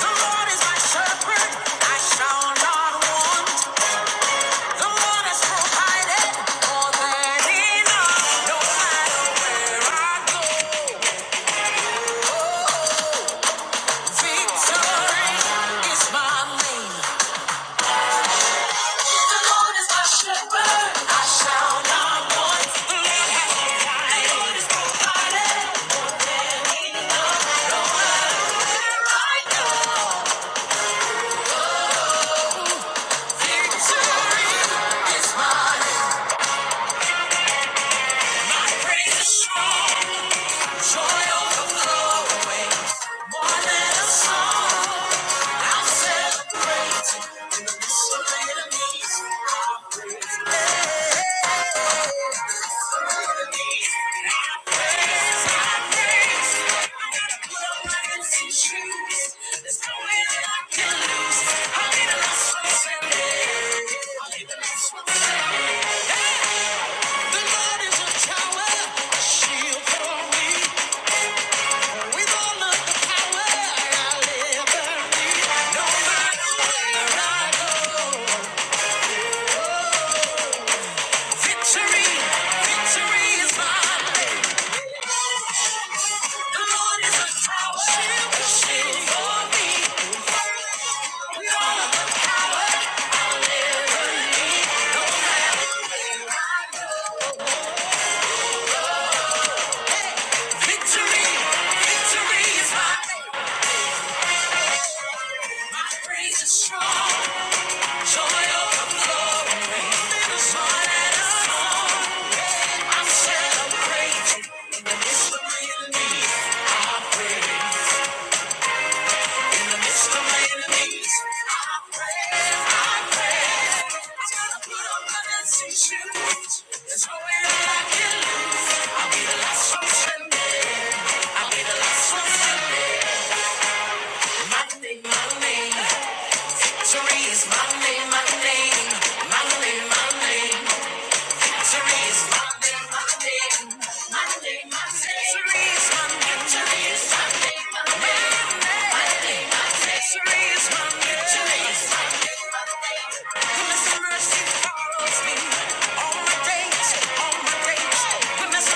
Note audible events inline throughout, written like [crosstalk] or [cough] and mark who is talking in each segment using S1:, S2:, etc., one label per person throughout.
S1: The Lord is my shepherd, I shall not want. The Lord has provided more than enough. No matter where I go, oh, victory is my name. The Lord is my shepherd, I shall not want. The Lord has provided more than enough. No matter where I go, victory is my name. Hey, The Lord is a tower, a shield for me. Strong joy overflowing, the song that I song. I am crazy in the midst of my enemies. I pray in the midst of my enemies. I pray, I pray. I gotta put on my dancing shoes. There's no way that I can lose. I'll be the last one standing. I'll be the last one standing. My name, my name. Three my name, my name. My name, my name. All my days, all my days, when His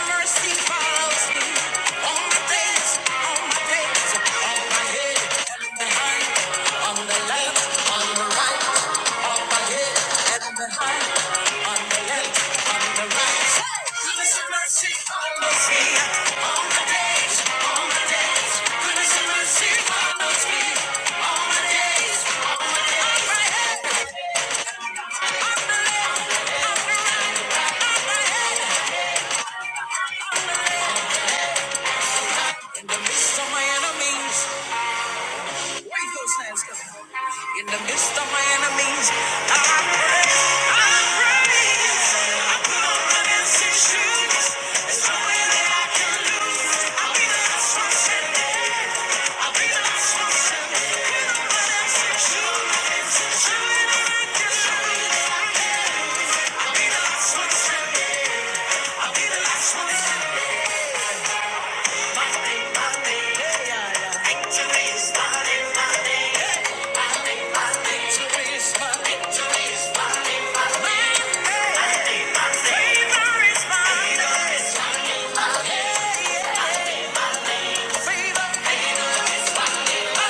S1: Mercy follows me all my days, all in the midst of my enemies, wave those hands, God. In the midst of my enemies, I praise, I praise. I put on the dancing shoes. There's no way that I can lose. I'll be the last one standing. I'll be the last one standing. I'll be the last one standing. I'll be the last one standing. Favor is mine. My name, my name, my name, my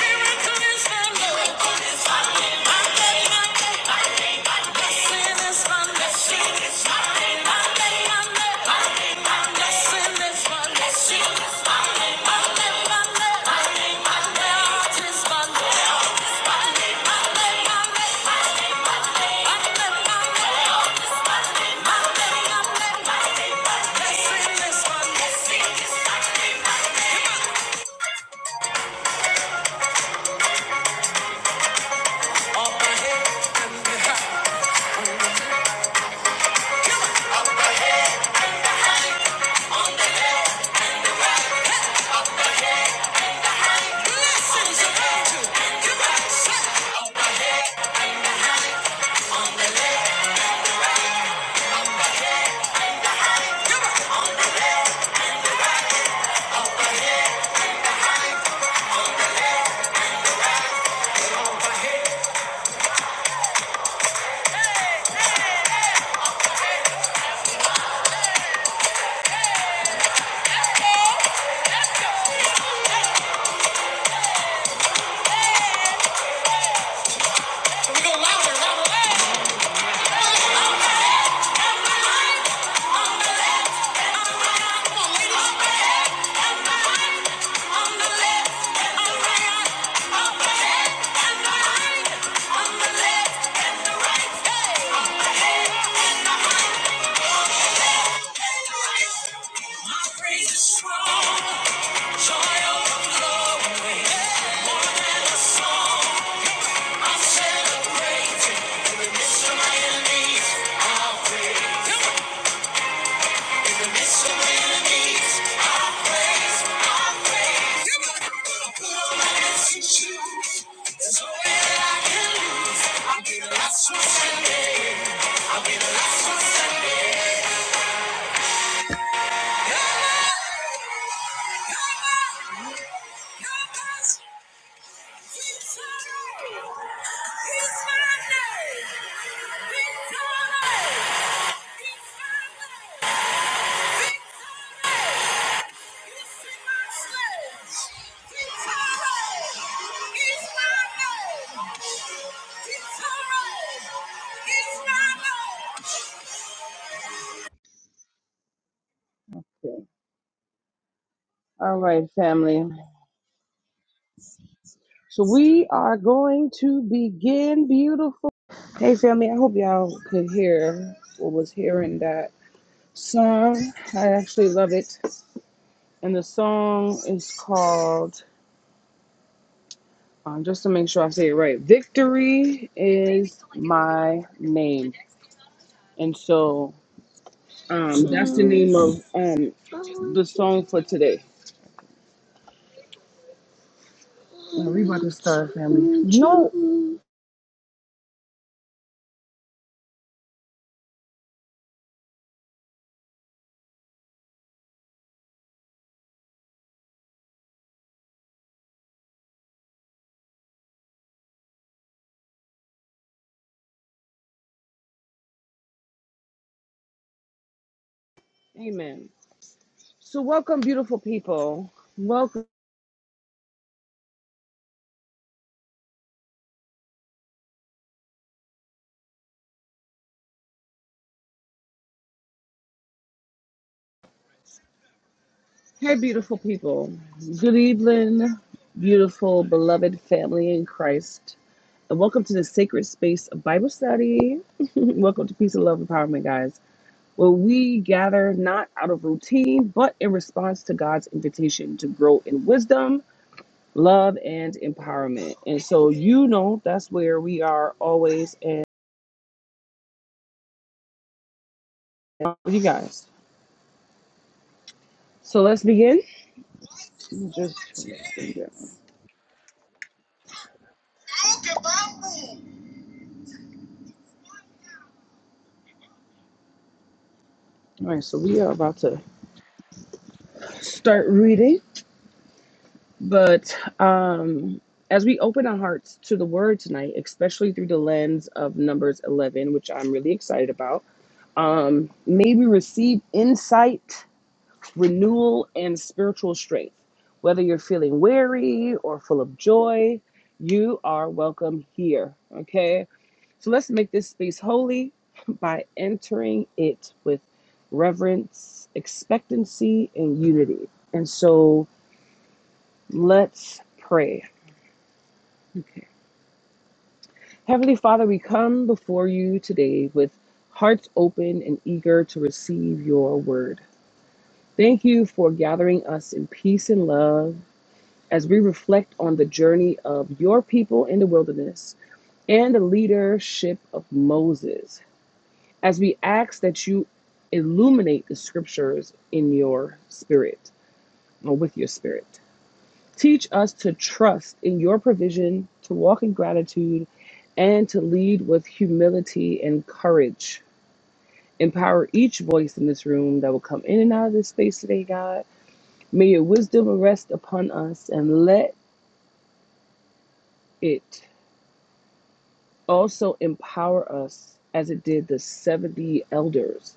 S1: name is a mystery. My name, my name, my name, my name is a mystery. Hey! More than a song, I'm celebrating. In the midst of my enemies, i praise. In the midst of my enemies, i praise. i praise. Come on. Gonna put on my dancing shoes. There's no way that I can lose. I'll be the last one standing. I'll be the last one standing. Okay. All right, family. So we are going to begin beautiful. Hey, family. I hope y'all could hear or was hearing that song. I actually love it. And the song is called, um, just to make sure I say it right, Victory is My Name. And so um, that's the name of um, the song for today. Now we about to start, family. No. Amen. So welcome, beautiful people. Welcome. Hey, beautiful people. Good evening, beautiful, beloved family in Christ. And welcome to the sacred space of Bible study. [laughs] welcome to Peace and Love Empowerment, guys, where we gather not out of routine, but in response to God's invitation to grow in wisdom, love, and empowerment. And so, you know, that's where we are always and with you guys. So let's begin. Just All right, so we are about to start reading. But um, as we open our hearts to the word tonight, especially through the lens of Numbers 11, which I'm really excited about, um, may we receive insight, renewal, and spiritual strength. Whether you're feeling weary or full of joy, you are welcome here. Okay? So let's make this space holy [laughs] by entering it with reverence, expectancy, and unity. And so let's pray. Okay. Heavenly Father, we come before you today with hearts open and eager to receive your word. Thank you for gathering us in peace and love as we reflect on the journey of your people in the wilderness and the leadership of Moses. As we ask that you illuminate the scriptures in your spirit or with your spirit. Teach us to trust in your provision, to walk in gratitude, and to lead with humility and courage. Empower each voice in this room that will come in and out of this space today, God. May your wisdom rest upon us and let it also empower us as it did the 70 elders.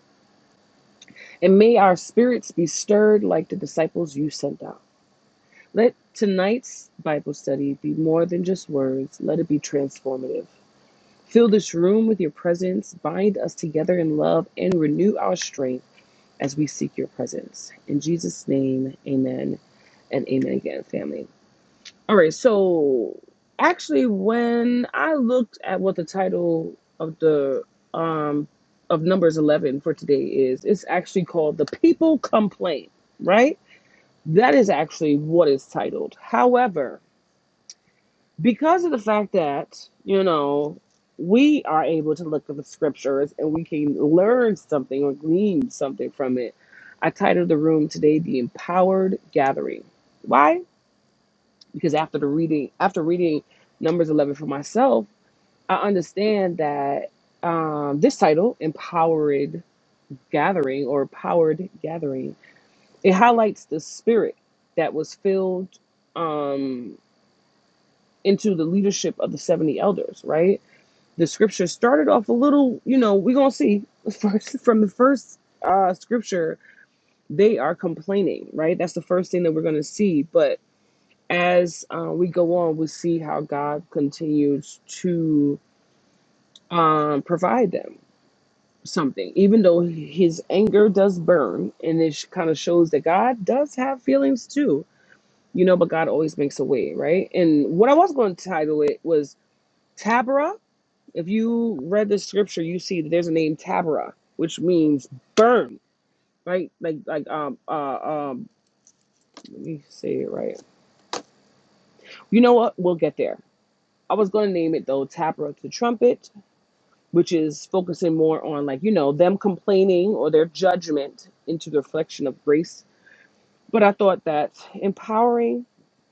S1: And may our spirits be stirred like the disciples you sent out. Let tonight's Bible study be more than just words, let it be transformative. Fill this room with your presence, bind us together in love, and renew our strength as we seek your presence. In Jesus' name, amen and amen again, family. All right, so actually, when I looked at what the title of the um of numbers 11 for today is it's actually called the people complain right that is actually what is titled however because of the fact that you know we are able to look at the scriptures and we can learn something or glean something from it i titled the room today the empowered gathering why because after the reading after reading numbers 11 for myself i understand that um, this title empowered gathering or powered gathering it highlights the spirit that was filled um, into the leadership of the 70 elders right the scripture started off a little, you know, we're gonna see [laughs] first from the first uh scripture, they are complaining, right? That's the first thing that we're gonna see. But as uh, we go on, we see how God continues to um provide them something, even though his anger does burn, and it kind of shows that God does have feelings too, you know, but God always makes a way, right? And what I was gonna title it was Tabra If you read the scripture, you see that there's a name Tabera, which means burn, right? Like like um uh um let me say it right. You know what? We'll get there. I was gonna name it though Tabera to trumpet, which is focusing more on like, you know, them complaining or their judgment into the reflection of grace. But I thought that empowering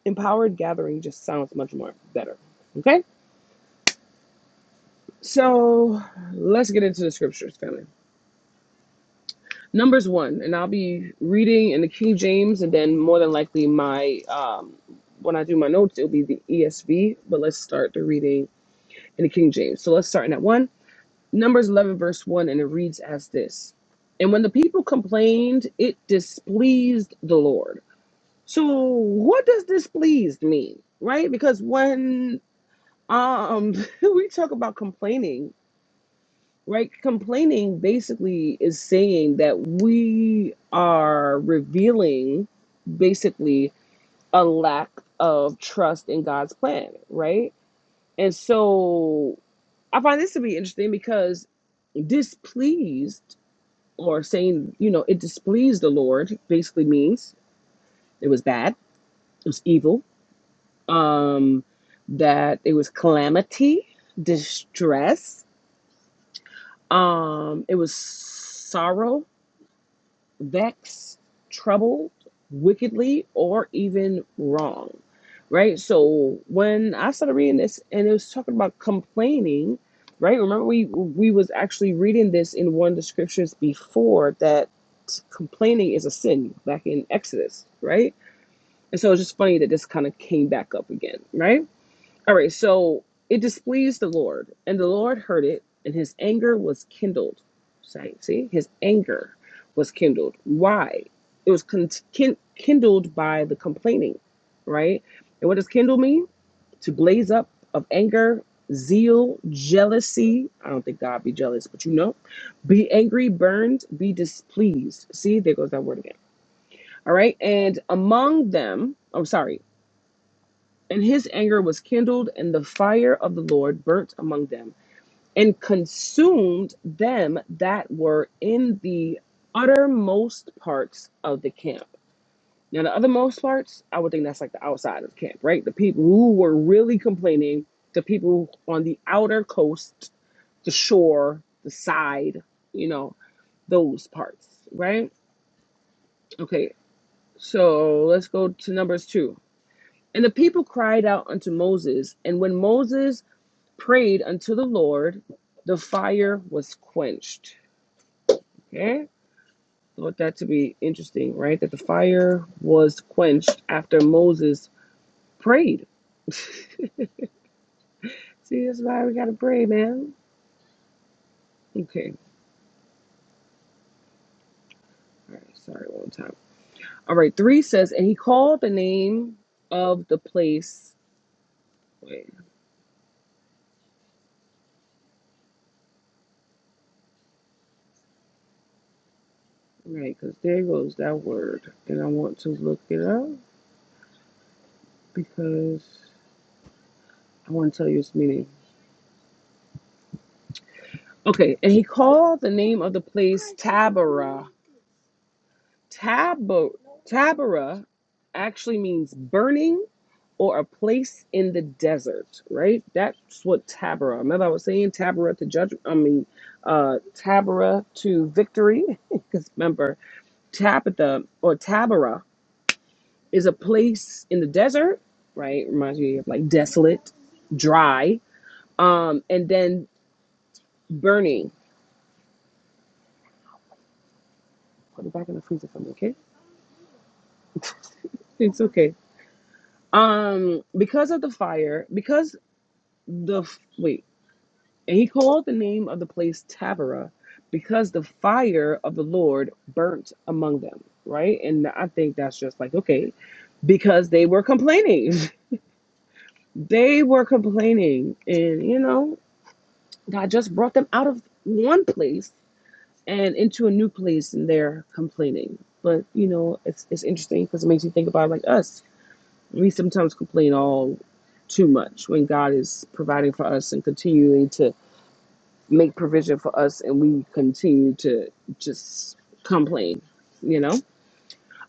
S1: empowered gathering just sounds much more better. Okay? So let's get into the scriptures, family. Numbers one, and I'll be reading in the King James, and then more than likely my um, when I do my notes, it'll be the ESV. But let's start the reading in the King James. So let's start in that one, Numbers eleven, verse one, and it reads as this: And when the people complained, it displeased the Lord. So what does displeased mean, right? Because when um [laughs] we talk about complaining, Right? Complaining basically is saying that we are revealing basically a lack of trust in God's plan, right? And so I find this to be interesting because displeased or saying, you know, it displeased the Lord basically means it was bad, it was evil, um, that it was calamity, distress, um, it was sorrow, vexed, troubled, wickedly, or even wrong. Right? So when I started reading this and it was talking about complaining, right? Remember we we was actually reading this in one of the scriptures before that complaining is a sin back in Exodus, right? And so it's just funny that this kind of came back up again, right? All right, so it displeased the Lord, and the Lord heard it, and his anger was kindled. Say, see, his anger was kindled. Why? It was con- kin- kindled by the complaining, right? And what does kindle mean? To blaze up of anger, zeal, jealousy. I don't think God be jealous, but you know, be angry, burned, be displeased. See, there goes that word again. All right, and among them, I'm sorry. And his anger was kindled, and the fire of the Lord burnt among them, and consumed them that were in the uttermost parts of the camp. Now, the othermost parts, I would think that's like the outside of camp, right? The people who were really complaining, the people on the outer coast, the shore, the side, you know, those parts, right? Okay, so let's go to Numbers 2. And the people cried out unto Moses, and when Moses prayed unto the Lord, the fire was quenched. Okay? Thought that to be interesting, right? That the fire was quenched after Moses prayed. [laughs] See, that's why we gotta pray, man. Okay. All right, sorry, one time. All right, three says, and he called the name of the place. Wait, right, because there goes that word. And I want to look it up because I want to tell you its meaning. Okay, and he called the name of the place Taberah Tabor, Tabora actually means burning or a place in the desert, right? That's what Tabora. Remember, I was saying Tabora to judgment. I mean, uh, Tabora to victory. [laughs] Because remember, Tabitha or Tabora is a place in the desert, right? Reminds me of like desolate, dry, um, and then burning. Put it back in the freezer for me, okay? It's okay. Um, because of the fire, because the wait. And he called the name of the place Taberah because the fire of the Lord burnt among them, right? And I think that's just like, okay, because they were complaining. [laughs] They were complaining. And, you know, God just brought them out of one place and into a new place and they're complaining. But, you know, it's, it's interesting because it makes you think about like us. We sometimes complain all too much when God is providing for us and continuing to make provision for us and we continue to just complain, you know?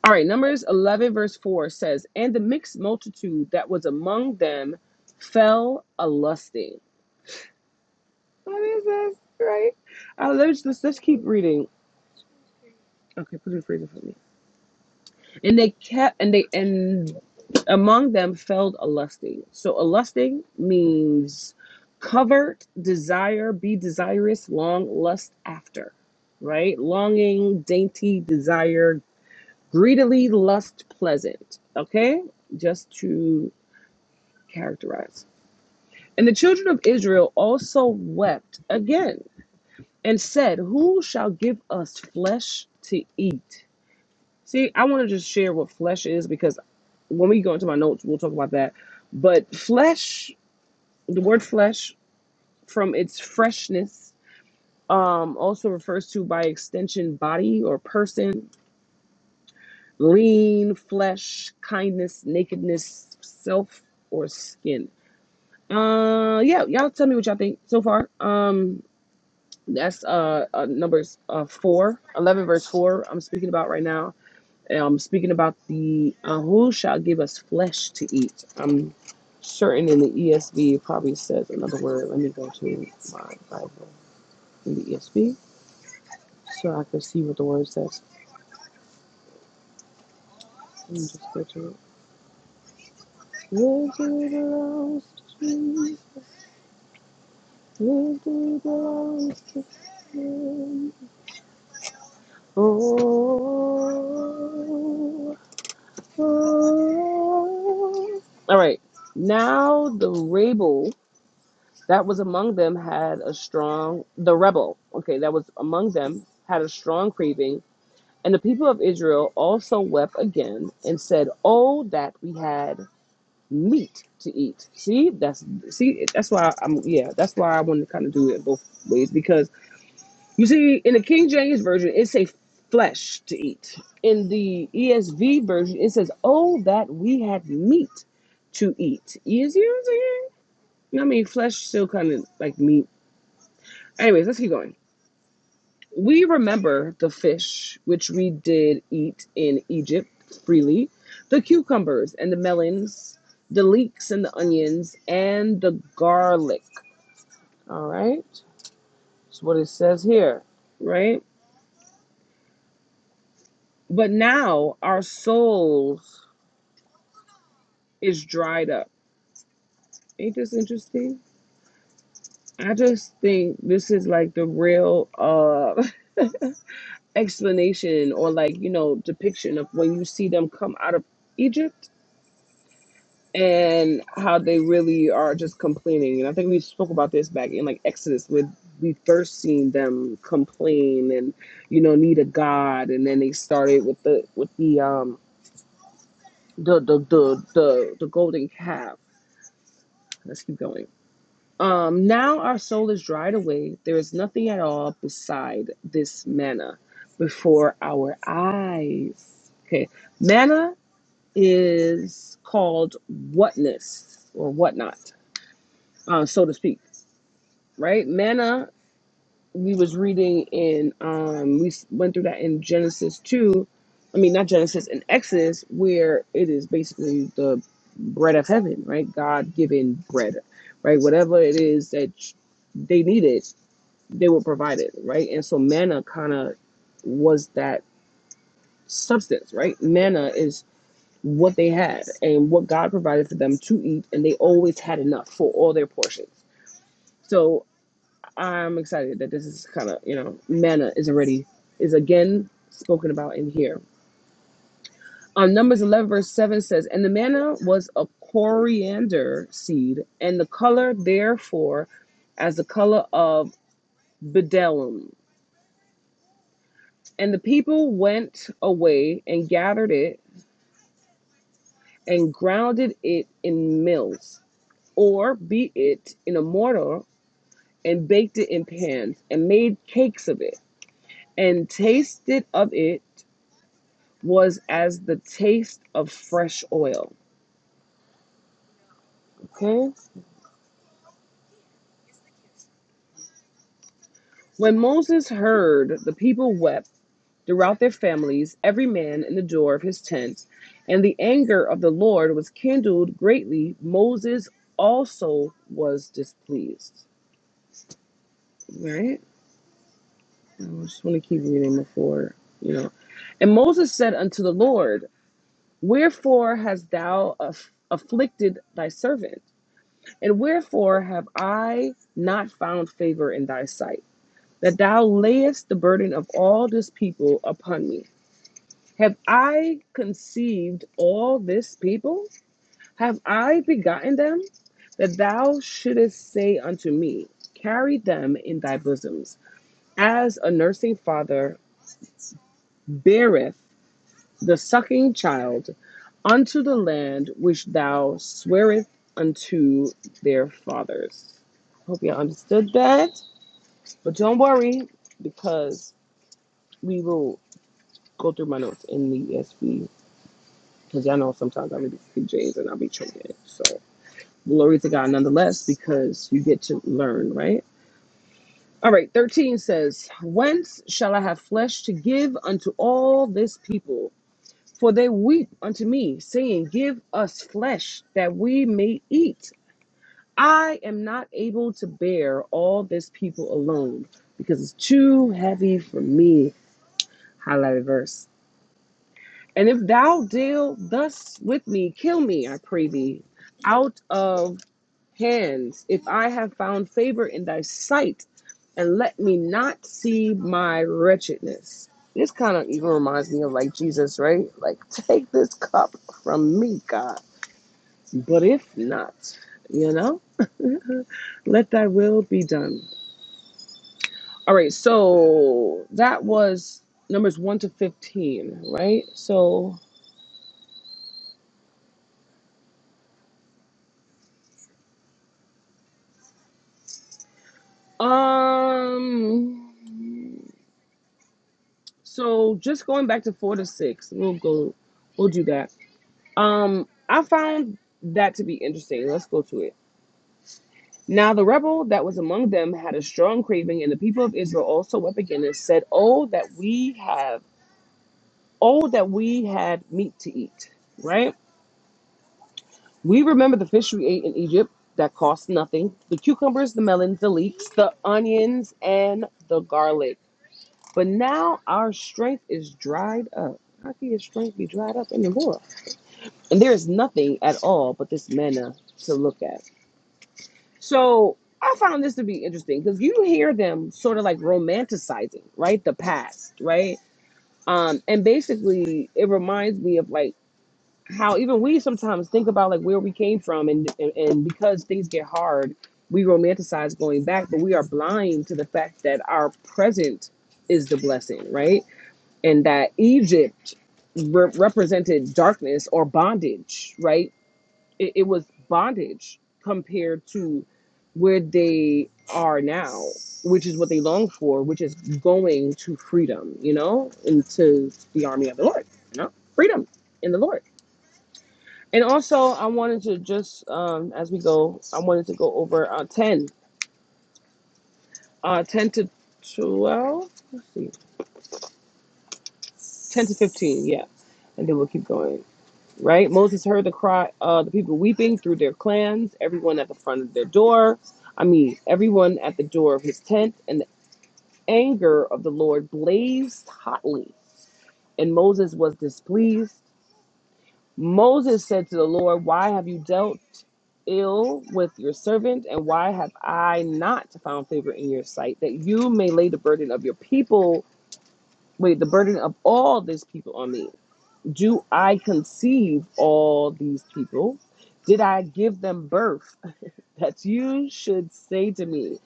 S1: All right, Numbers 11, verse 4 says, And the mixed multitude that was among them fell a lusting. What is this, right? Uh, let's, let's, let's keep reading. Okay, put it in freezer for me. And they kept and they and among them fell a lusting. So a lusting means covert desire, be desirous, long lust after, right? Longing, dainty desire, greedily lust pleasant. Okay, just to characterize. And the children of Israel also wept again and said, Who shall give us flesh to eat? See, I want to just share what flesh is because when we go into my notes, we'll talk about that. But flesh, the word flesh, from its freshness, um, also refers to by extension body or person, lean, flesh, kindness, nakedness, self, or skin. Uh, yeah, y'all tell me what y'all think so far. Um, that's uh, uh numbers uh four, eleven verse four. I'm speaking about right now um, speaking about the uh, who shall give us flesh to eat. I'm certain in the ESV it probably says another word. Let me go to my Bible in the ESV so I can see what the word says. Let me just go to it. Victory belongs to you. Victory belongs to him. Oh, oh. All right. Now the rabble. that was among them had a strong the rebel okay that was among them had a strong craving and the people of israel also wept again and said oh that we had meat to eat see that's see that's why i'm yeah that's why i want to kind of do it both ways because you see in the king james version it says flesh to eat in the esv version it says oh that we had meat to eat easier you know what I'm saying? i mean flesh still kind of like meat Anyways, let's keep going. We remember the fish which we did eat in Egypt freely, the cucumbers and the melons, the leeks and the onions, and the garlic. All right, that's what it says here, right? But now our souls is dried up. Ain't this interesting? I just think this is like the real uh [laughs] explanation or like you know depiction of when you see them come out of Egypt and how they really are just complaining. And I think we spoke about this back in like Exodus with we first seen them complain and you know need a god, and then they started with the with the um the the the the, the golden calf. Let's keep going. Um, now our soul is dried away. There is nothing at all beside this manna before our eyes. Okay, manna is called whatness or whatnot uh, so to speak, right? Manna, we was reading in, um, we s- went through that in Genesis 2, I mean, not Genesis, in Exodus, where it is basically the bread of heaven, right? God given bread, right? Whatever it is that sh- they needed, they were provided, right? And so manna kind of was that substance, right? Manna is what they had and what God provided for them to eat, and they always had enough for all their portions. So I'm excited that this is kind of, you know, manna is already, is again spoken about in here. Um, Numbers 11, verse 7 says, And the manna was a coriander seed, and the color therefore as the color of bdellium. And the people went away and gathered it and grounded it in mills, or beat it in a mortar and baked it in pans and made cakes of it and tasted of it was as the taste of fresh oil. Okay? When Moses heard, the people wept throughout their families, every man in the door of his tent. And the anger of the Lord was kindled greatly. Moses also was displeased. Right? I just want to keep reading before, you know. And Moses said unto the Lord, Wherefore hast thou aff- afflicted thy servant? And wherefore have I not found favor in thy sight? that thou layest the burden of all this people upon me. Have I conceived all this people? Have I begotten them? That thou shouldest say unto me, Carry them in thy bosoms, as a nursing father beareth the sucking child unto the land which thou swearest unto their fathers. Hope you understood that. But don't worry, because we will go through my notes in the ESV because y'all know sometimes I'll be speak James and I'll be choking. So glory to God nonetheless because you get to learn, right? All right, 13 says, Whence shall I have flesh to give unto all this people? For they weep unto me, saying, Give us flesh that we may eat. I am not able to bear all this people alone because it's too heavy for me. Highlighted verse. And if thou deal thus with me, kill me, I pray thee, out of hands, if I have found favor in thy sight, and let me not see my wretchedness. This kind of even reminds me of like Jesus, right? Like, [laughs] take this cup from me, God. But if not, you know, let thy will be done. All right, so that was numbers 1 to 15, right? So, um, So just going back to four to six, we'll go, we'll do that. Um, I found that to be interesting. Let's go to it. Now the rebel that was among them had a strong craving, and the people of Israel also wept again and said, "Oh that we have, oh that we had meat to eat." Right? We remember the fish we ate in Egypt that cost nothing, the cucumbers, the melons, the leeks, the onions, and the garlic. But now our strength is dried up. How can your strength be dried up anymore? and there is nothing at all but this manna to look at. So I found this to be interesting because you hear them sort of like romanticizing, right? The past, right? Um, and basically, it reminds me of like how even we sometimes think about like where we came from, and and, and because things get hard, we romanticize going back, but we are blind to the fact that our present is the blessing, right? And that Egypt re- represented darkness or bondage, right? it, it was bondage compared to where they are now, which is what they long for, which is going to freedom, you know, into the army of the Lord, you know, freedom in the Lord. And also, I wanted to just, um, as we go, I wanted to go over uh, 10, uh, 10 to 12, let's see, 10 to 15, yeah. And then we'll keep going. right? Moses heard the cry, uh, the people weeping through their clans, everyone at the front of their door. I mean, everyone at the door of his tent, and the anger of the Lord blazed hotly, and Moses was displeased. Moses said to the Lord, Why have you dealt ill with your servant, and why have I not found favor in your sight, that you may lay the burden of your people, wait, the burden of all this people on me? Do I conceive all these people? Did I give them birth? [laughs] That you should say to me,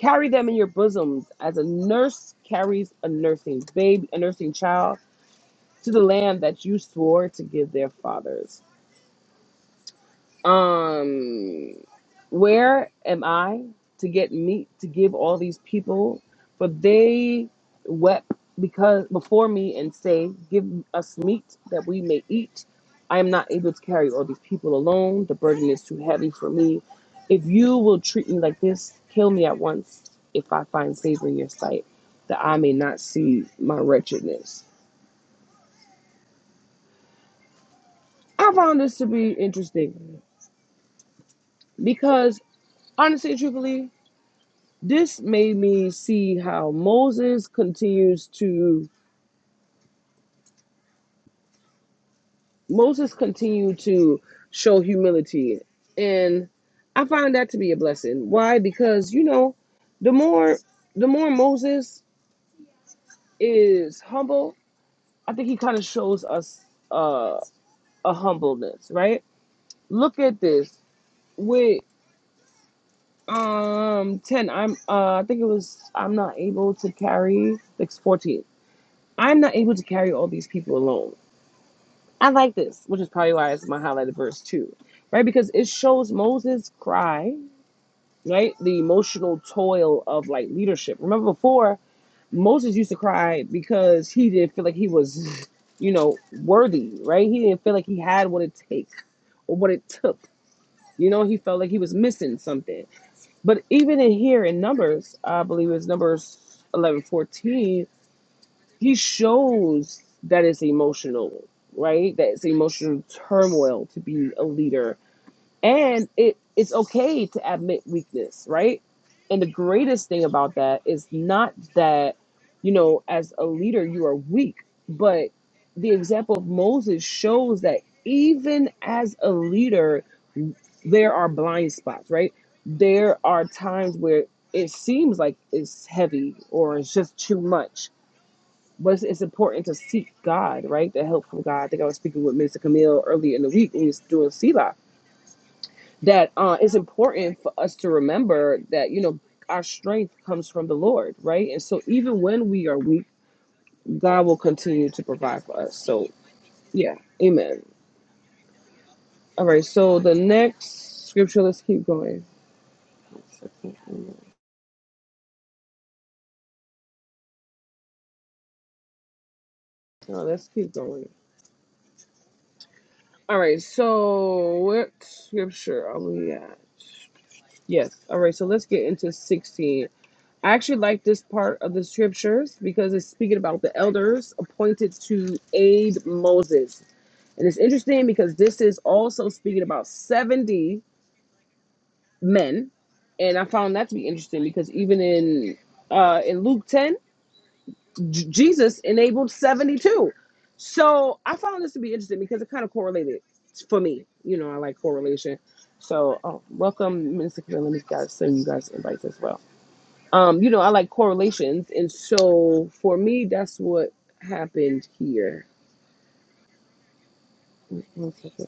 S1: carry them in your bosoms as a nurse carries a nursing baby, a nursing child to the land that you swore to give their fathers. Um, where am I to get meat to give all these people? For they wept because before me and say, Give us meat that we may eat. I am not able to carry all these people alone. The burden is too heavy for me. If you will treat me like this, kill me at once if I find favor in your sight, that I may not see my wretchedness. I found this to be interesting because honestly, and truthfully, this made me see how Moses continues to Moses continued to show humility and I find that to be a blessing. Why? Because you know, the more the more Moses is humble, I think he kind of shows us uh, a humbleness, right? Look at this with um 10 i'm uh i think it was i'm not able to carry like 14 i'm not able to carry all these people alone I like this, which is probably why it's my highlighted verse too, right? Because it shows Moses' cry, right? The emotional toil of like leadership. Remember before, Moses used to cry because he didn't feel like he was, [laughs] you know, worthy, right? He didn't feel like he had what it takes or what it took. You know, he felt like he was missing something. But even in here in Numbers, I believe it's Numbers eleven fourteen he shows that it's emotional, right? That it's emotional turmoil to be a leader. And it it's okay to admit weakness, right? And the greatest thing about that is not that, you know, as a leader you are weak, but the example of Moses shows that even as a leader, there are blind spots, right? There are times where it seems like it's heavy or it's just too much but it's, it's important to seek God, right? The help from God. I think I was speaking with Minister Camille earlier in the week when we was doing Selah. That uh, it's important for us to remember that you know our strength comes from the Lord, right? And so even when we are weak, God will continue to provide for us. So yeah, Amen. All right. So the next scripture. Let's keep going. No, let's keep going. All right. So what scripture are we at? Yes. All right. So let's get into sixteen I actually like this part of the scriptures because it's speaking about the elders appointed to aid Moses. And it's interesting because this is also speaking about 70 men. And I found that to be interesting because even in uh, in Luke 10, J- Jesus enabled 72. So I found this to be interesting because it kind of correlated for me. You know, I like correlation. So uh welcome, Minister Camille. Let me guys send you guys invites as well um, you know, I like correlations, and so for me, that's what happened here. Wait, One second.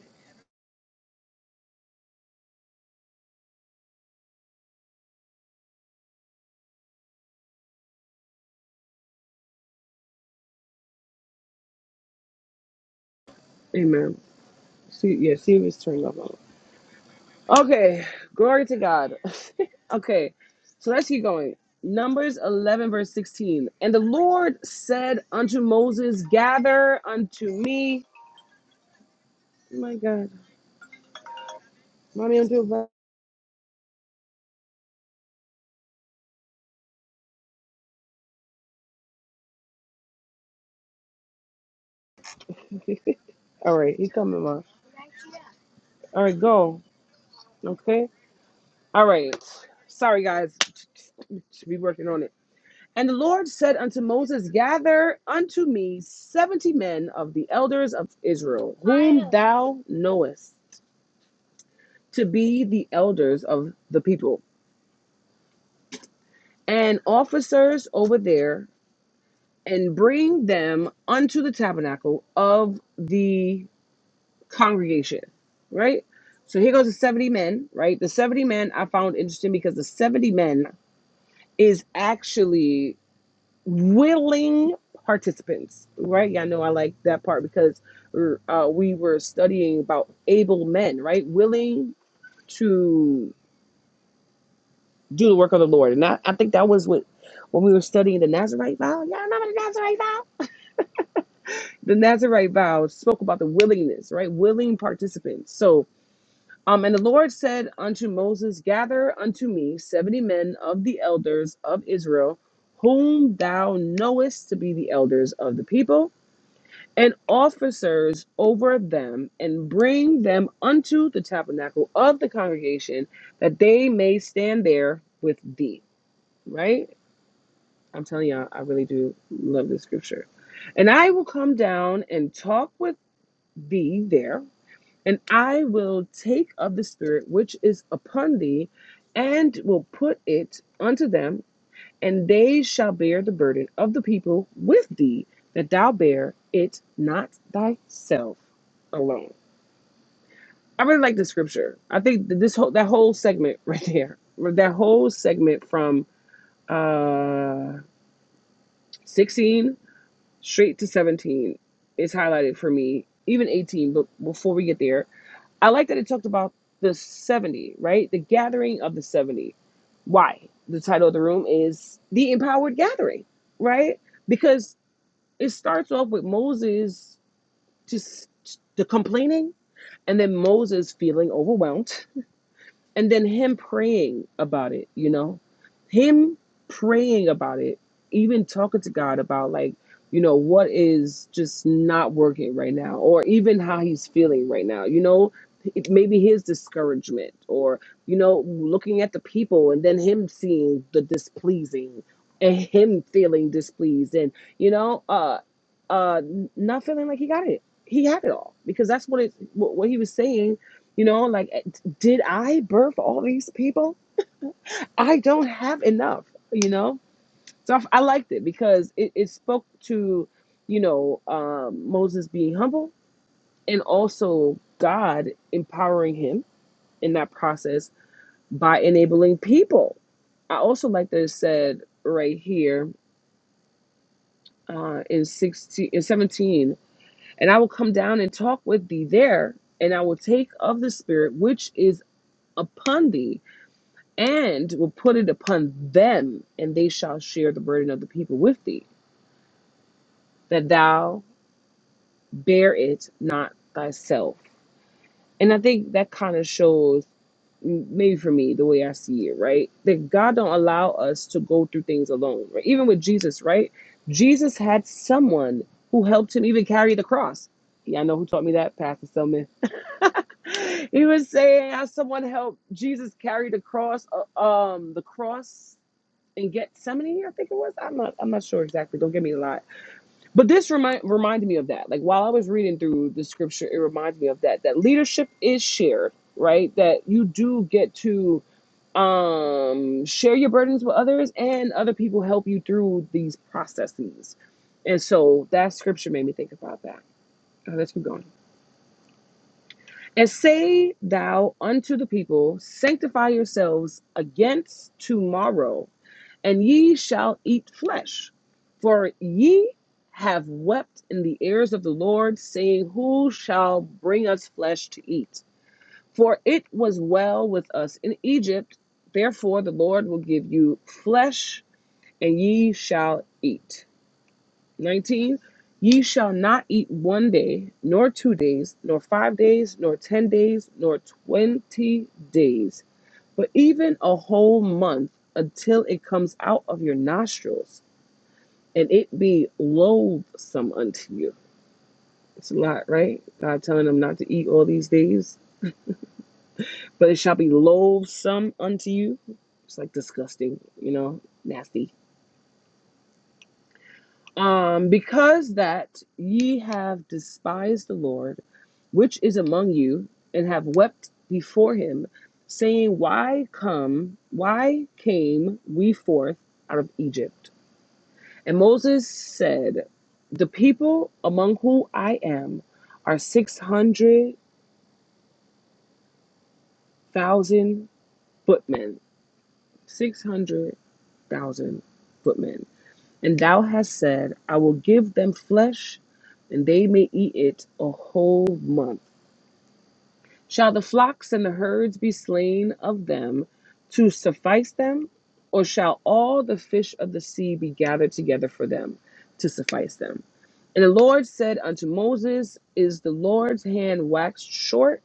S1: Amen. See, yeah, see if it's turned off. Okay, glory to God. [laughs] okay, so let's keep going. Numbers 11, verse 16. And the Lord said unto Moses, Gather unto me. Oh my God. Mommy, I'm doing bad. All right, he coming, Mom. All right, go. Okay. All right. Sorry, guys. [laughs] Should be working on it. And the Lord said unto Moses, Gather unto me seventy men of the elders of Israel, whom thou knowest to be the elders of the people, and officers over there, and bring them unto the tabernacle of the congregation. Right? So here goes the 70 men, right? The 70 men I found interesting because the 70 men is actually. willing participants, right? Yeah, I know I like that part because uh, we were studying about able men, right? Willing to do the work of the Lord. And I, I think that was what when we were studying the Nazarite vow. Y'all remember the Nazarite vow? The Nazarite vow spoke about the willingness, right? Willing participants. So, um, and the Lord said unto Moses, Gather unto me seventy men of the elders of Israel, whom thou knowest to be the elders of the people and officers over them and bring them unto the tabernacle of the congregation that they may stand there with thee. Right? I'm telling y'all, I really do love this scripture. And I will come down and talk with thee there, and I will take of the spirit which is upon thee and will put it unto them and they shall bear the burden of the people with thee, that thou bear it not thyself alone. I really like this scripture. I think that this whole that whole segment [laughs] right there, or that whole segment from uh 16 straight to 17 is highlighted for me, even 18, but before we get there, I like that it talked about the 70, right? The gathering of the 70. Why? The title of the room is The Empowered Gathering, right? Because It starts off with Moses just the complaining and then Moses feeling overwhelmed and then him praying about it you know him praying about it even talking to god about like you know what is just not working right now or even how he's feeling right now you know it- maybe his discouragement or you know looking at the people and then him seeing the displeasing and him feeling displeased and you know uh uh not feeling like he got it he had it all because that's what it what what he was saying you know like did I birth all these people? I don't have enough, you know? So I, I liked it because it, it spoke to, you know, um, Moses being humble and also God empowering him in that process by enabling people. I also like that it said right here uh, in 16, in 17, and I will come down and talk with thee there, and I will take of the Spirit which is upon thee and will put it upon them, and they shall share the burden of the people with thee, that thou bear it not thyself. And I think that kind of shows, m- maybe for me, the way I see it, right? That God don't allow us to go through things alone, right? Even with Jesus, right? Jesus had someone who helped him even carry the cross. Yeah, I know who taught me that, Pastor Selman. [laughs] he was saying how someone helped Jesus carry the cross, uh, um, the cross in Gethsemane, I think it was. I'm not I'm not sure exactly. Don't get me a lot. But this remind reminded me of that. Like while I was reading through the scripture, it reminded me of that. That leadership is shared, right? That you do get to um share your burdens with others and other people help you through these processes. And so that scripture made me think about that. Uh, let's keep going. And say thou unto the people, sanctify yourselves against tomorrow and ye shall eat flesh. For ye have wept in the ears of the Lord, saying, Who shall bring us flesh to eat? For it was well with us in Egypt. Therefore, the Lord will give you flesh, and ye shall eat. 19. Ye shall not eat one day, nor two days, nor five days, nor ten days, nor twenty days, but even a whole month until it comes out of your nostrils and it be loathsome unto you. It's a lot, right? God telling them not to eat all these days, but it shall be loathsome unto you. It's like disgusting, you know, nasty. Um, because that ye have despised the Lord, which is among you, and have wept before him, saying, Why come, why came we forth out of Egypt? And Moses said, The people among whom I am are 600,000 footmen, 600,000 footmen. And thou hast said, I will give them flesh, and they may eat it a whole month. Shall the flocks and the herds be slain of them to suffice them? Or shall all the fish of the sea be gathered together for them to suffice them? And the Lord said unto Moses, Is the Lord's hand waxed short?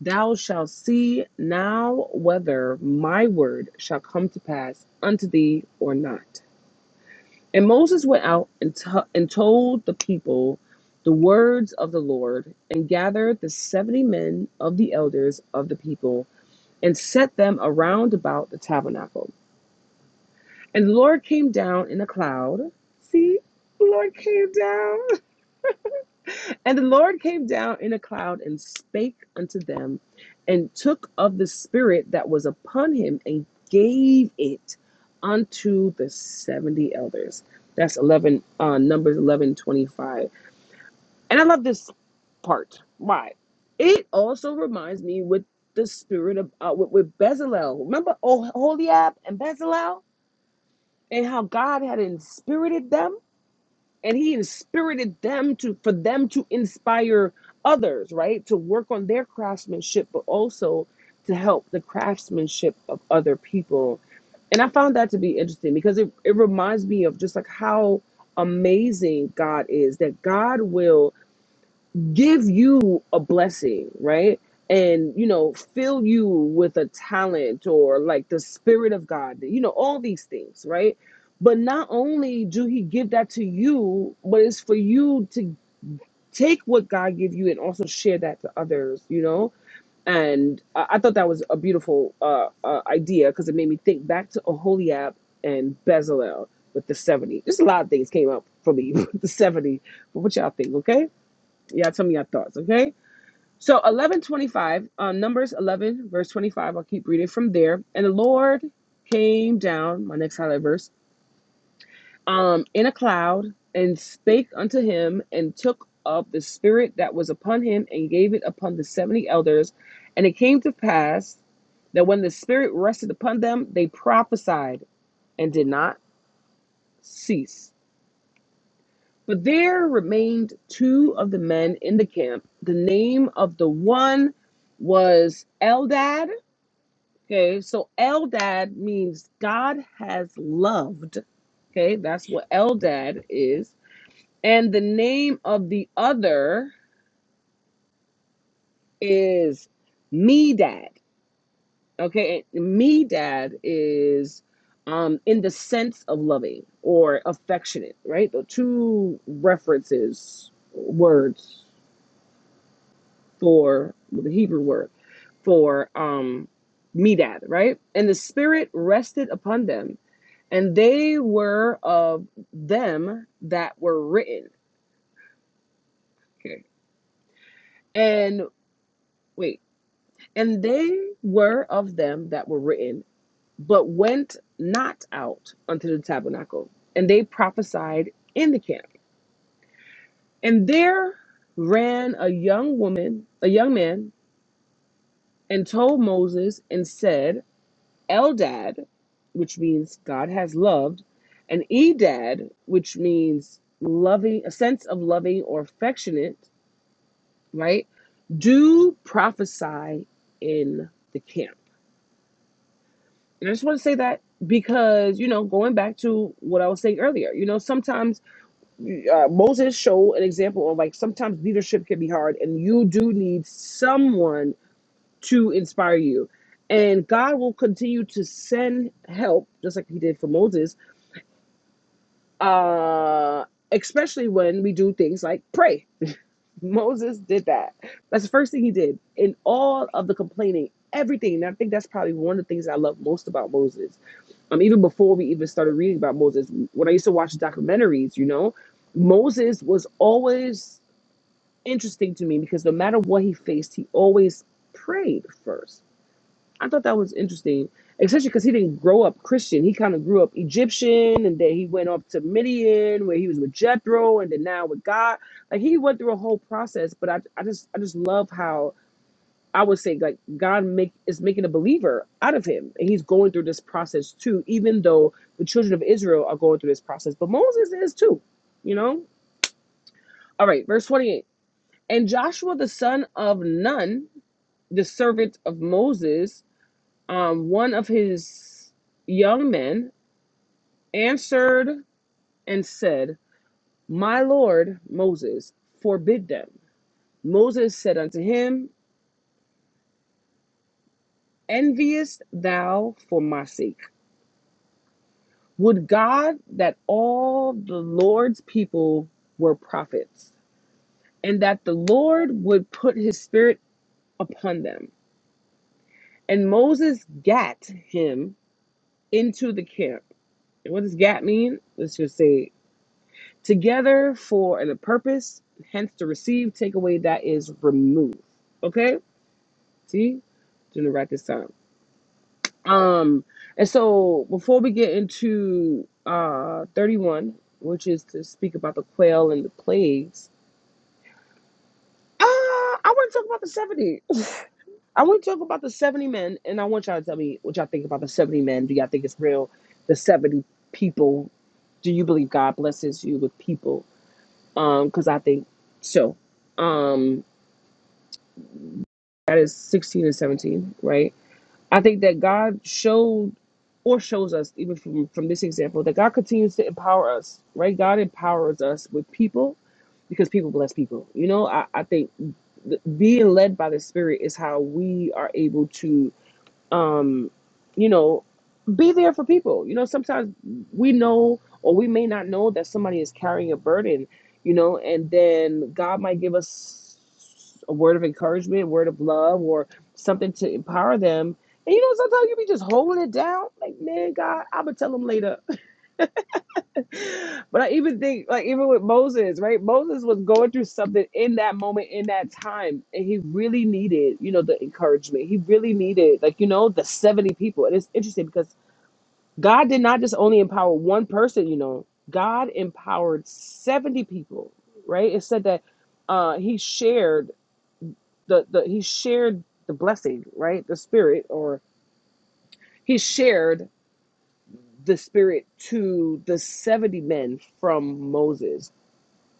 S1: Thou shalt see now whether my word shall come to pass unto thee or not. And Moses went out and, to- and told the people the words of the Lord, and gathered the seventy men of the elders of the people, and set them around about the tabernacle. And the Lord came down in a cloud. See, the Lord came down. And the Lord came down in a cloud and spake unto them, and took of the Spirit that was upon him and gave it unto the 70 elders. That's 11, uh, Numbers 11 25. And I love this part. Why? It also reminds me with the spirit of, uh, with, with Bezalel. Remember oh, Holiab and Bezalel and how God had inspirited them? and he inspirited them to for them to inspire others right to work on their craftsmanship but also to help the craftsmanship of other people and i found that to be interesting because it, it reminds me of just like how amazing god is that god will give you a blessing, right? And you know, fill you with a talent or like the spirit of God, you know, all these things, right? But not only do he give that to you, but it's for you to take what God give you and also share that to others, you know? And I, I thought that was a beautiful uh, uh idea because it made me think back to Oholiab and Bezalel with the 70. Just a lot of things came up for me [laughs] with the 70. But what y'all think, okay? Y'all tell me your thoughts, okay? So 11:25, um, Numbers 11 verse 25. I'll keep reading from there. And the Lord came down, my next highlight verse, um, in a cloud and spake unto him and took up the spirit that was upon him and gave it upon the 70 elders. And it came to pass that when the spirit rested upon them, they prophesied and did not cease. But there remained two of the men in the camp. The name of the one was Eldad Okay, so Eldad means God has loved. Okay, that's what Eldad is. And the name of the other is Medad. Okay, and Medad is um, in the sense of loving or affectionate, right? The two references, words for the Hebrew word for um, Medad, right? And the Spirit rested upon them and they were of them that were written. Okay. And wait, and they were of them that were written, but went not out unto the tabernacle, and they prophesied in the camp. And there ran a young woman, a young man, and told Moses and said, Eldad, which means God has loved, and Edad, which means loving, a sense of loving or affectionate right? Do prophesy in the camp. And I just want to say that because, you know, going back to what I was saying earlier, you know, sometimes uh, Moses showed an example of like sometimes leadership can be hard and you do need someone to inspire you. And God will continue to send help, just like He did for Moses, uh, especially when we do things like pray Moses did that. That's the first thing he did. In all of the complaining, everything. And I think that's probably one of the things I love most about Moses. Um, even before we even started reading about Moses, when I used to watch documentaries, you know, Moses was always interesting to me because no matter what he faced, he always prayed first I thought that was interesting, especially because he didn't grow up Christian. He kind of grew up Egyptian, and then he went off to Midian, where he was with Jethro, and then now with God. Like he went through a whole process. But I, I just, I just love how I would say like God make is making a believer out of him, and he's going through this process too. Even though the children of Israel are going through this process, but Moses is too. You know. All right, verse twenty-eight. And Joshua the son of Nun, the servant of Moses um, one of his young men answered and said, My Lord Moses, forbid them. Moses said unto him, Enviest thou for my sake? Would God that all the Lord's people were prophets, and that the Lord would put his spirit upon them. And Moses gat him into the camp. And what does gat mean? Let's just say together for the purpose, hence to receive, take away that is remove. Okay? See? Doing it right this time. Um, and so before we get into uh 31, which is to speak about the quail and the plagues, uh, I want to talk about the 70. I want to talk about the 70 men, and I want y'all to tell me what y'all think about the 70 men. Do y'all think it's real? The 70 people. Do you believe God blesses you with people? Um, because I think so. Um, that is 16 and 17 right i think that god showed or shows us even from from this example that god continues to empower us right god empowers us with people because people bless people you know i, I think th- being led by the spirit is how we are able to um, you know, be there for people. You know, sometimes we know or we may not know that somebody is carrying a burden, you know, and then God might give us a word of encouragement, a word of love, or something to empower them. And you know, sometimes you be just holding it down. Like, man, God, I'm gonna tell them later. [laughs] But I even think, like, even with Moses, right? Moses was going through something in that moment, in that time, and he really needed, you know, the encouragement. He really needed, like, you know, the 70 people. And it's interesting because God did not just only empower one person, you know, God empowered 70 people, right? It said that uh, he shared the, the he shared the blessing, right? The spirit, or he shared the spirit to the 70 men from Moses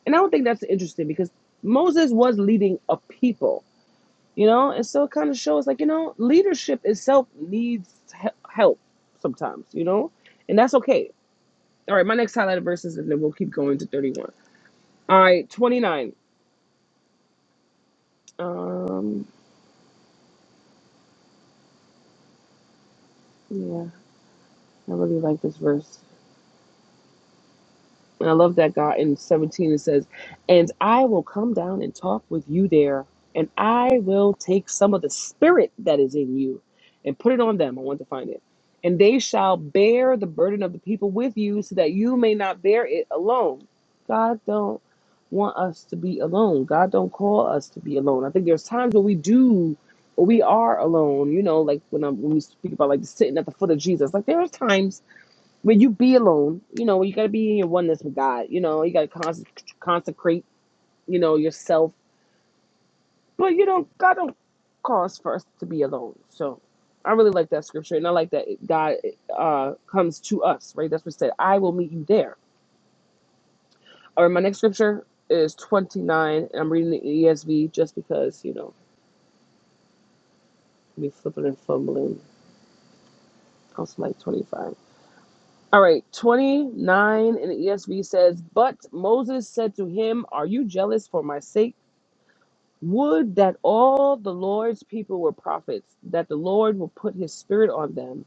S1: And I don't think that's interesting because Moses was leading a people, you know, and so it kind of shows like, you know, leadership itself needs he- help sometimes, you know, and that's okay. All right, my next highlighted verses, and then we'll keep going to 31. All right, 29. Um, yeah, I really like this verse. And I love that God in 17 it says, And I will come down and talk with you there, and I will take some of the spirit that is in you and put it on them. I want to find it. And they shall bear the burden of the people with you, so that you may not bear it alone. God don't want us to be alone. God don't call us to be alone. I think there's times where we do or we are alone, you know, like when I'm when we speak about like sitting at the foot of Jesus. Like there are times when you be alone, you know, you got to be in your oneness with God. You know, you got to cons- consecrate, you know, yourself. But you don't God don't cause for us to be alone. So I really like that scripture, and I like that God uh, comes to us. Right? That's what it said. I will meet you there. Or My next scripture is twenty nine, and I'm reading the ESV just because you know me flipping and fumbling. I was like twenty five. All right, 29 in the ESV says, But Moses said to him, Are you jealous for my sake? Would that all the Lord's people were prophets, that the Lord will put his spirit on them.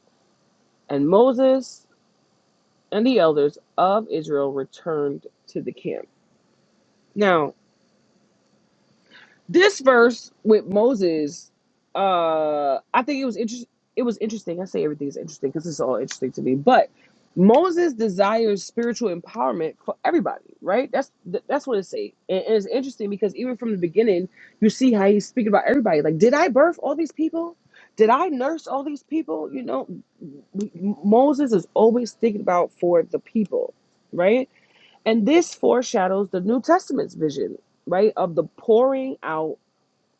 S1: And Moses and the elders of Israel returned to the camp. Now, This verse with Moses, uh, I think it was interesting. It was interesting. I say everything is interesting because it's all interesting to me. But Moses desires spiritual empowerment for everybody, right? That's th- that's what it say. And, and it's interesting because even from the beginning, you see how he's speaking about everybody. Like, did I birth all these people? Did I nurse all these people? You know, M- M- Moses is always thinking about for the people, right? And this foreshadows the New Testament's vision, right, of the pouring out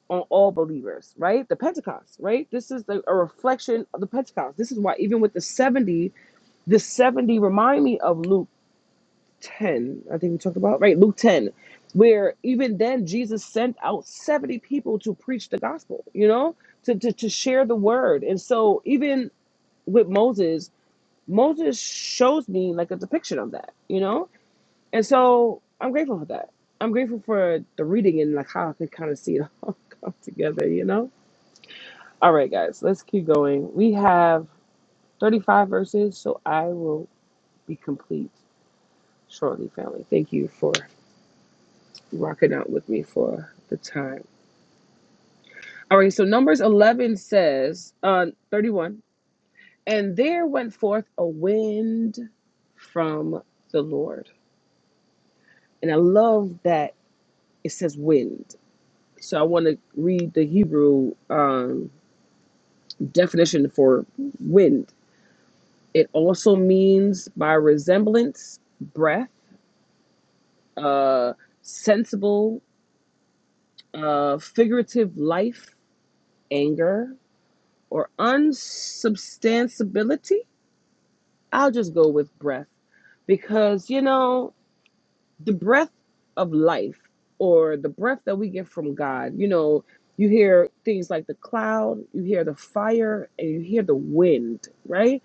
S1: on all believers, right? The Pentecost, right? This is the, a reflection of the Pentecost. This is why even with the 70, the 70 remind me of Luke 10, I think we talked about, right? Luke 10, where even then Jesus sent out 70 people to preach the gospel, you know, to, to, to share the word. And so even with Moses, Moses shows me like a depiction of that, you know? And so I'm grateful for that. I'm grateful for the reading and like how I could kind of see it all [laughs] come together, you know? All right, guys, let's keep going. We have 35 verses, so I will be complete shortly, family. Thank you for rocking out with me for the time. All right, so Numbers 11 says, uh, 31, and there went forth a wind from the Lord. And I love that it says wind. So I want to read the Hebrew um, definition for wind. It also means by resemblance, breath uh, sensible, uh, figurative life, anger, or unsubstantiability. I'll just go with breath because, you know, the breath of life or the breath that we get from God, you know, you hear things like the cloud, you hear the fire, and you hear the wind, right?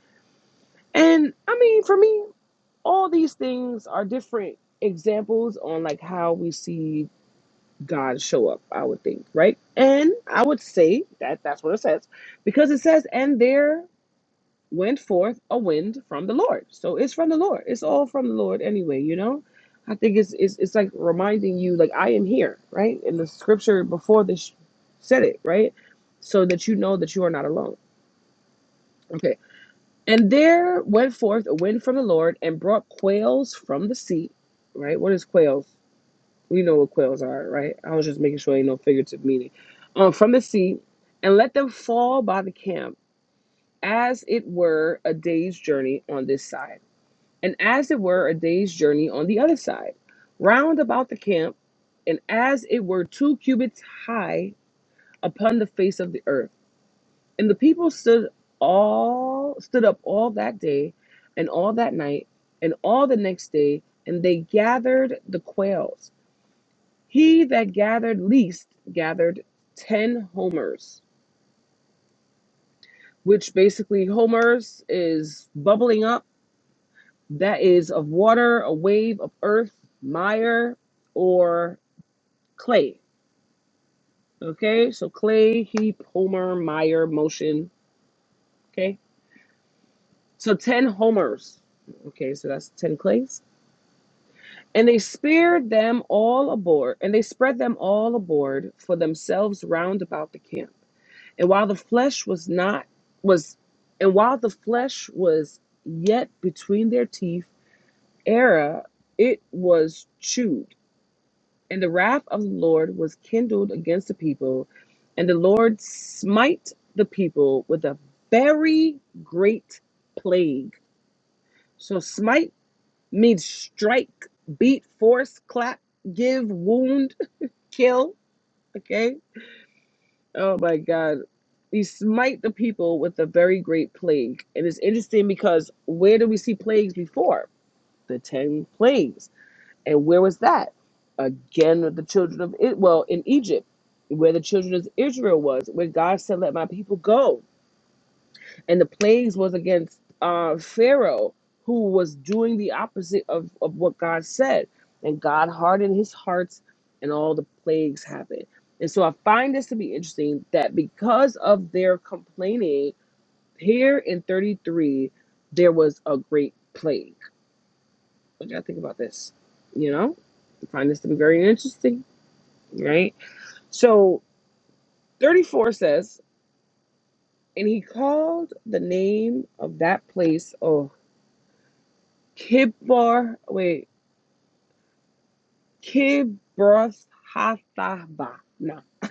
S1: And I mean, for me, all these things are different examples on like how we see God show up, I would think, right? And I would say that that's what it says because it says, and there went forth a wind from the Lord. So it's from the Lord. It's all from the Lord anyway, you know? I think it's, it's, it's like reminding you, like, I am here, right? And the scripture before this said it, right? So that you know that you are not alone. Okay. And there went forth a wind from the Lord and brought quails from the sea, right? What is quails? We know what quails are, right? I was just making sure ain't no figurative meaning. Um, from the sea, and let them fall by the camp, as it were a day's journey on this side, and as it were a day's journey on the other side, round about the camp, and as it were two cubits high upon the face of the earth. And the people stood all stood up all that day, and all that night, and all the next day, and they gathered the quails he that gathered least gathered 10 homers, which basically homers is bubbling up. That is of water, a wave of earth, mire, or clay. Okay, so clay, heap, homer, mire, motion. Okay, so 10 homers. Okay, so that's 10 clays. And they speared them all aboard, and they spread them all aboard for themselves round about the camp. And while the flesh was not was and while the flesh was yet between their teeth, Era it was chewed, and the wrath of the Lord was kindled against the people, and the Lord smite the people with a very great plague. So smite means strike, beat, force, clap, give, wound, [laughs] kill. Okay Oh my God. He smite the people with a very great plague. And it's interesting because where do we see plagues before? The 10 plagues. And where was that? Again, with the children of it. Well, in Egypt, where the children of Israel was, where God said, Let my people go and the plagues was against uh, Pharaoh, who was doing the opposite of, of what God said. And God hardened his hearts, and all the plagues happened. And so I find this to be interesting that because of their complaining, here in 33, there was a great plague. What do y'all think about this? You know, I find this to be very interesting, right? So 34 says, And he called the name of that place, oh, Kibbar, wait, Kibroth Hathaba. No. [laughs]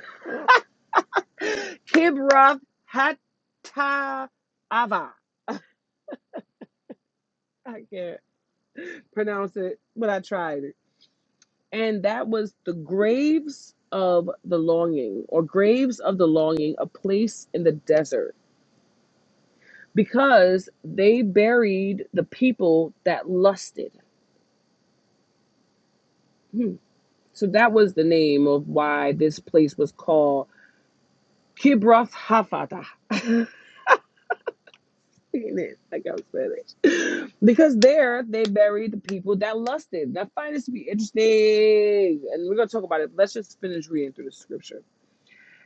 S1: Kibroth Hatava. I can't pronounce it, but I tried it. And that was the graves of the longing, or graves of the longing, a place in the desert, because they buried the people that lusted. Hmm. So that was the name of why this place was called Kibroth Hafata. [laughs] it, like I was saying. Because there they bury the people that lusted. I find this to be interesting. And we're gonna talk about it. Let's just finish reading through the scripture.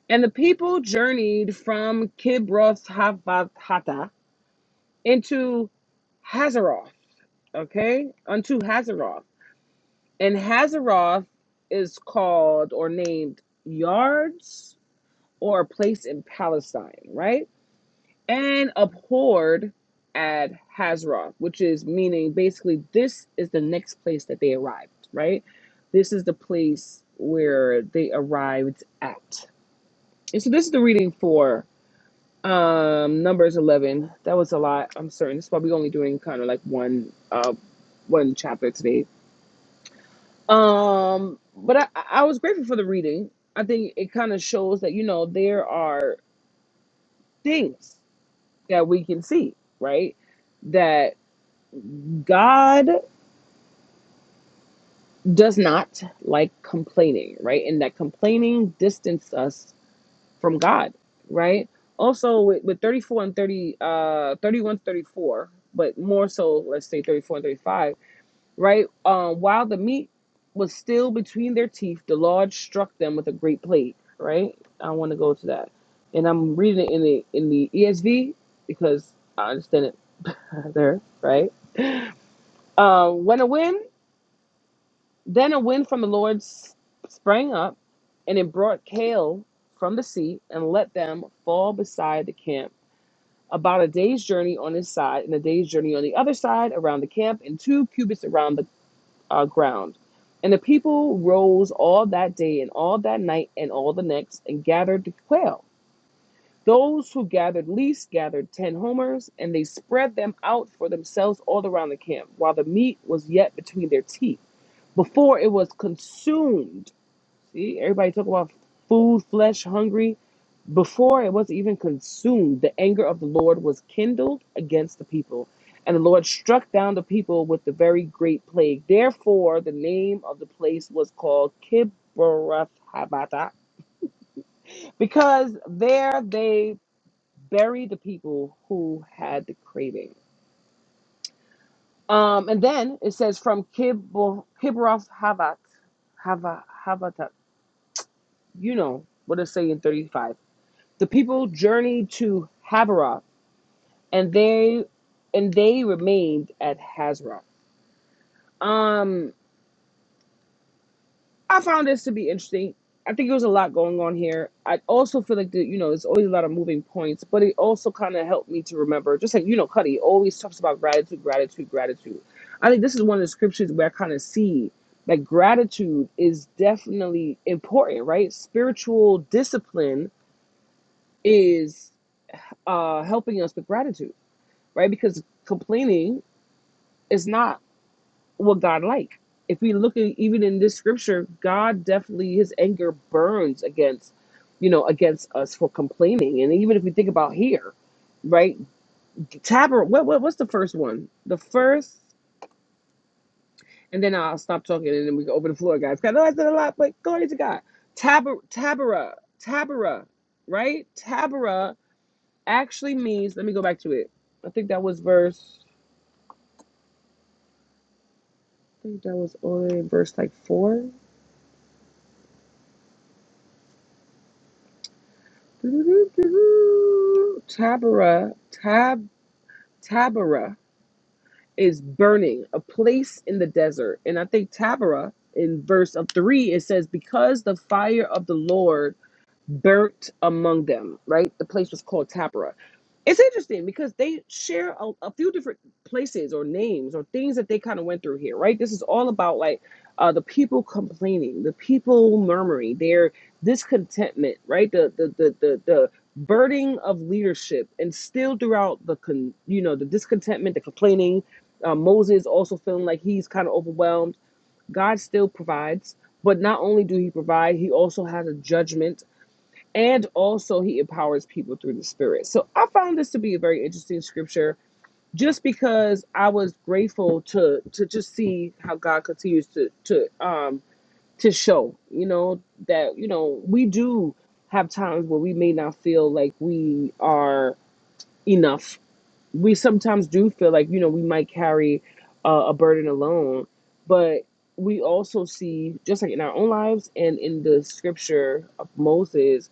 S1: And the people journeyed from Kibroth Hattaavah into Hazeroth, okay, unto Hazeroth. And Hazeroth is called or named Yards or a place in Palestine, right? and abhorred at Hazra, which is meaning basically this is the next place that they arrived, right? This is the place where they arrived at. And so this is the reading for um numbers 11 that was a lot i'm certain this is why we're only doing kind of like one uh one chapter today um but i i was grateful for the reading i think it kind of shows that you know there are things that we can see right That God does not like complaining, right? And that complaining distanced us from God, right? Also with, with 34 and 30 uh 31 thirty-four, but more so let's say 34 and 35, right? Um while the meat was still between their teeth, the Lord struck them with a great plague, right? I want to go to that. And I'm reading it in the in the ESV because I understand it [laughs] there, right? Uh, when a win? Then a wind from the Lord s- sprang up, and it brought hail from the sea and let them fall beside the camp, about a day's journey on this side and a day's journey on the other side around the camp, and two cubits around the uh, ground. And the people rose all that day and all that night and all the next and gathered the quail. Those who gathered least gathered ten homers, and they spread them out for themselves all around the camp, while the meat was yet between their teeth, before it was consumed See, everybody talk about food, flesh, hungry. Before it was even consumed, the anger of the Lord was kindled against the people, and the Lord struck down the people with the very great plague. Therefore, the name of the place was called Kibroth Habatha, because there they buried the people who had the craving. Um, and then it says from Kibroth Habat, Hava, Habatat. You know what it say in 35. The people journeyed to Haviroth, and they and they remained at Hazroth. Um, I found this to be interesting. I think there was a lot going on here. I also feel like the, you know there's always a lot of moving points, but it also kind of helped me to remember. Just like you know, Cuddy always talks about gratitude, gratitude, gratitude. I think this is one of the scriptures where I kind of see that gratitude is definitely important, right? Spiritual discipline is uh, helping us with gratitude right? Because complaining is not what God like. If we look at even in this scripture, God definitely his anger burns against, you know, against us for complaining. And even if we think about here, right? Taber, what, what what's the first one? The first, and then I'll stop talking and then we can open the floor, guys. 'Cause I know I said a lot, but glory to God. Taber, Tabera, Tabera, right? Tabera actually means. Let me go back to it. I think that was verse. I think that was only verse like four Taberah, Tab, Taberah is burning, a place in the desert. And I think Taberah in verse of three, it says, Because the fire of the Lord burnt among them, right? The place was called Tapera. It's interesting because they share a, a few different places or names or things that they kind of went through here, right? This is all about like uh, the people complaining, the people murmuring, their discontentment, right? The the the the, the burden of leadership and still throughout the con, you know the discontentment, the complaining. Uh, Moses also feeling like he's kind of overwhelmed. God still provides, but not only do He provide, He also has a judgment and also he empowers people through the spirit so i found this to be a very interesting scripture just because i was grateful to to just see how god continues to to um to show you know that you know we do have times where we may not feel like we are enough we sometimes do feel like you know we might carry uh, a burden alone but we also see just like in our own lives and in the scripture of moses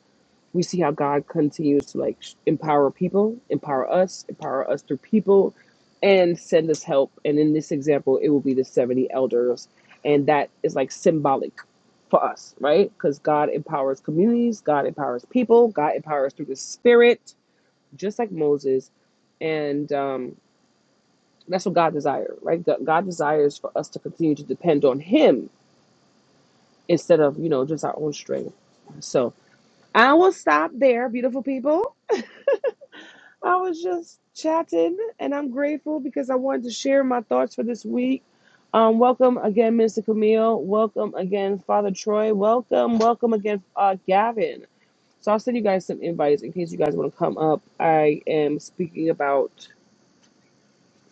S1: we see how God continues to like sh- empower people, empower us, empower us through people, and send us help. And in this example, it will be the 70 elders. And that is like symbolic for us, right? Because God empowers communities, God empowers people, God empowers through the Spirit, just like Moses. And um, that's what God desires, right? God God desires for us to continue to depend on Him instead of, you know, just our own strength. So I will stop there, beautiful people. I was just chatting, and I'm grateful because I wanted to share my thoughts for this week. Um, welcome again, Mr. Camille. Welcome again, Father Troy. Welcome, welcome again, uh, Gavin. So I'll send you guys some invites in case you guys want to come up. I am speaking about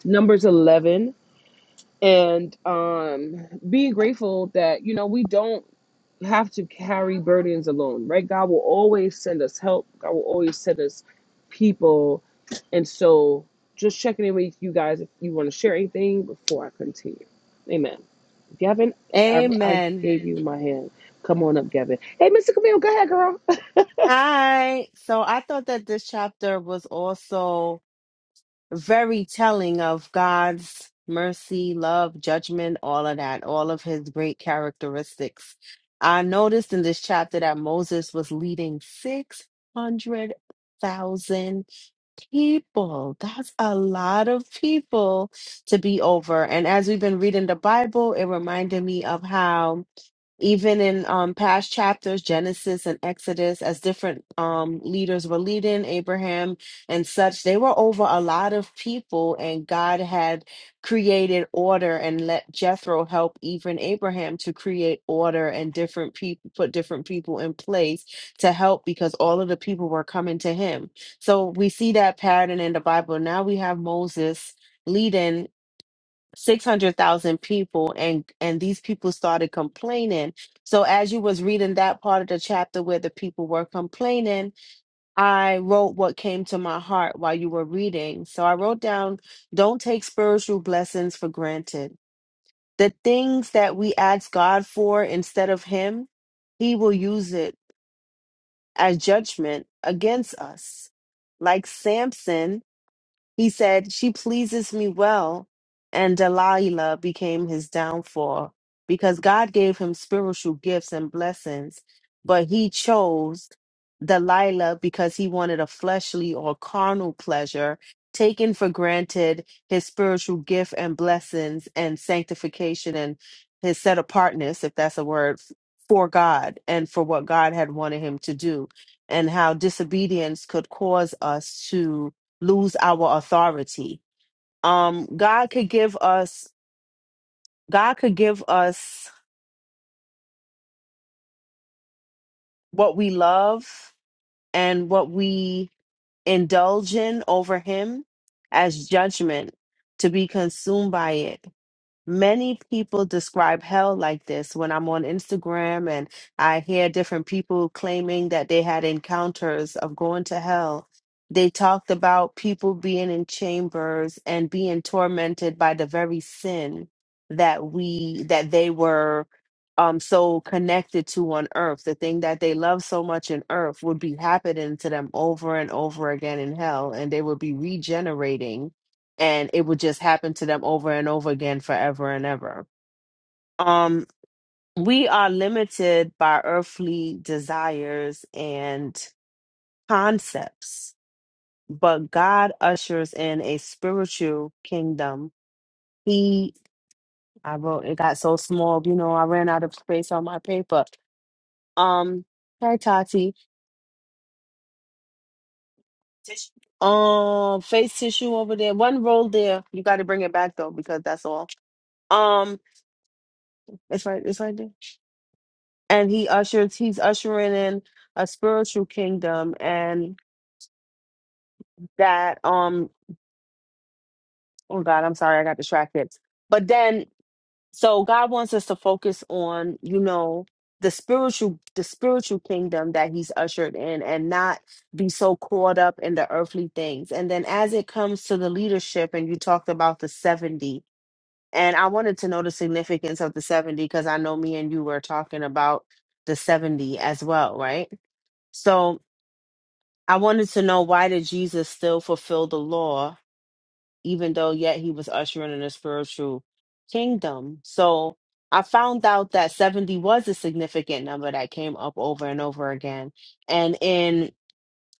S1: numbers eleven and um, being grateful that you know we don't have to carry burdens alone, right? God will always send us help. God will always send us people. And so just checking in with you guys if you want to share anything before I continue. Amen. Gavin, I, I
S2: Amen.
S1: gave you my hand. Come on up, Gavin. Hey, Mr. Camille, go ahead, girl.
S2: Hi. So I thought that this chapter was also very telling of God's mercy, love, judgment, all of that, all of his great characteristics. I noticed in this chapter that Moses was leading 600,000 people. That's a lot of people to be over. And as we've been reading the Bible, it reminded me of how. even in um, past chapters, Genesis and Exodus, as different um, leaders were leading, Abraham and such, they were over a lot of people, and God had created order and let Jethro help even Abraham to create order and different people put different people in place to help because all of the people were coming to him. So we see that pattern in the Bible. Now we have Moses. leading 600,000 people and and these people started complaining. So as you was reading that part of the chapter where the people were complaining, I wrote what came to my heart while you were reading. So I wrote down don't take spiritual blessings for granted. The things that we ask God for instead of him, he will use it as judgment against us. Like Samson, he said, She pleases me well. And Delilah became his downfall because God gave him spiritual gifts and blessings, but he chose Delilah because he wanted a fleshly or carnal pleasure, taking for granted his spiritual gift and blessings and sanctification and his set apartness, if that's a word, f- for God and for what God had wanted him to do, and how disobedience could cause us to lose our authority. Um, God could give us, God could give us what we love and what we indulge in over Him as judgment to be consumed by it. Many people describe hell like this. When I'm on Instagram and I hear different people claiming that they had encounters of going to hell, they talked about people being in chambers and being tormented by the very sin that we that they were um so connected to on earth. The thing that they love so much in earth would be happening to them over and over again in hell, and they would be regenerating and it would just happen to them over and over again forever and ever um we are limited by earthly desires and concepts but god ushers in a spiritual kingdom he i wrote it got so small you know i ran out of space on my paper um hey tati Tissue. um face tissue over there one roll there you got to bring it back though because that's all um it's right it's right there and he ushers he's ushering in a spiritual kingdom and that um oh god i'm sorry i got distracted but then so god wants us to focus on you know the spiritual the spiritual kingdom that he's ushered in and not be so caught up in the earthly things and then as it comes to the leadership and you talked about the 70 and i wanted to know the significance of the 70 because i know me and you were talking about the 70 as well right so I wanted to know why did Jesus still fulfill the law, even though yet he was ushering in a spiritual kingdom? So I found out that 70 was a significant number that came up over and over again. And in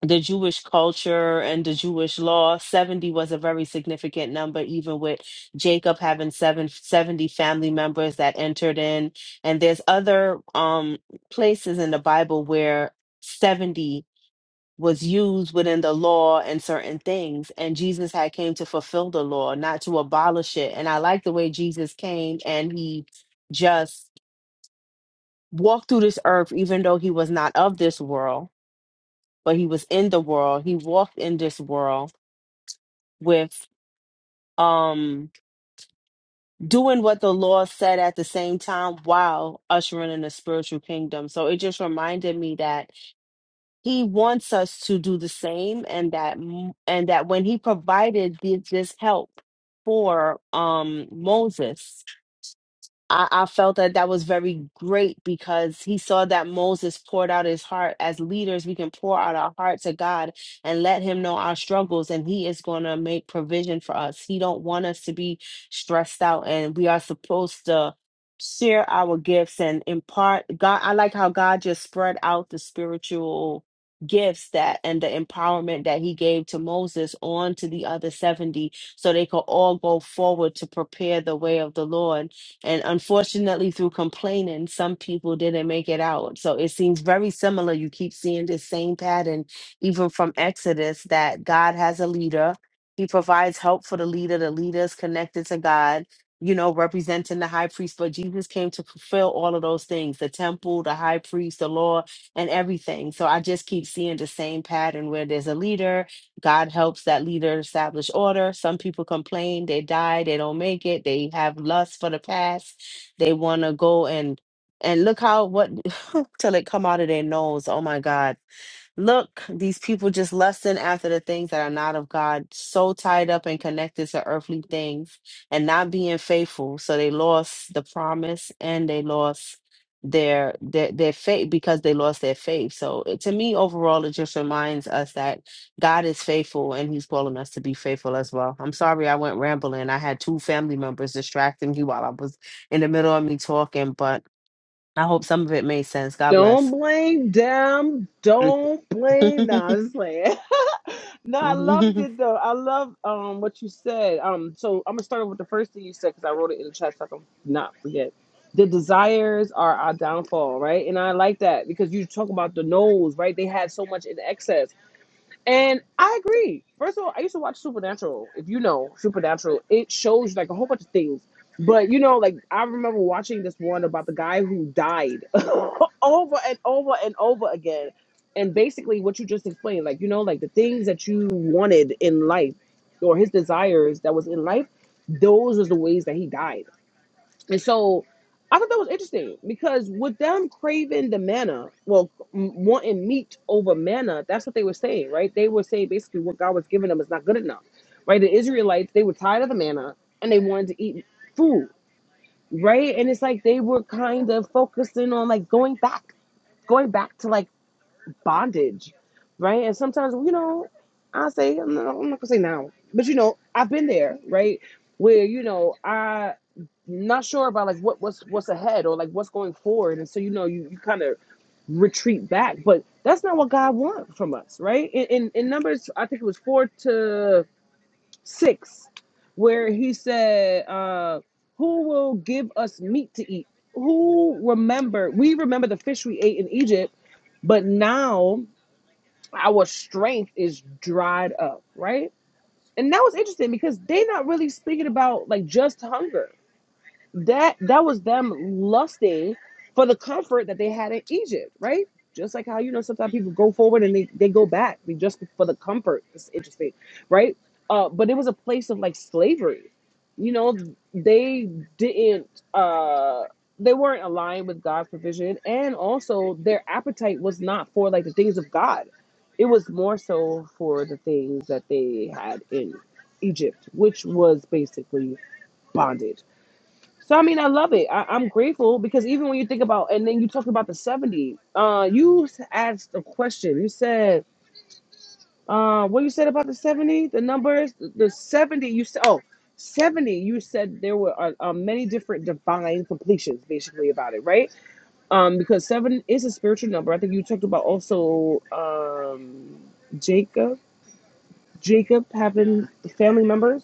S2: the Jewish culture and the Jewish law, 70 was a very significant number, even with Jacob having seven seventy family members that entered in. And there's other um, places in the Bible where 70 was used within the law and certain things and jesus had came to fulfill the law not to abolish it and i like the way jesus came and he just walked through this earth even though he was not of this world but he was in the world he walked in this world with um doing what the law said at the same time while ushering in the spiritual kingdom so it just reminded me that he wants us to do the same and that m- and that when he provided the, this help for um moses I, I felt that that was very great because he saw that Moses poured out his heart. As leaders, we can pour out our heart to God and let Him know our struggles, and He is going to make provision for us. He don't want us to be stressed out, and we are supposed to share our gifts and impart. God, I like how God just spread out the spiritual gifts that and the empowerment that He gave to Moses on to the other seventy, so they could all go forward to prepare the way of the Lord and unfortunately, through complaining, some people didn't make it out. So it seems very similar. You keep seeing this same pattern, even from Exodus, that God has a leader. He provides help for the leader. The leader is connected to God, you know, representing the high priest. But Jesus came to fulfill all of those things the temple, the high priest, the law, and everything. So I just keep seeing the same pattern where there's a leader God helps that leader establish order. Some people complain, they die, they don't make it, they have lust for the past. They want to go and and look how what [laughs] till it come out of their nose. Oh my God. Look, these people just lusting after the things that are not of God, so tied up and connected to earthly things and not being faithful. So they lost the promise and they lost their their, their faith because they lost their faith. So it, to me, overall, it just reminds us that God is faithful and He's calling us to be faithful as well. I'm sorry I went rambling. I had two family members distracting me while I was in the middle of me talking, but I hope some of it made sense. God
S1: Don't
S2: bless.
S1: blame them. Don't blame. Nah, I'm just playing. [laughs] No, I
S2: [laughs]
S1: loved it though. I love um what you said. Um, so I'm gonna start off with the first thing you said because I wrote it in the chat so I can not forget. The desires are our downfall, right? And I like that because you talk about the no's, right? They had so much in excess. And I agree. First of all, I used to watch Supernatural. If you know Supernatural, it shows you like a whole bunch of things. But you know, like I remember watching this one about the guy who died [laughs] over and over and over again. And basically, what you just explained, like you know, like the things that you wanted in life, or his desires that was in life, those was the ways that he died and so I thought that was interesting because with them craving the manna, well, m- wanting meat over manna, that's what they were saying, right? They were saying basically what God was giving them is not good enough, right? The Israelites, they were tired of the manna and they wanted to eat food, right? And it's like they were kind of focusing on like going back, going back to like bondage, right? And sometimes, you know, I say, I'm not, I'm not gonna say now, but you know, I've been there, right? Where you know, I not sure about like what what's what's ahead or like what's going forward, and so you know, you, you kind of retreat back, but that's not what God wants from us, right? In, in in Numbers, I think it was four to six, where He said, uh, "Who will give us meat to eat? Who remember? We remember the fish we ate in Egypt." But now our strength is dried up, right? And that was interesting because they're not really speaking about like just hunger that that was them lusting for the comfort that they had in Egypt, right? Just like how you know sometimes people go forward and they, they go back they just for the comfort. It's interesting, right? Uh, but it was a place of like slavery. You know, they didn't uh they weren't aligned with God's provision and also their appetite was not for like the things of God. It was more so for the things that they had in Egypt, which was basically bondage so I mean, I love it. I, I'm grateful because even when you think about, and then you talk about the 70. Uh, you asked a question. You said, uh, what you said about the 70? The numbers, the 70. You said, oh, 70. You said there were uh, uh, many different divine completions, basically about it, right? Um, because seven is a spiritual number. I think you talked about also um Jacob, Jacob having family members.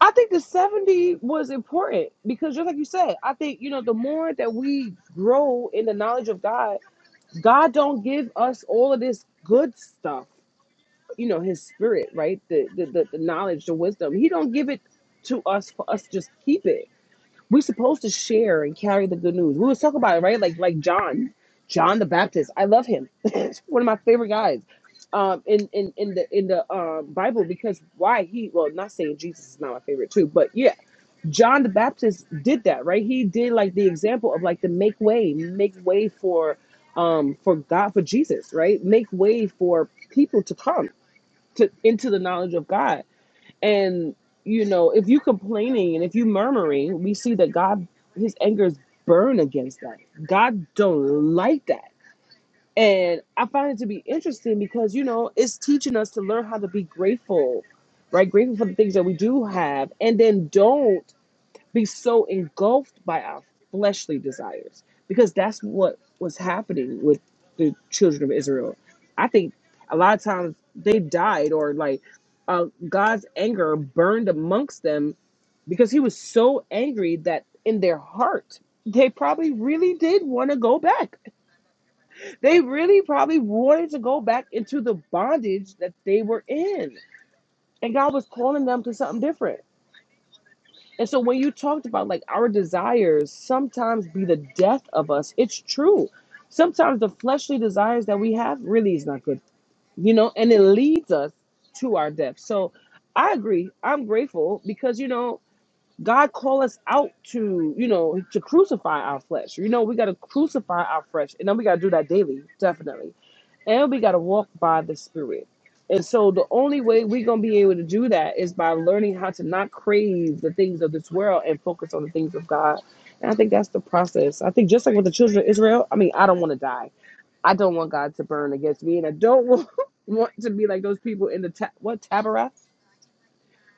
S1: I think the 70 was important because just like you said, I think you know the more that we grow in the knowledge of God, God don't give us all of this good stuff, you know, his spirit, right? The the the, the knowledge, the wisdom. He don't give it to us for us to just keep it. We're supposed to share and carry the good news. We was talking about it, right? Like like John, John the Baptist. I love him. [laughs] One of my favorite guys. Um, in, in, in the in the um, Bible because why he well not saying Jesus is not my favorite too but yeah John the Baptist did that, right? He did like the example of like the make way, make way for um for God for Jesus, right? Make way for people to come to into the knowledge of God and you know, if you complaining and if you murmuring, we see that God his angers burn against that. God don't like that. And I find it to be interesting because you know, it's teaching us to learn how to be grateful, right? Grateful for the things that we do have and then don't be so engulfed by our fleshly desires because that's what was happening with the children of Israel. I think a lot of times they died or like uh, God's anger burned amongst them because he was so angry that in their heart they probably really did want to go back. They really probably wanted to go back into the bondage that they were in. And God was calling them to something different. And so when you talked about like our desires sometimes be the death of us, it's true. Sometimes the fleshly desires that we have really is not good, you know, and it leads us to our death. So I agree. I'm grateful because you know God called us out to you know to crucify our flesh. You know we got to crucify our flesh, and then we got to do that daily, definitely and we got to walk by the Spirit. And so the only way we're going to be able to do that is by learning how to not crave the things of this world and focus on the things of God. And I think that's the process. I think just like with the children of Israel, I mean, I don't want to die. I don't want God to burn against me, and I don't want, [laughs] want to be like those people in the ta- what Taberah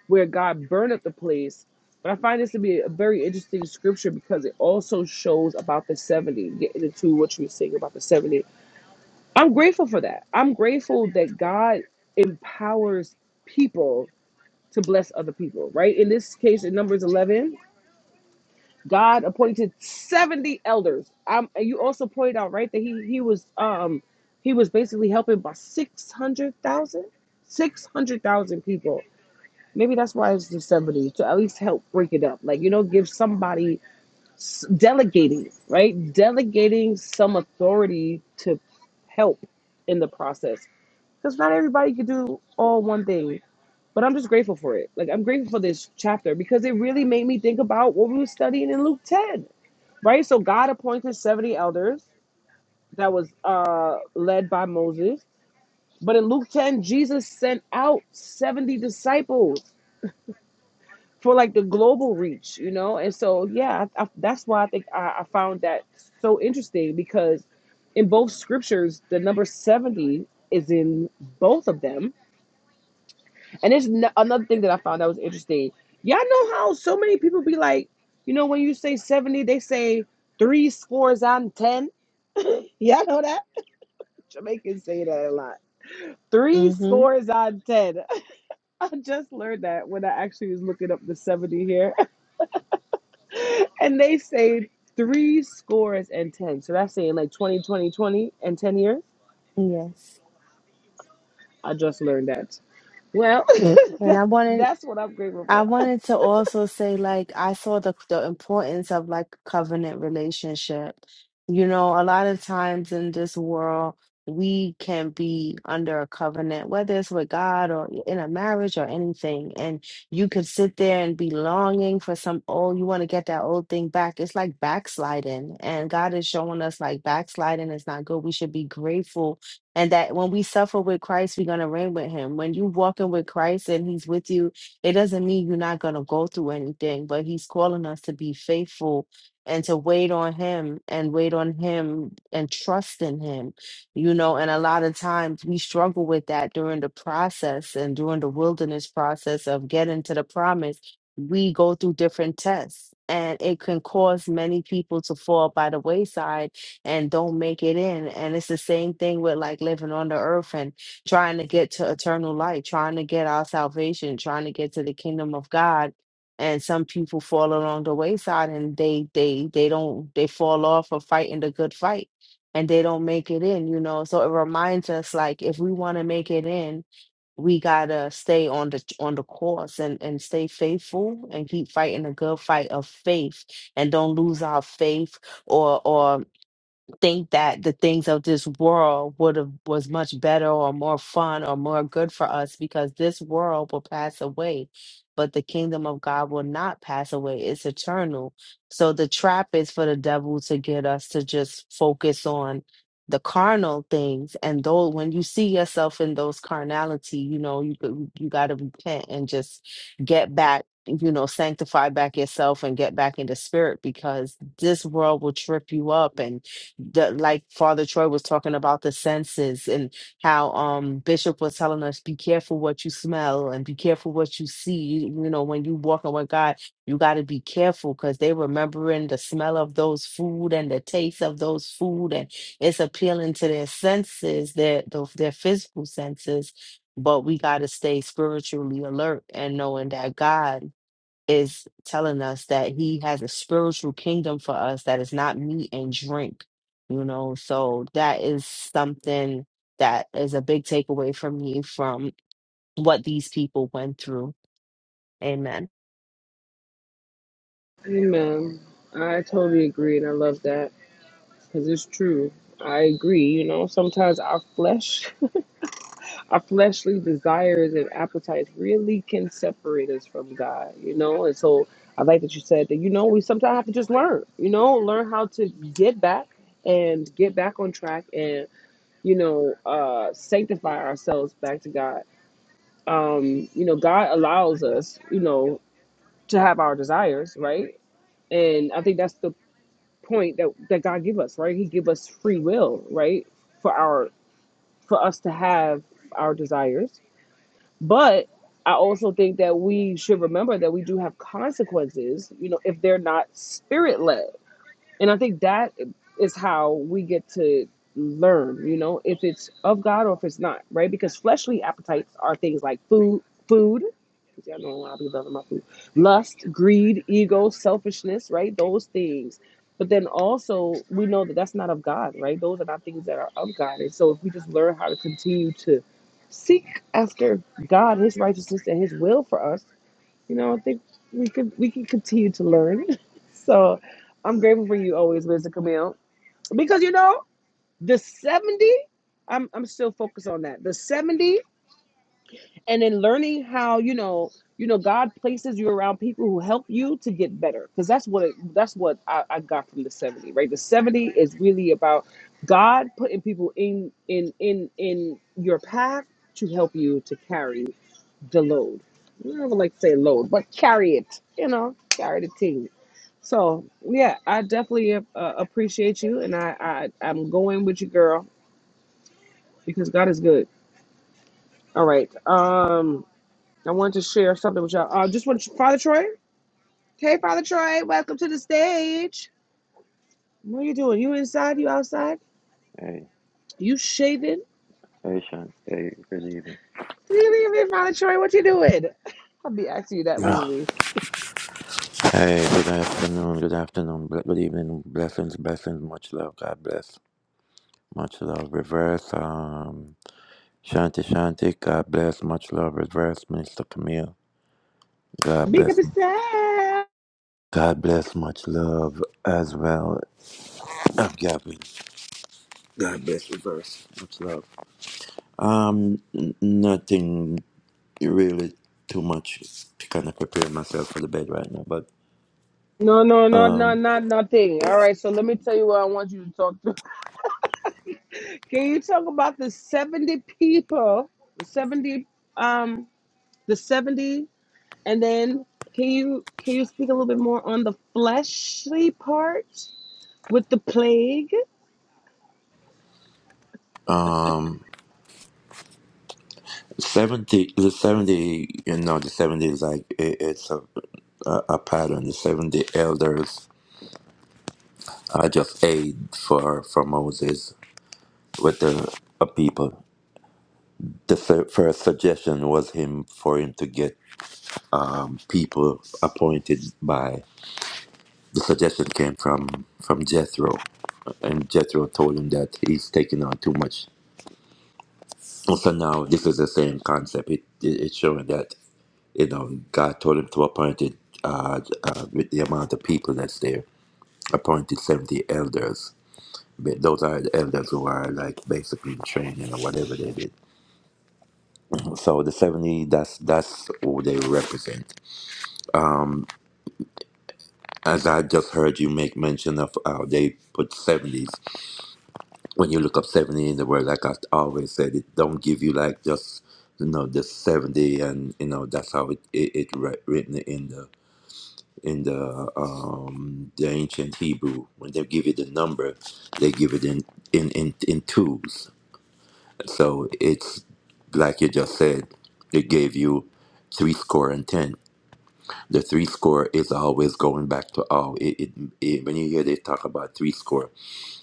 S1: where God burned up the place. But I find this to be a very interesting scripture because it also shows about the seventy, getting into what you were saying about the seventy. I'm grateful for that. I'm grateful that God empowers people to bless other people, right? In this case, in Numbers 11, God appointed 70 elders. Um, and you also pointed out, right, that he, he was um he was basically helping by 600,000, 600,000 people. Maybe that's why it's the 70 to at least help break it up. Like, you know, give somebody s- delegating, right? Delegating some authority to help in the process because not everybody can do all one thing. But I'm just grateful for it. Like I'm grateful for this chapter because it really made me think about what we were studying in Luke 10, right? So God appointed 70 elders that was uh led by Moses. But in Luke 10, Jesus sent out 70 disciples for like the global reach, you know? And so, yeah, I, I, that's why I think I, I found that so interesting because in both scriptures, the number 70 is in both of them And there's no, another thing that I found that was interesting. Y'all know how so many people be like, you know, when you say 70, they say three scores on 10. Y'all know that? Jamaicans say that a lot. Three
S2: Mm-hmm.
S1: scores on 10. [laughs] I just learned that when I actually was looking up the 70 here. [laughs] And they say three scores and 10. So that's saying like 20, 20, 20, and 10 years.
S2: Yes.
S1: I just learned that. Well, [laughs]
S2: And
S1: that,
S2: I wanted
S1: that's what I'm grateful
S2: I
S1: for.
S2: wanted to also say, like, I saw the the importance of like covenant relationship. You know, a lot of times in this world, we can be under a covenant, whether it's with God or in a marriage or anything. And you could sit there and be longing for some old, you want to get that old thing back. It's like backsliding. And God is showing us like backsliding is not good. We should be grateful. And that when we suffer with Christ, we're going to reign with him. When you walking with Christ and he's with you, it doesn't mean you're not going to go through anything, but He's calling us to be faithful and to wait on Him and wait on Him and trust in Him, you know. And a lot of times we struggle with that during the process and during the wilderness process of getting to the promise. We go through different tests. And it can cause many people to fall by the wayside and don't make it in. And it's the same thing with like living on the earth and trying to get to eternal life, trying to get our salvation, trying to get to the kingdom of God. And some people fall along the wayside and they they they don't they fall off of fighting the good fight and they don't make it in, you know. So it reminds us like if we want to make it in, we gotta stay on the on the course and, and stay faithful and keep fighting the good fight of faith and don't lose our faith or or think that the things of this world would have was much better or more fun or more good for us because this world will pass away but the kingdom of god will not pass away it's eternal so the trap is for the devil to get us to just focus on the carnal things and though when you see yourself in those carnality you know you could- you got to repent and just get back you know sanctify back yourself and get back into spirit because this world will trip you up and the, like Father Troy was talking about the senses and how um Bishop was telling us be careful what you smell and be careful what you see. You know, when you walking with God, you got to be careful because they remembering the smell of those food and the taste of those food, and it's appealing to their senses, their the, their physical senses. But we got to stay spiritually alert and knowing that God is telling us that he has a spiritual kingdom for us that is not meat and drink, you know. So that is something that is a big takeaway for me from what these people went through. Amen.
S1: Amen. I totally agree and I love that. because it's true. I agree. You know, sometimes our flesh, [laughs] our fleshly desires and appetites really can separate us from God, you know? And so I like that you said that, you know, we sometimes have to just learn, you know, learn how to get back and get back on track and, you know, uh, sanctify ourselves back to God. Um, you know, God allows us, you know, to have our desires, right? And I think that's the point that, that God give us, right? He give us free will, right? for our for us to have our desires. But I also think that we should remember that we do have consequences, you know, if they're not spirit led. And I think that is how we get to learn, you know, if it's of God or if it's not, right? Because fleshly appetites are things like food, food. See, I know a lot of people love my food. Lust, greed, ego, selfishness, right? Those things. But then also, we know that that's not of God, right? Those are not things that are of God. And so, if we just learn how to continue to seek after God, His righteousness, and His will for us, you know, I think we could we can continue to learn. [laughs] So I'm grateful for you always, Mr. Camille. Because you know, the 70, I'm I'm still focused on that. The 70 and then learning how, you know, you know, God places you around people who help you to get better. Because that's what it, that's what I, I got from the 70, right? The 70 is really about God putting people in in in in your path to help you to carry the load. I would like to say load, but carry it, you know, carry the team. So yeah, I definitely uh, appreciate you, and I, I I'm going with you, girl, because God is good. All right, um, I wanted to share something with y'all. I uh, just want to, Father Troy. Hey, Father Troy, welcome to the stage. What are you doing? You inside? You outside?
S3: Hey,
S1: You shaving?
S3: hey, Sean. Hey, good evening.
S1: leave me, Father Troy, what you doing? [laughs] I'll be asking you that
S3: Ah,
S1: lately.
S3: Hey, good afternoon, good afternoon, ble- good evening, blessings, blessings, much love, God bless, much love, reverse, um, Shanti Shanti, God bless, much love, reverse, Minister Camille, God
S1: Make up
S3: bless,
S1: a
S3: God bless, much love as well, uh, Gavin, God bless, reverse, much love. Um, n- nothing really too much to kind of prepare myself for the bed right now, but
S1: No, no, no, no,
S3: um,
S1: not nothing. All right, so let me tell you what I want you to talk to. [laughs] Can you talk about the 70 people, the 70 um the 70 and then can you can you speak a little bit more on the fleshly part with the plague?
S3: um. 70 the 70 you know the 70 is like it, it's a, a a pattern the 70 elders are just aid for for moses with the uh, people the fir- first suggestion was him for him to get um, people appointed by the suggestion came from from jethro and jethro told him that he's taking on too much And so now this is the same concept it, it it's showing that You know, God told him to appoint it, uh, uh, with the amount of people that's there, appointed 70 elders. But Those are the elders who are like basically in training or whatever they did. So the 70, that's that's who they represent. Um, as I just heard you make mention of how they put 70s. When you look up 70 in the word, like I always said, it don't give you like just you know the 70 and you know that's how it it, it re- written in the in the um, the ancient Hebrew. When they give it a number, they give it in in in, in twos. So it's like you just said. It gave you three score and ten. The three score is always going back to oh, it, it, it when you hear they talk about three score,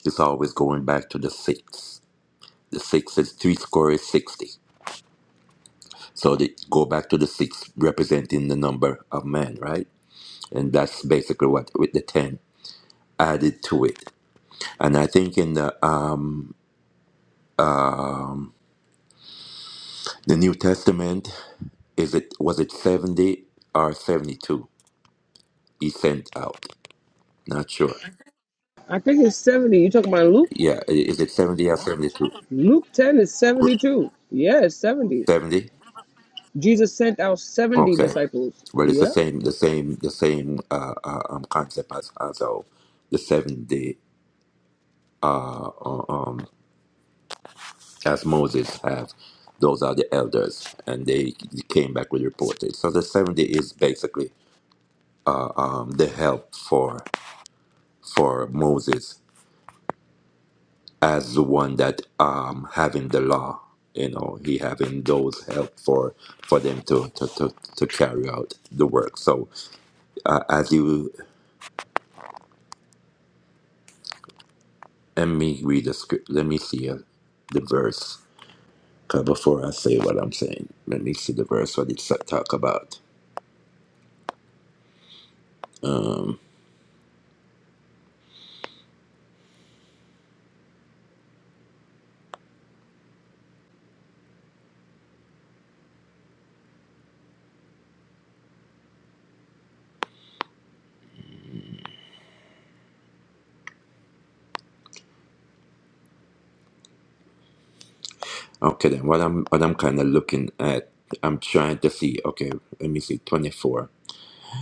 S3: it's always going back to the six. The six is three score is sixty. So they go back to the six representing the number of men, right? And that's basically what with the ten added to it. And I think in the um, um, the New Testament, is it was it seventy or seventy two? He sent out. Not sure.
S1: I think it's 70. You talking about Luke?
S3: Yeah, i- is it seventy or seventy two?
S1: Luke 10 is 72. Yeah, it's 70.
S3: Seventy.
S1: Jesus sent out 70
S3: Okay.
S1: disciples.
S3: Well, it's the
S1: Yeah.
S3: same, the same, the same uh, uh, um, concept as as our, the seventy uh, um, as Moses have. Those are the elders, and they came back with reported. So the seventy is basically uh, um, the help for for Moses as the one that um having the law you know he having those help for for them to to, to, to carry out the work so uh, as you let me read the script let me see uh, the verse 'Cause before i say what i'm saying let me see the verse what it's uh, talk about okay then what i'm what i'm kind of looking at i'm trying to see okay let me see 24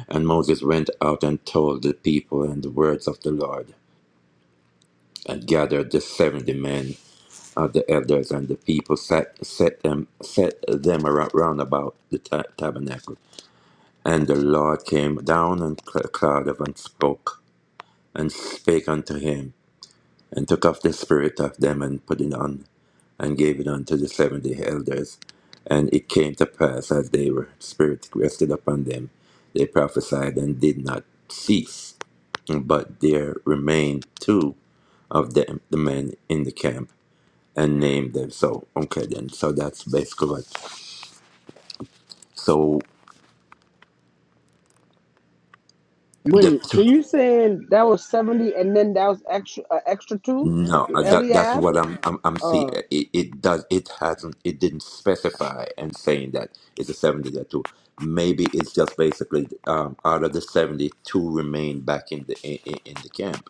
S3: and moses went out and told the people and the words of the lord and gathered the 70 men of the elders and the people set, set them set them around, round about the ta- tabernacle. And the Lord came down on cl- cloud of and spoke and spake unto him and took off the spirit of them and put it on and gave it unto the seventy elders. And it came to pass as they were spirit rested upon them, they prophesied and did not cease. But there remained two of them, the men in the camp and name them. So okay, then. So that's basically what. So the
S1: Wait, so
S3: two,
S1: you saying that was seventy, and then that was extra, uh, extra two,
S3: no,
S1: with
S3: uh, that that's
S1: Eliab.
S3: what I'm I'm, I'm seeing.
S1: Uh,
S3: It, it does it hasn't it didn't specify and saying that it's a seventy that two. Maybe it's just basically um, out of the seventy, two remain back in the in, in in the camp.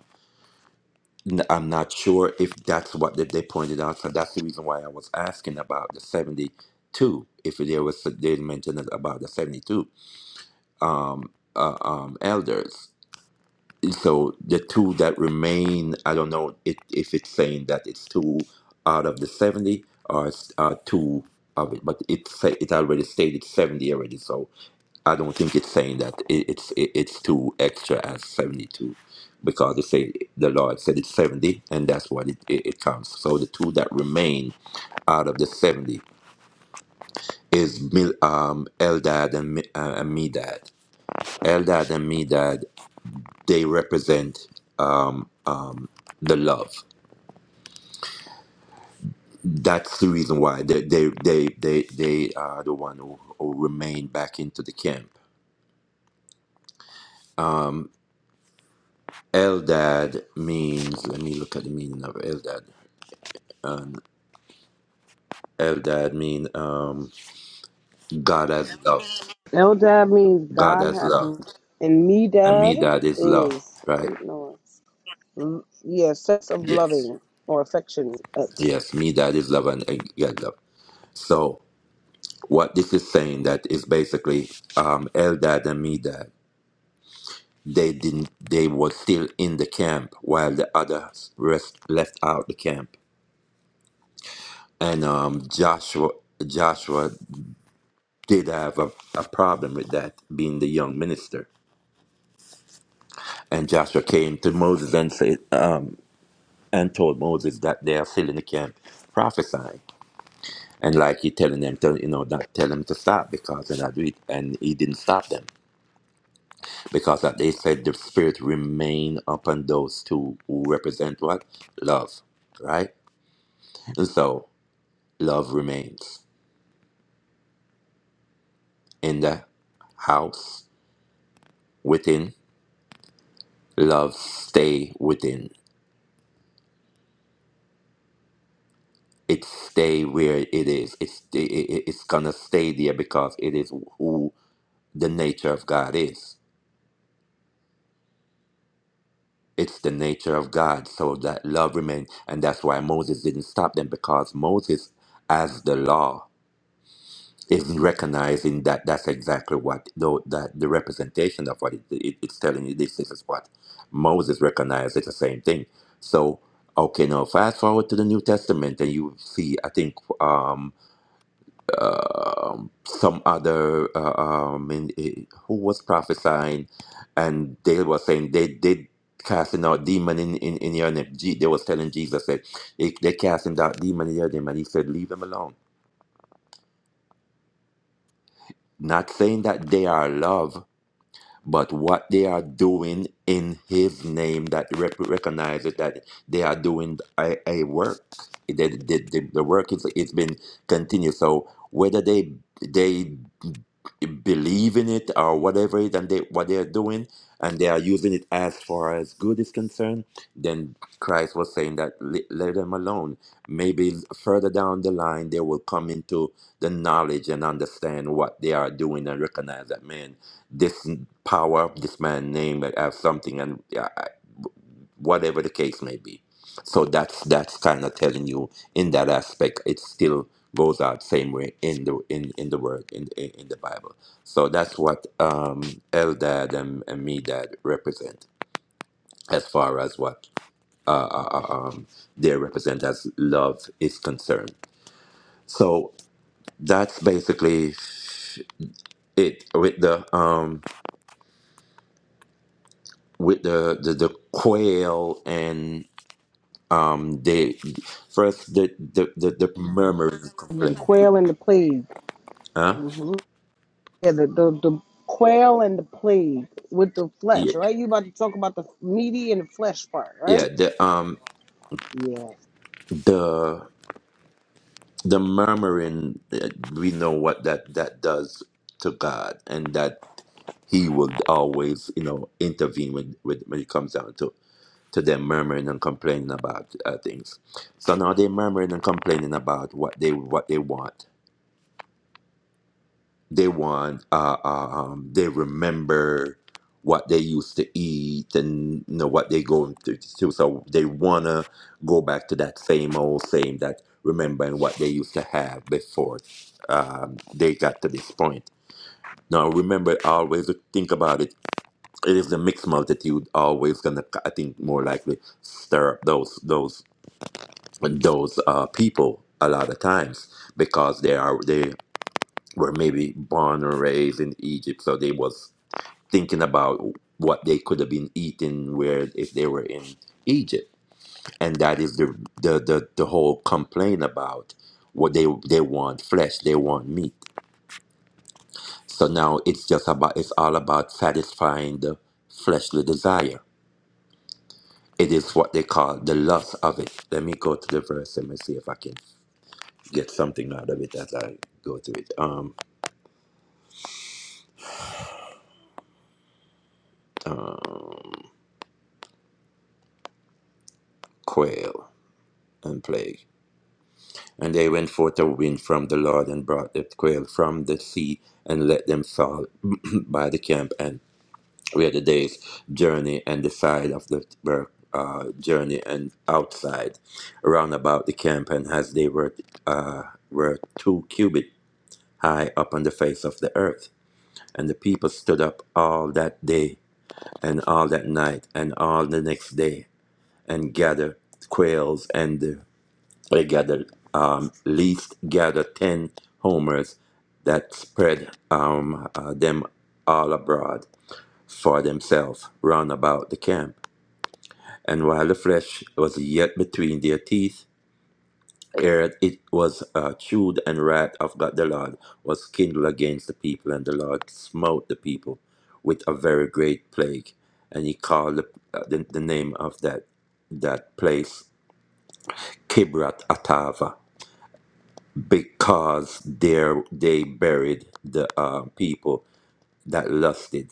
S3: N- I'm not sure if that's what they, they pointed out. So that's the reason why I was asking about the seventy two. If there was they mentioned about the seventy two um, uh, um, elders so the two that remain, I don't know it, if it's saying that it's two out of the 70 or it's, uh, two of it, but it say, it already stated 70 already, so I don't think it's saying that it, it's it, it's two extra as 72 because it say the Lord said it's 70 and that's what it, it, it counts. So the two that remain out of the 70 is Mil, um, Eldad and, Mi- uh, and Medad. Eldad and Medad they represent um, um, the love. That's the reason why they they they they, they are the one who, who remain back into the camp. Um, Eldad means. Let me look at the meaning of Eldad. Um, Eldad mean um, God as love.
S1: Eldad means
S3: God
S1: God
S3: as
S1: has,
S3: love,
S1: loved, and
S3: and me
S1: Medad
S3: is love.
S1: is
S3: Right?
S1: wait no, L- yeah, sense of
S3: Yes.
S1: loving or affection. That's-
S3: Yes. Me is love, and, and God love. So what this is saying that is basically um, Eldad and Medad. They didn't. They were still in the camp while the others rest, left out the camp. And um, Joshua, Joshua did have a, a problem with that, being the young minister. And Joshua came to Moses and said, um, and told Moses that they are still in the camp prophesying. And like he telling them, to, you know, not tell them to stop because they're not doing it. And he didn't stop them because that they said the spirit remain upon those two who represent what? Love, right? And so love remains. In the house within, love stay within. It stay where it is. It's it, it- it's gonna stay there because it is who the nature of God is. It's the nature of God, so that love remains, and that's why Moses didn't stop them because Moses, as the law. is recognizing that that's exactly what though that the representation of what it, it- it's telling you this, this is what moses recognized it's the same thing so okay now fast forward to the new testament and you see i think um um some other uh, um in, eh, who was prophesying and they were saying they did casting out demon in, in, in your name Je- they was telling jesus that they, they casting out demon in your name and he said leave them alone not saying that they are love but what they are doing in his name that rep- recognizes that they are doing a, a work the, the, the, the work is it's been continued so whether they they believe in it or whatever it and they what they are doing and they are using it as far as good is concerned then christ was saying that "Le- let them alone maybe further down the line they will come into the knowledge and understand what they are doing and recognize that man this power of this man name uh, as something and uh, whatever the case may be so that's that's kind of telling you in that aspect it still goes out same way in the in, in the word in, in in the bible so that's what um eldad and, and medad represent as far as what uh, uh, uh, um, they represent as love is concerned so that's basically it with the um with the the, the quail um they first the the the, the murmur
S1: And then
S3: complain
S1: quail and the plague.
S3: huh
S1: hmm Yeah, the, the the quail and the plague with the flesh,
S3: yeah,
S1: right? You about to talk about the meaty and the flesh part, right?
S3: yeah the um
S1: Yeah.
S3: the the murmuring uh, we know what that that does to god and that he would always you know intervene when when, when it comes down to to them murmuring and complaining about uh, things so now they're murmuring and complaining about what they what they want They want, uh, uh, um, they remember what they used to eat and you know what they going through. So so they wanna go back to that same old same that remembering what they used to have before um, they got to this point. Now remember, always think about it. It is the mixed multitude always gonna, I think, more likely stir up those those those uh, people a lot of times because they are they were maybe born or raised in Egypt, so they was thinking about what they could have been eating where if they were in Egypt, and that is the the the, the whole complaint about what they they want flesh, they want meat. So now it's just about it's all about satisfying the fleshly desire. It is what they call the lust of it. Let me go to the verse. Let me see if I can get something out of it as I go to it. Um, um, quail and plague. And they went forth a wind from the Lord and brought the quail from the sea and let them fall [clears throat] by the camp and where the day's journey and the side of the were, uh, journey and outside round about the camp and as they were uh, were two cubit high upon the face of the earth. And the people stood up all that day and all that night and all the next day and gathered quails and the they gathered, um, least gathered 10 homers that spread um, uh, them all abroad for themselves round about the camp. And while the flesh was yet between their teeth, ere it was uh, chewed, and wrath of God the Lord was kindled against the people, and the Lord smote the people with a very great plague. And he called the, uh, the, the name of that, that place Kibrat Atava because there they buried the uh, people that lusted,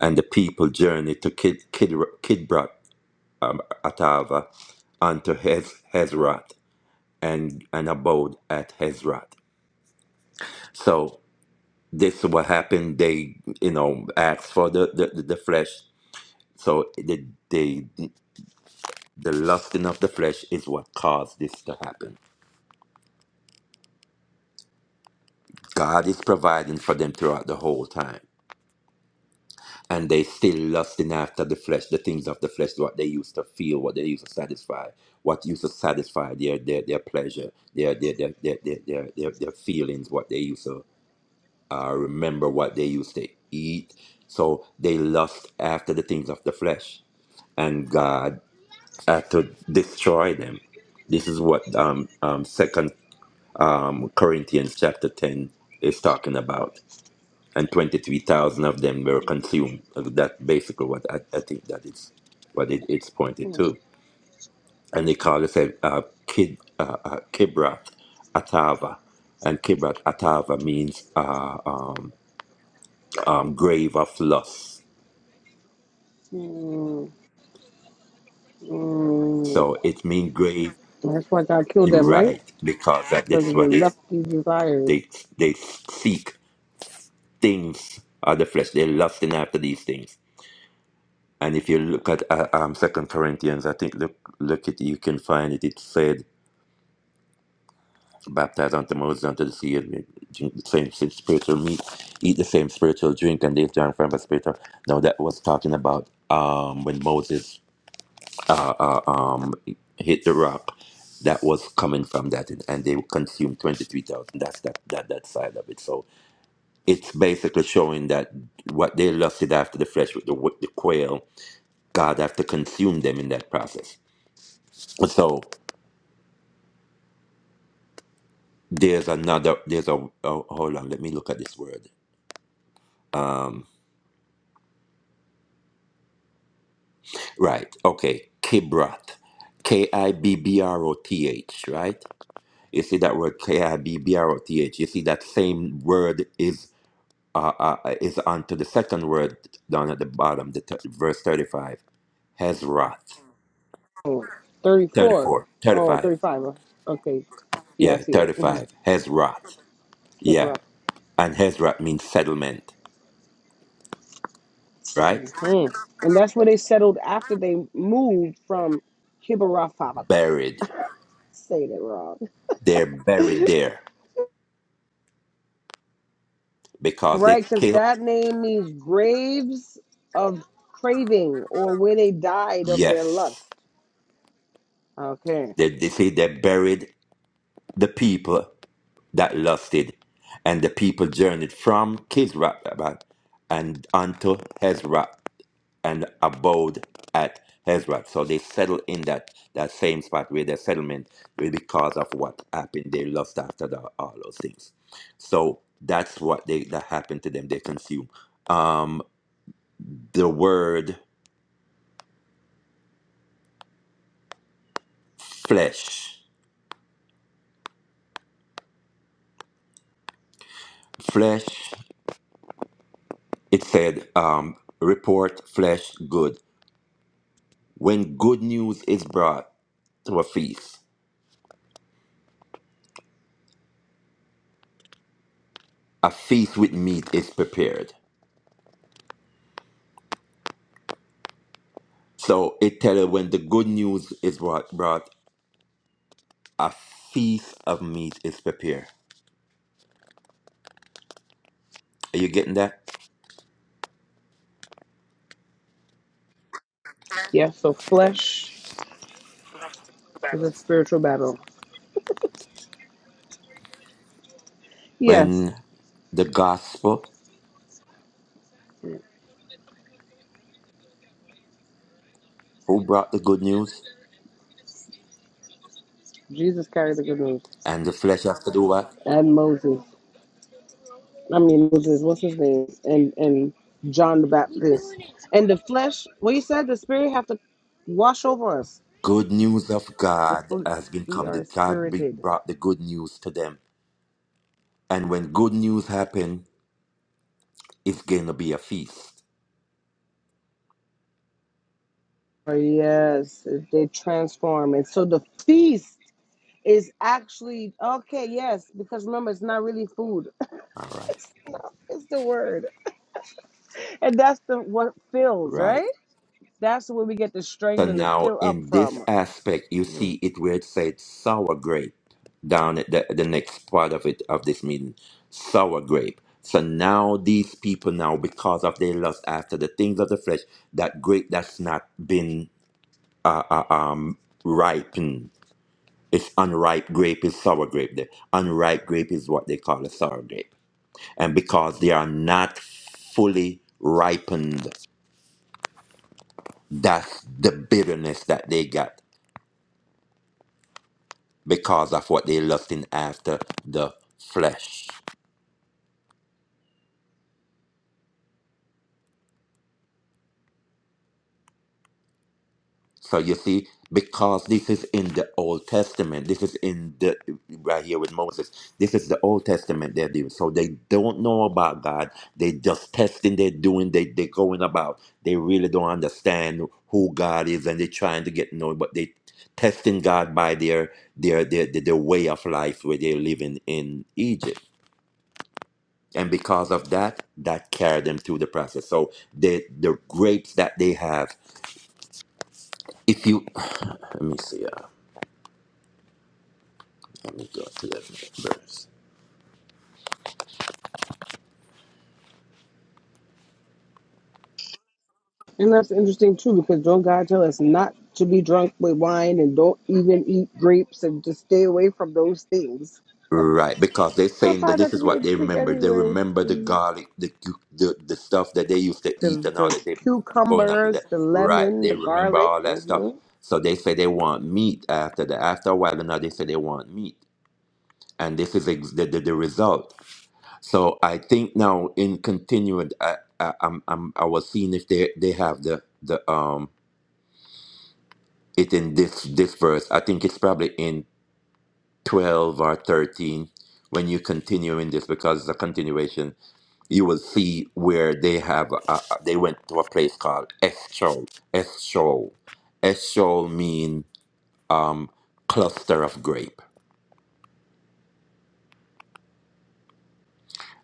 S3: and the people journeyed to Kid, Kid, Kidbrat um, Atava unto Hez, Hezrat and and abode at Hezrat. So this is what happened. They you know asked for the the, the flesh. So the, the the lusting of the flesh is what caused this to happen. God is providing for them throughout the whole time. and they still lusting after the flesh, the things of the flesh, what they used to feel, what they used to satisfy, what used to satisfy their their, their pleasure, their their their, their their their their their feelings, what they used to uh, remember, what they used to eat. So they lust after the things of the flesh, and God had to destroy them. This is what um, um, Second um, Corinthians chapter ten is talking about and 23,000 of them were consumed. Uh, That's basically what I, I think that is what it, it's pointed to. And they call it a, uh, Kid, uh, uh, Kibrat Atava. And Kibrat Atava means uh, um, um, grave of loss.
S1: Mm, mm.
S3: So it means grave,
S1: That's why God killed them, right?
S3: right, because that,
S1: for the
S3: that's what they,
S1: lofty desire.
S3: they, they seek things of the flesh. They're lusting after these things. And if you look at uh, um, Second Corinthians, I think look look at you can find it. It said baptized unto Moses unto the sea, and drink the same si- spiritual meat, eat the same spiritual drink, and they've drank from a spiritual. Now that was talking about um, when Moses uh, uh, um, hit the rock, that was coming from that, and and they consumed twenty three thousand. That's that that that side of it. So it's basically showing that what they lusted after the flesh with the with the quail, God have to consume them in that process. So there's another there's a oh, hold on, let me look at this word. um, Right. Okay. Kibroth. K I B B R O T H, right? You see that word K I B B R O T H. You see that same word is uh, uh, is onto the second word down at the bottom, the th- verse 35. Hezroth.
S1: Oh, 34.
S3: 34.
S1: Oh,
S3: 35.
S1: thirty-five. uh, Okay. Yeah, I
S3: Yeah,
S1: see it.
S3: 35.
S1: Mm-hmm.
S3: Hezroth. Yeah.
S1: Kibroth.
S3: And Hezroth means settlement, right?
S1: hmm And that's where they settled after they moved from Kibroth.
S3: Buried.
S1: Say that wrong.
S3: They're buried there because they
S1: Right, because
S3: killed.
S1: that name means graves of craving or where they died of their
S3: Yes.
S1: lust. Okay.
S3: They, they say they buried the people that lusted, and the people journeyed from Kisrath and unto Hezrah and abode at Hezrah. So they settled in that, that same spot where their settlement was because of what happened. They lost after the, all those things. So that's what they that happened to them. They consume. Um, the word flesh, flesh. It said um, report flesh good. When good news is brought to a feast, a feast with meat is prepared. So it tells when the good news is brought, brought, a feast of meat is prepared. Are you getting that?
S1: Yeah, so flesh is a spiritual battle. Yes,
S3: When the gospel, who brought the good news,
S1: Jesus carried the good news
S3: and the flesh has to do what?
S1: and Moses. I mean Moses, what's his name? And and John the Baptist. And the flesh well you said the spirit have to wash over us.
S3: Good news of
S1: The
S3: God
S1: fl-
S3: has been
S1: we
S3: come.
S1: are
S3: That God be-
S1: spirited.
S3: brought the good news to them, and when good news happen, it's going to be a feast.
S1: Oh, yes, they transform. And so the feast is actually okay, yes, because remember it's not really food. [laughs]
S3: All right,
S1: It's not it's the word. And that's the what fills,
S3: right.
S1: right? That's where we get the
S3: So
S1: strength and the
S3: now
S1: fill up
S3: in this
S1: from.
S3: aspect, you see it where it said sour grape down at the, the next part of it of this meeting. Sour grape. So now these people now, because of their lust after the things of the flesh, that grape that's not been uh, uh, um, ripened. It's unripe grape is sour grape. The unripe grape is what they call a sour grape. And because they are not fully ripened, that's the bitterness that they got because of what they lusting after the flesh. So you see, because this is in the Old Testament, this is in the right here with Moses. This is the Old Testament they're doing. So they don't know about God. They just testing, they're doing, they they going about. They really don't understand who God is and they're trying to get to know, but they testing God by their their their their, their way of life where they're living in Egypt. and because of that that carried them through the process so the the grapes that they have if you [sighs] let me see uh, let me go to the verse
S1: And that's interesting too, because don't God tell us not to be drunk with wine and don't even eat grapes and just stay away from those things?
S3: right because they're
S1: So I
S3: saying that
S1: find that
S3: this
S1: to
S3: is
S1: be
S3: what they
S1: interesting
S3: remember they
S1: anyway.
S3: remember the
S1: Mm.
S3: garlic the cu- the, the stuff that they used to eat
S1: The
S3: and all
S1: the
S3: that they going up to
S1: cucumbers,
S3: that
S1: the
S3: right
S1: lemon,
S3: they
S1: the
S3: remember
S1: garlic.
S3: all that stuff
S1: hmm
S3: so they say they want meat after that after a while now they say they want meat and this is ex- the, the, the result So I think now in continuing, I, I I'm, I'm I was seeing if they they have the the um it in this this verse. I think it's probably in twelve or thirteen when you continue in this because the continuation you will see where they have uh, uh, they went to a place called Eschol Eschol Eschol mean um cluster of grapes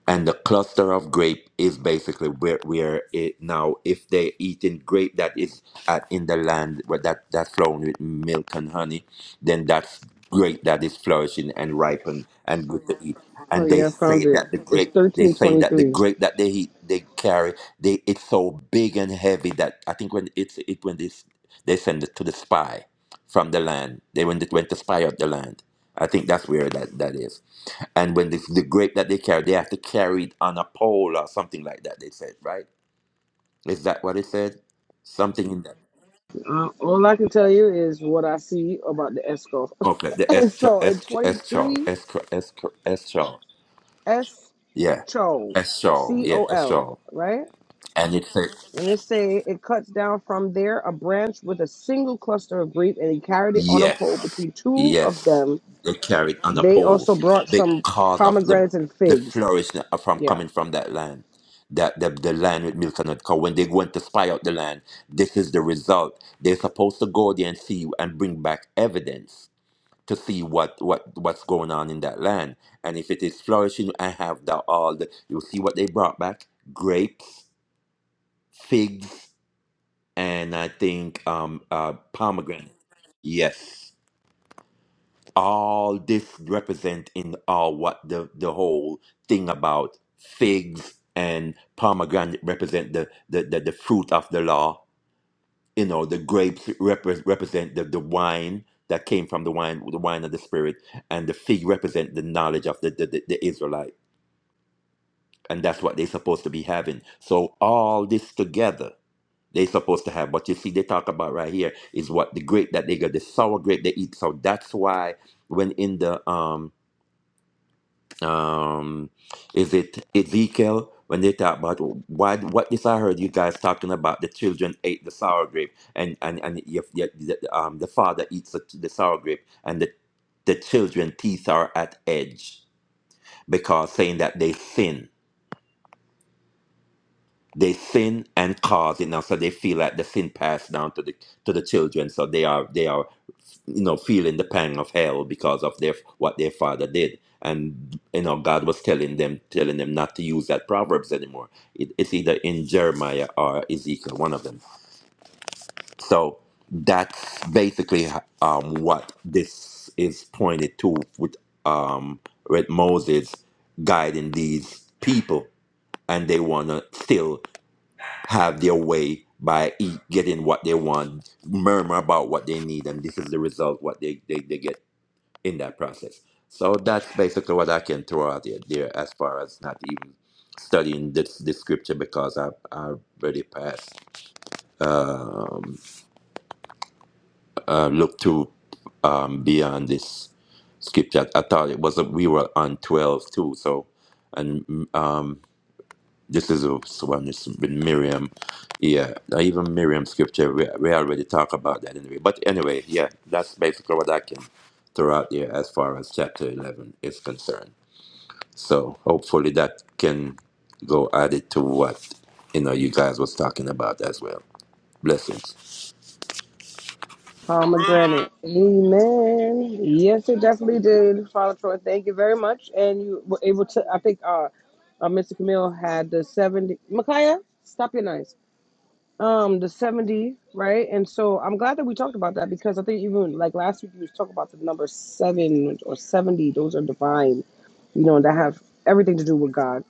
S3: and the cluster of grape is basically where where it now if they're eating grape that is at, in the land where that that's flown with milk and honey then that's grape that is flourishing and ripened and good to eat
S1: Oh
S3: and they
S1: yeah, I
S3: say
S1: found it.
S3: that the
S1: It's
S3: grape they
S1: thirteen
S3: saying
S1: twenty
S3: that the
S1: three.
S3: grape that they eat, they carry they it's so big and heavy that i think when it's it when this they send it to the spy from the land. They went, went to spy out the land. I think that's where that, that is. And when the, the grape that they carry, they have to carry it on a pole or something like that, they said, right? Is that what it said? Something in that.
S1: Uh, all I can tell you is what I see about the esco.
S3: Okay, the
S1: [laughs] and
S3: eschol,
S1: so in twenty
S3: eschol,
S1: three,
S3: eschol, eschol.
S1: S
S3: Yeah, eschol,
S1: C
S3: yeah,
S1: O L,
S3: eschol.
S1: right?
S3: And it said,
S1: And it say it cuts down from there a branch with a single cluster of grape, and he carried it on a
S3: yes,
S1: pole between two of
S3: Yes,
S1: them.
S3: they carried on a
S1: They
S3: pole
S1: also brought some
S3: because of the
S1: pomegranates and
S3: the
S1: figs.
S3: flourishing of- from
S1: Yeah,
S3: coming from that land, that the, the land with milk and honey. 'Cause when they went to spy out the land, this is the result. They're supposed to go there and see and bring back evidence to see what what what's going on in that land, and if it is flourishing and have the all the you see what they brought back: grapes, figs, and I think um uh pomegranate. Yes. all this represent in all what the the whole thing about figs and pomegranate represent the the, the, the fruit of the law you know the grapes repre- represent the, the wine that came from the wine the wine of the spirit and the fig represent the knowledge of the the, the, the israelite and that's what they're supposed to be having so all this together they're supposed to have But you see they talk about right here is what the grape that they got the sour grape they eat so that's why when in the um um is it ezekiel when they talk about why what this i heard you guys talking about the children ate the sour grape and and and you, you, the, um, the father eats the, the sour grape and the the children teeth are at edge because saying that they sin they sin and cause it now so they feel like the sin passed down to the to the children so they are they are you know feeling the pang of hell because of their what their father did and you know god was telling them telling them not to use that proverbs anymore it, it's either in jeremiah or ezekiel one of them so that's basically um, what this is pointed to with um, with moses guiding these people and they want to still have their way by eat, getting what they want, murmur about what they need, and this is the result what they, they, they get in that process. So that's basically what I can throw out there, there as far as not even studying this, this scripture because I, I already passed, um, uh, look to um, beyond this scripture. I thought it was, we were on 12 too, so, and mm, um, This is a one that's with Miriam. Yeah, now even Miriam scripture, we, we already talk about that anyway. But anyway, yeah, that's basically what I can throw out there as far as chapter 11 is concerned. So hopefully that can go added to what, you know, you guys was talking about as well. Blessings.
S1: pomegranate. Amen. Yes, it definitely did, Father Troy. Thank you very much. And you were able to. I think uh, uh Mr. Camille had the seventy. Micaiah, stop your noise. um the 70 right and so i'm glad that we talked about that because i think even like last week we was talking about the number seven or 70 those are divine you know that have everything to do with god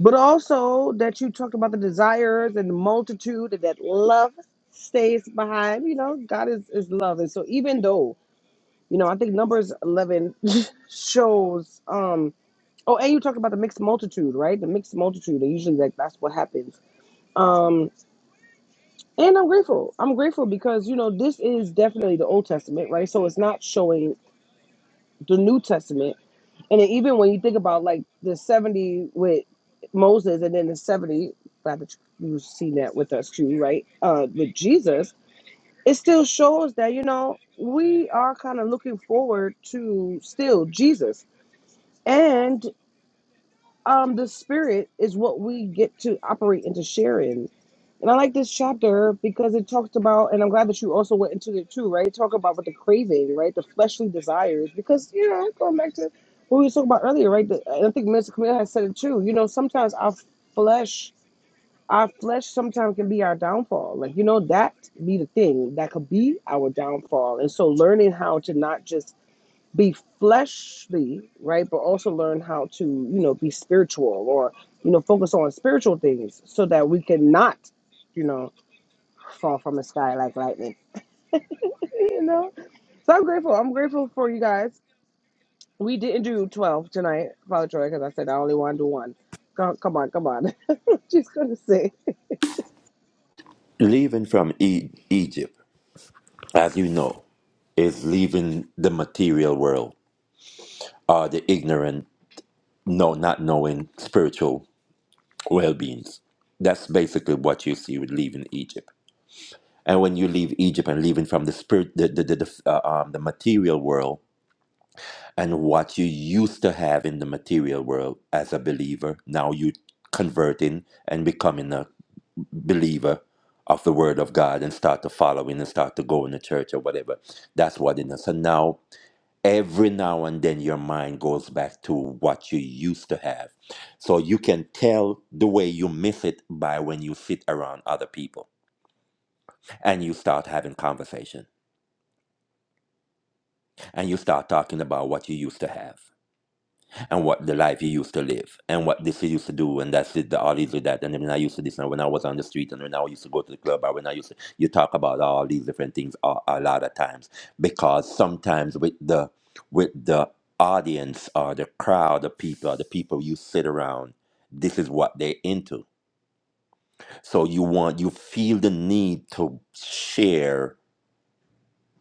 S1: but also that you talked about the desires and the multitude and that love stays behind you know god is, is love and so even though you know i think numbers 11 [laughs] shows um oh and you talked about the mixed multitude right the mixed multitude and usually like that's what happens Um, and I'm grateful. I'm grateful because, you know, this is definitely the Old Testament, right? So it's not showing the New Testament. And then even when you think about like the 70 with Moses and then the 70, glad that you've seen that with us too, right? Uh, with Jesus, it still shows that, you know, we are kind of looking forward to still Jesus. and um the spirit is what we get to operate and to share in and i like this chapter because it talks about and i'm glad that you also went into it too right talk about what the craving right the fleshly desires because you know going back to what we were talking about earlier right the, and i think Mr. camille has said it too you know sometimes our flesh our flesh sometimes can be our downfall like you know that be the thing that could be our downfall and so learning how to not just be fleshly, right? But also learn how to, you know, be spiritual or, you know, focus on spiritual things so that we can not, you know, fall from the sky like lightning. [laughs] You know? So I'm grateful. I'm grateful for you guys. We didn't do 12 tonight, Father Troy, because I said I only want to do one. Come, come on, come on. [laughs] She's going to say,
S3: Leaving from e- Egypt, as you know, is leaving the material world or the ignorant, no, not knowing spiritual well beings. That's basically what you see with leaving Egypt. And when you leave Egypt and leaving from the spirit, the the the, the, uh, um, the material world, and what you used to have in the material world as a believer, now you converting and becoming a believer of the Word of God and start to following and start to go in the church or whatever. That's what it is. So now every now and then your mind goes back to what you used to have. So you can tell the way you miss it by when you sit around other people and you start having conversation and you start talking about what you used to have. and what the life he used to live and what this he used to do and that's it, the all these or that. And then when I used to this and when I was on the street and when I used to go to the club or when I used to you talk about all these different things a, a lot of times. Because sometimes with the with the audience or the crowd of people, the people you sit around, this is what they're into. So you want you feel the need to share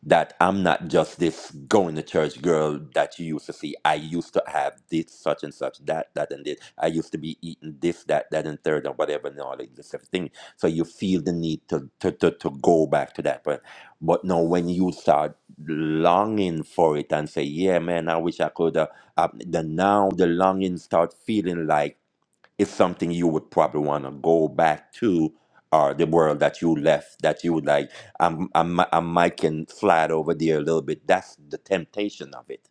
S3: that I'm not just this going to church girl that you used to see. I used to have this, such and such, that, that, and this. I used to be eating this, that, that, and third, and whatever, and all of this thing. So you feel the need to, to, to, to go back to that. But, but no, when you start longing for it and say, yeah, man, I wish I could, uh, uh, the now the longing start feeling like is something you would probably want to go back to or the world that you left that you would like I'm, I'm i'm miking flat over there a little bit that's the temptation of it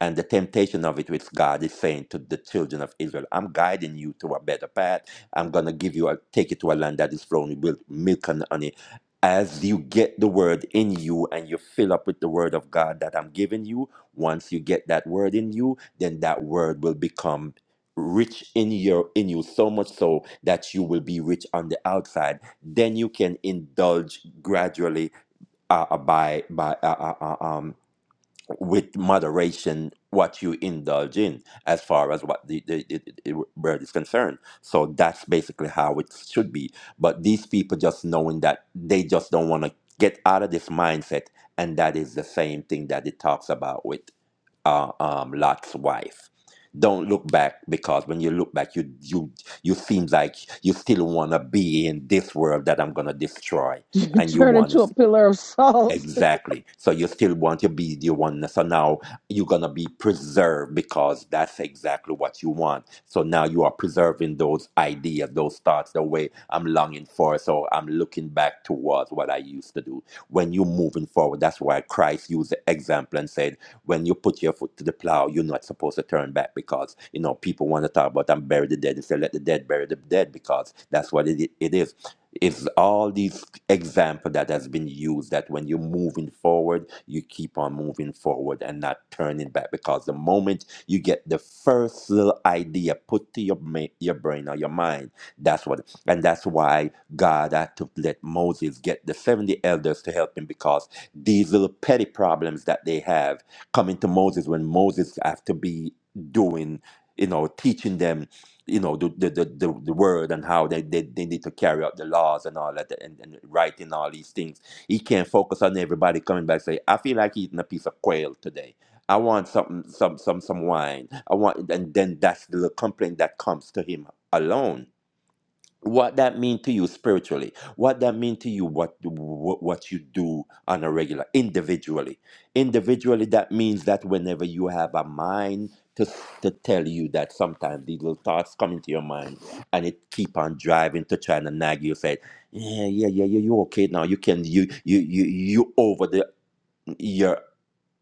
S3: and the temptation of it, which God is saying to the children of Israel, I'm guiding you to a better path. I'm going to give you, a, take you to a land that is flowing with milk and honey. As you get the word in you and you fill up with the word of God that I'm giving you, once you get that word in you, then that word will become rich in your in you so much so that you will be rich on the outside then you can indulge gradually uh, uh, by by uh, uh, uh, um with moderation what you indulge in as far as what the, the, the, the bird is concerned. So that's basically how it should be. But these people just knowing that they just don't want to get out of this mindset, and that is the same thing that it talks about with uh, um, Lot's wife. Don't look back because when you look back, you you you seem like you still want to be in this world that I'm gonna destroy,
S1: [laughs] you
S3: and you
S1: turn
S3: want
S1: into
S3: to
S1: a pillar of salt.
S3: Exactly. So you still want to be the oneness. So now you're gonna be preserved because that's exactly what you want. So now you are preserving those ideas, those thoughts, the way I'm longing for. So I'm looking back towards what I used to do. When you're moving forward, that's why Christ used the example and said, when you put your foot to the plow, you're not supposed to turn back because you know people want to talk about I'm bury the dead and say let the dead bury the dead because that's what it, it is. It's all these example that has been used that when you're moving forward, you keep on moving forward and not turning back because the moment you get the first little idea put to your ma- your brain or your mind, that's what and that's why God had to let Moses get the 70 elders to help him because these little petty problems that they have coming to Moses when Moses have to be doing you know teaching them you know the the, the, the the word and how they, they they need to carry out the laws and all that and, and writing all these things he can't focus on everybody coming back say i feel like eating a piece of quail today i want something some some some wine i want and then that's the complaint that comes to him alone what that mean to you spiritually what that mean to you what what, what you do on a regular individually individually that means that whenever you have a mind to, to tell you that sometimes these little thoughts come into your mind and it keep on driving to try and nag you say yeah yeah yeah yeah you okay now you can you you you you over the you're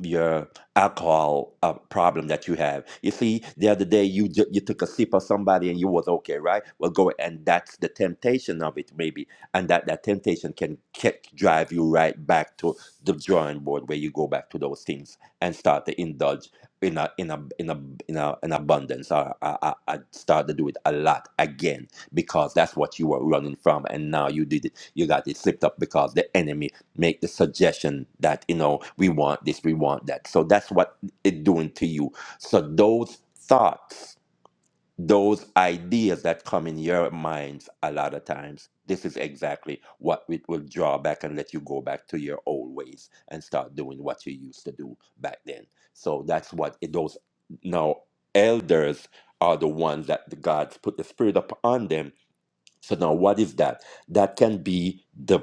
S3: your alcohol uh, problem that you have. You see, the other day you ju- you took a sip of somebody and you was okay, right? Well, go and that's the temptation of it, maybe, and that that temptation can kick, drive you right back to the drawing board where you go back to those things and start to indulge in a in a in a in a an abundance. I, I I start to do it a lot again because that's what you were running from, and now you did it. You got it slipped up because the enemy make the suggestion that you know we want this we want that so that's what it doing to you so those thoughts those ideas that come in your minds a lot of times this is exactly what it will draw back and let you go back to your old ways and start doing what you used to do back then so that's what it, those now elders are the ones that the gods put the spirit upon them so now what is that that can be the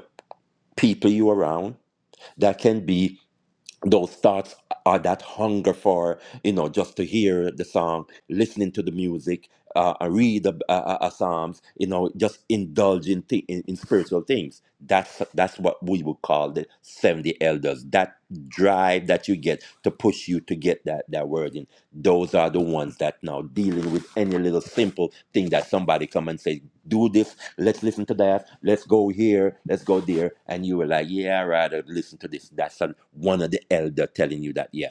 S3: people you around that can be those thoughts or that hunger for you know just to hear the song listening to the music uh, uh, read a, a, a psalms you know just indulge in, thi- in in spiritual things that's that's what we would call the 70 elders that drive that you get to push you to get that that word in those are the ones that now dealing with any little simple thing that somebody come and say do this let's listen to that, let's go here, let's go there. And you were like, yeah, I'd rather listen to this. That's an, one of the elder telling you that, yeah,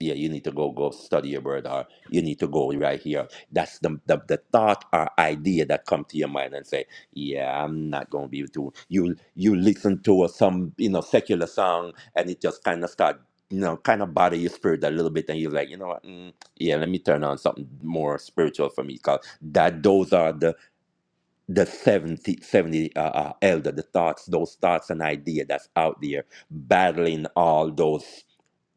S3: yeah, you need to go, go study your word or you need to go right here. That's the, the, the thought or idea that come to your mind and say, yeah, I'm not going to be able to. You, you listen to some, you know, secular song and it just kind of start, you know, kind of bother your spirit a little bit. And you're like, you know what? Mm, yeah, let me turn on something more spiritual for me. Cause that, those are the, the 70 70 uh, uh, elder, the thoughts, those thoughts and idea that's out there battling all those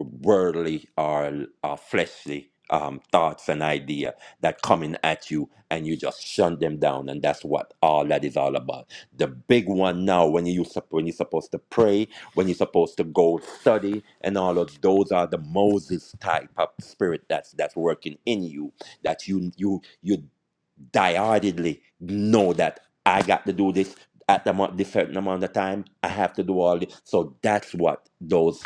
S3: worldly or uh, fleshly um, thoughts and idea that coming at you and you just shun them down and that's what all that is all about the big one now when you sup- when you're supposed to pray when you're supposed to go study and all of those are the moses type of spirit that's that's working in you that you you you diehardedly know that I got to do this at the amount, this certain amount of time. I have to do all this. So that's what those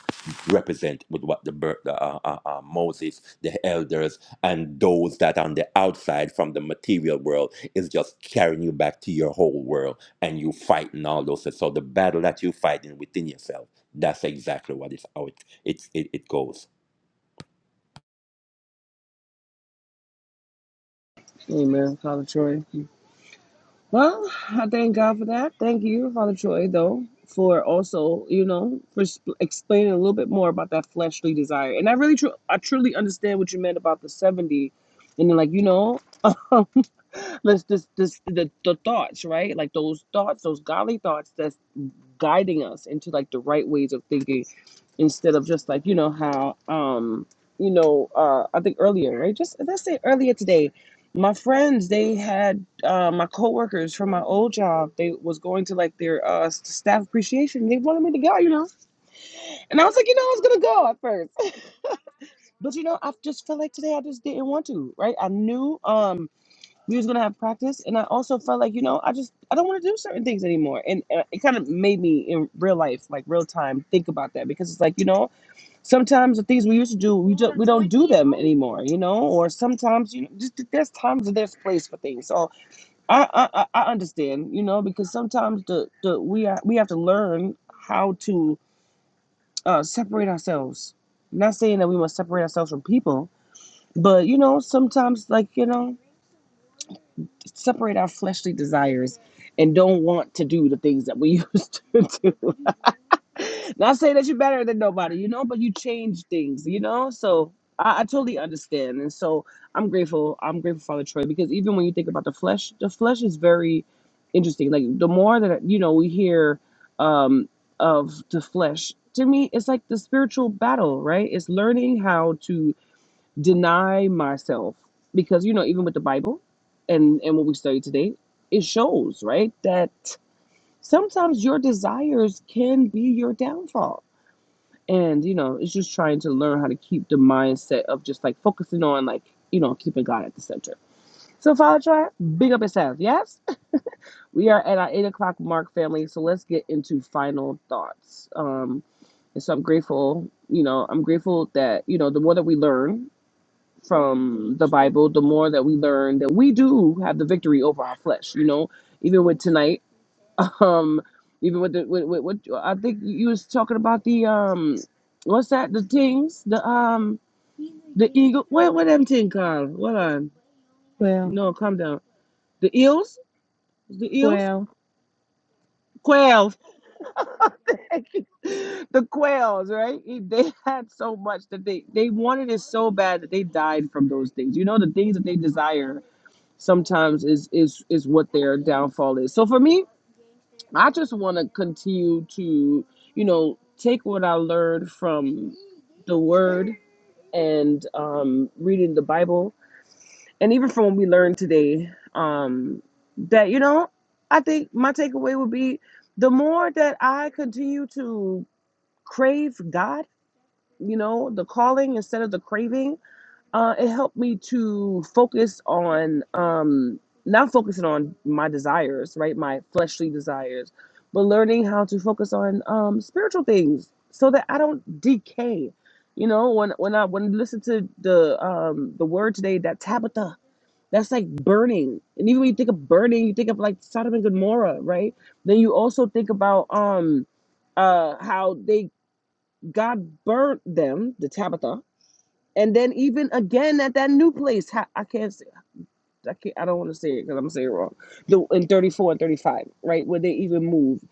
S3: represent with what the, bir- the uh, uh, uh, Moses, the elders, and those that on the outside from the material world is just carrying you back to your whole world and you fighting all those. things. So the battle that you're fighting within yourself, that's exactly what it's how it, it's it, it goes.
S1: Amen, Father Troy. Well, I thank God for that. Thank you, Father Troy, though, for also, you know, for sp- explaining a little bit more about that fleshly desire. And I really, tru- I truly understand what you meant about the 70. And then, like, you know, [laughs] let's just, this, the, the thoughts, right? Like those thoughts, those godly thoughts that's guiding us into like the right ways of thinking instead of just like you know how um you know uh i think earlier right just let's say earlier today my friends they had uh my coworkers from my old job they was going to like their uh s- staff appreciation they wanted me to go you know and i was like you know i was gonna go at first [laughs] but you know i just felt like today i just didn't want to right i knew um we was gonna have practice and i also felt like you know i just i don't want to do certain things anymore and uh, it kind of made me in real life like real time think about that because it's like you know Sometimes the things we used to do, we just we don't do them anymore, you know. Or sometimes you know, just there's times and there's place for things. So I I, I I understand, you know, because sometimes the the we are, we have to learn how to uh, separate ourselves. not saying that we must separate ourselves from people, but you know, sometimes like you know, separate our fleshly desires and don't want to do the things that we [laughs] used to do. [laughs] Not saying that you're better than nobody, you know, but you change things, you know? So I, I totally understand. And so I'm grateful. I'm grateful, Father Troy, because even when you think about the flesh, the flesh is very interesting. Like the more that, you know, we hear um, of the flesh, to me, it's like the spiritual battle, right? It's learning how to deny myself. Because, you know, even with the Bible and, and what we study today, it shows, right? That sometimes your desires can be your downfall and you know it's just trying to learn how to keep the mindset of just like focusing on like you know keeping god at the center so father Char, big up yourself yes we are at our eight o'clock mark family so let's get into final thoughts um and so i'm grateful you know i'm grateful that you know the more that we learn from the bible the more that we learn that we do have the victory over our flesh you know even with tonight [laughs] Um, even with the with, with, with I think you was talking about the um, what's that? The things, the um, the eagle. What what them thing called? What on?
S2: Well,
S1: No, calm down. The eels, the eels,
S2: well.
S1: quails, [laughs] the quails. Right? It- They [laughs] had so much that they they wanted it so bad that they died from those things. You know, the things that they desire sometimes is is is what their downfall is. So for me. I just want to continue to, you know, take what I learned from the Word and um, reading the Bible, and even from what we learned today, um, that you know, I think my takeaway would be the more that I continue to crave God, you know, the calling instead of the craving, uh, it helped me to focus on um, not focusing on my desires, right, my fleshly desires, but learning how to focus on um, spiritual things so that I don't decay. You know, when when I when you listen to the um, the word today, that Tabitha, that's like burning. And even when you think of burning, you think of like Sodom and Gomorrah, right? Then you also think about um, uh, how they God burnt them, the Tabitha, and then even again at that new place, ha- I can't say, I can't, I don't want to say it because I'm saying it wrong. The in 34 and 35, right, where they even moved,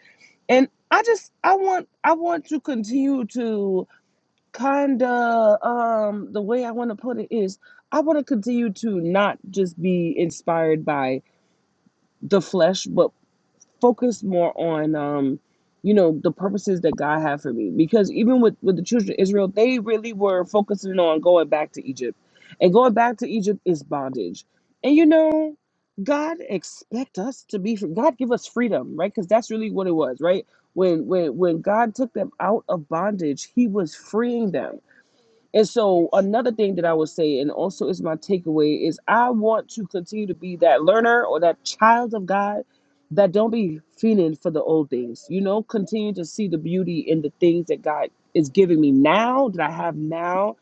S1: And I just, I want, I want to continue to kind of, um, the way I want to put it is, I want to continue to not just be inspired by the flesh, but focus more on um you know the purposes that god had for me because even with with the children of israel they really were focusing on going back to egypt and going back to egypt is bondage and you know god expect us to be god give us freedom right because that's really what it was right when when when god took them out of bondage he was freeing them and so another thing that I would say, and also is my takeaway, is I want to continue to be that learner or that child of God that don't be feeling for the old things. You know, continue to see the beauty in the things that God is giving me now, that I have now,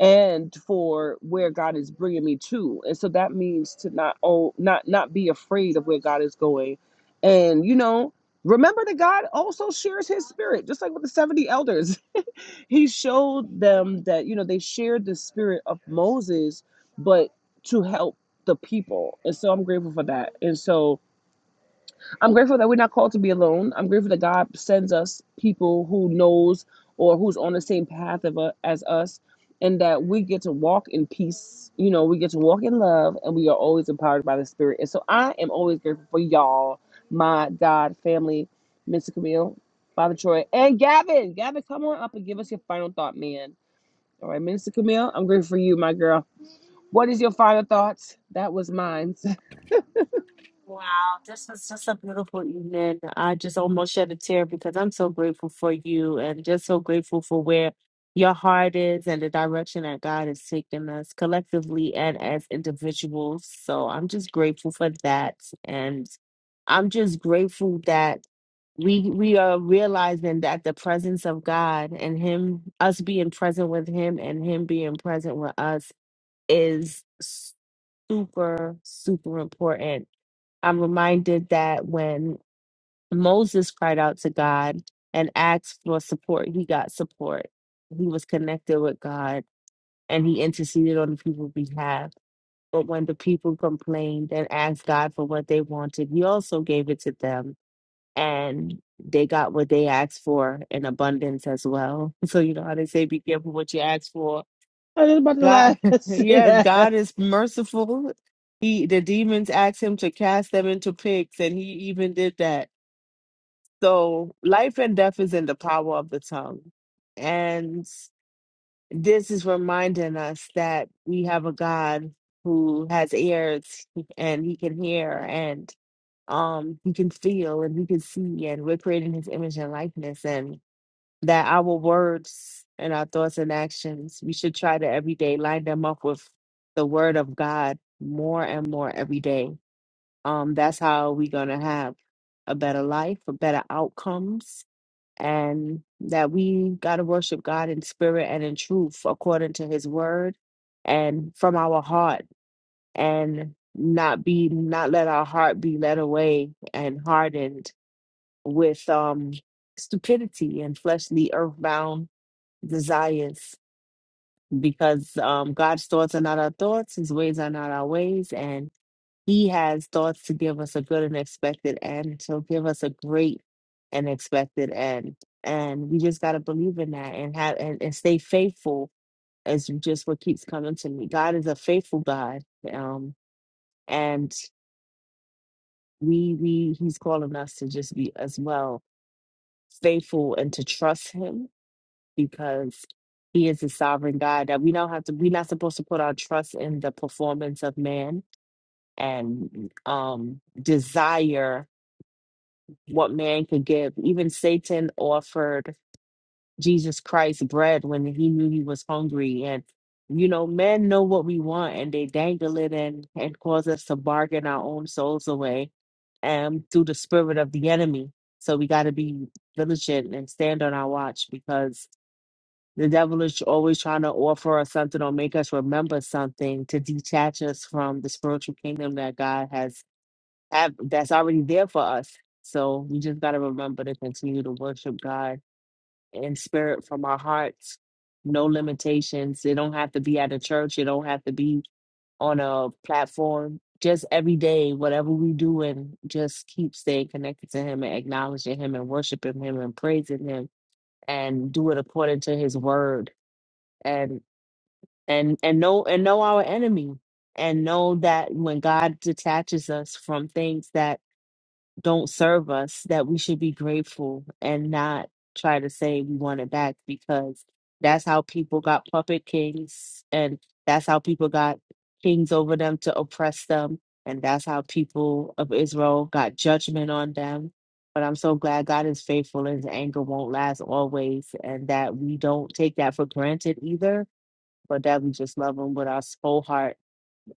S1: and for where God is bringing me to. And so that means to not oh not not be afraid of where God is going. And you know, remember that God also shares his spirit, just like with the 70 elders. [laughs] he showed them that you know they shared the spirit of Moses, but to help the people. And so I'm grateful for that. And so I'm grateful that we're not called to be alone. I'm grateful that God sends us people who knows or who's on the same path of u- as us, and that we get to walk in peace. You know, we get to walk in love, and we are always empowered by the Spirit. And so I am always grateful for y'all, my God family, Mr. Camille, Father Troy, and Gavin. Gavin, come on up and give us your final thought, man. All right, right, Mr. Camille, I'm grateful for you, my girl. What is your final thoughts? That was mine. [laughs]
S2: Wow, this was just a beautiful evening. I just almost shed a tear because I'm so grateful for you and just so grateful for where your heart is and the direction that God is taking us collectively and as individuals. So I'm just grateful for that. And I'm just grateful that we we are realizing that the presence of God and him us being present with him and him being present with us is super super important I'm reminded that when Moses cried out to God and asked for support, he got support. He was connected with God and he interceded on the people's behalf. But when the people complained and asked God for what they wanted, he also gave it to them. And they got what they asked for in abundance as well. [laughs] So, you know how they say, be careful what you ask for
S1: I was about to laugh.
S2: God, [laughs]
S1: [laughs] Say
S2: yes,
S1: that.
S2: God is merciful. He the demons asked him to cast them into pigs, and he even did that. So life and death is in the power of the tongue. And this is reminding us that we have a God who has ears and he can hear and um he can feel and he can see and we're created in his image and likeness and that our words and our thoughts and actions, we should try to every day line them up with the word of God more and more every day. Um, that's how we're gonna have a better life, for better outcomes, and that we gotta worship God in spirit and in truth according to his word and from our heart and not be not let our heart be led away and hardened with um stupidity and fleshly earthbound desires because um, God's thoughts are not our thoughts, His ways are not our ways, and He has thoughts to give us a good and expected end. He'll give us a great and expected end, and we just got to believe in that and have and, and stay faithful. Is just what keeps coming to me. God is a faithful God, um, and we we He's calling us to just be as well faithful and to trust Him because he is a sovereign God that we don't have to we're not supposed to put our trust in the performance of man and um desire what man could give. Even Satan offered Jesus Christ bread when he knew he was hungry and you know, men know what we want and they dangle it in and cause us to bargain our own souls away and through the spirit of the enemy. So we got to be diligent and stand on our watch because the devil is always trying to offer us something or make us remember something to detach us from the spiritual kingdom that God has have, that's already there for us. So we just got to remember to continue to worship God in spirit from our hearts. No limitations. It don't have to be at a church. It don't have to be on a platform. Just every day, whatever we do, and just keep staying connected to Him and acknowledging Him and worshiping Him and praising Him and do it according to His word and and know and know our enemy and know that when God detaches us from things that don't serve us that we should be grateful and not try to say we want it back because that's how people got puppet kings and that's how people got kings over them to oppress them and that's how people of Israel got judgment on them but I'm so glad God is faithful and his anger won't last always and that we don't take that for granted either but that we just love him with our whole heart.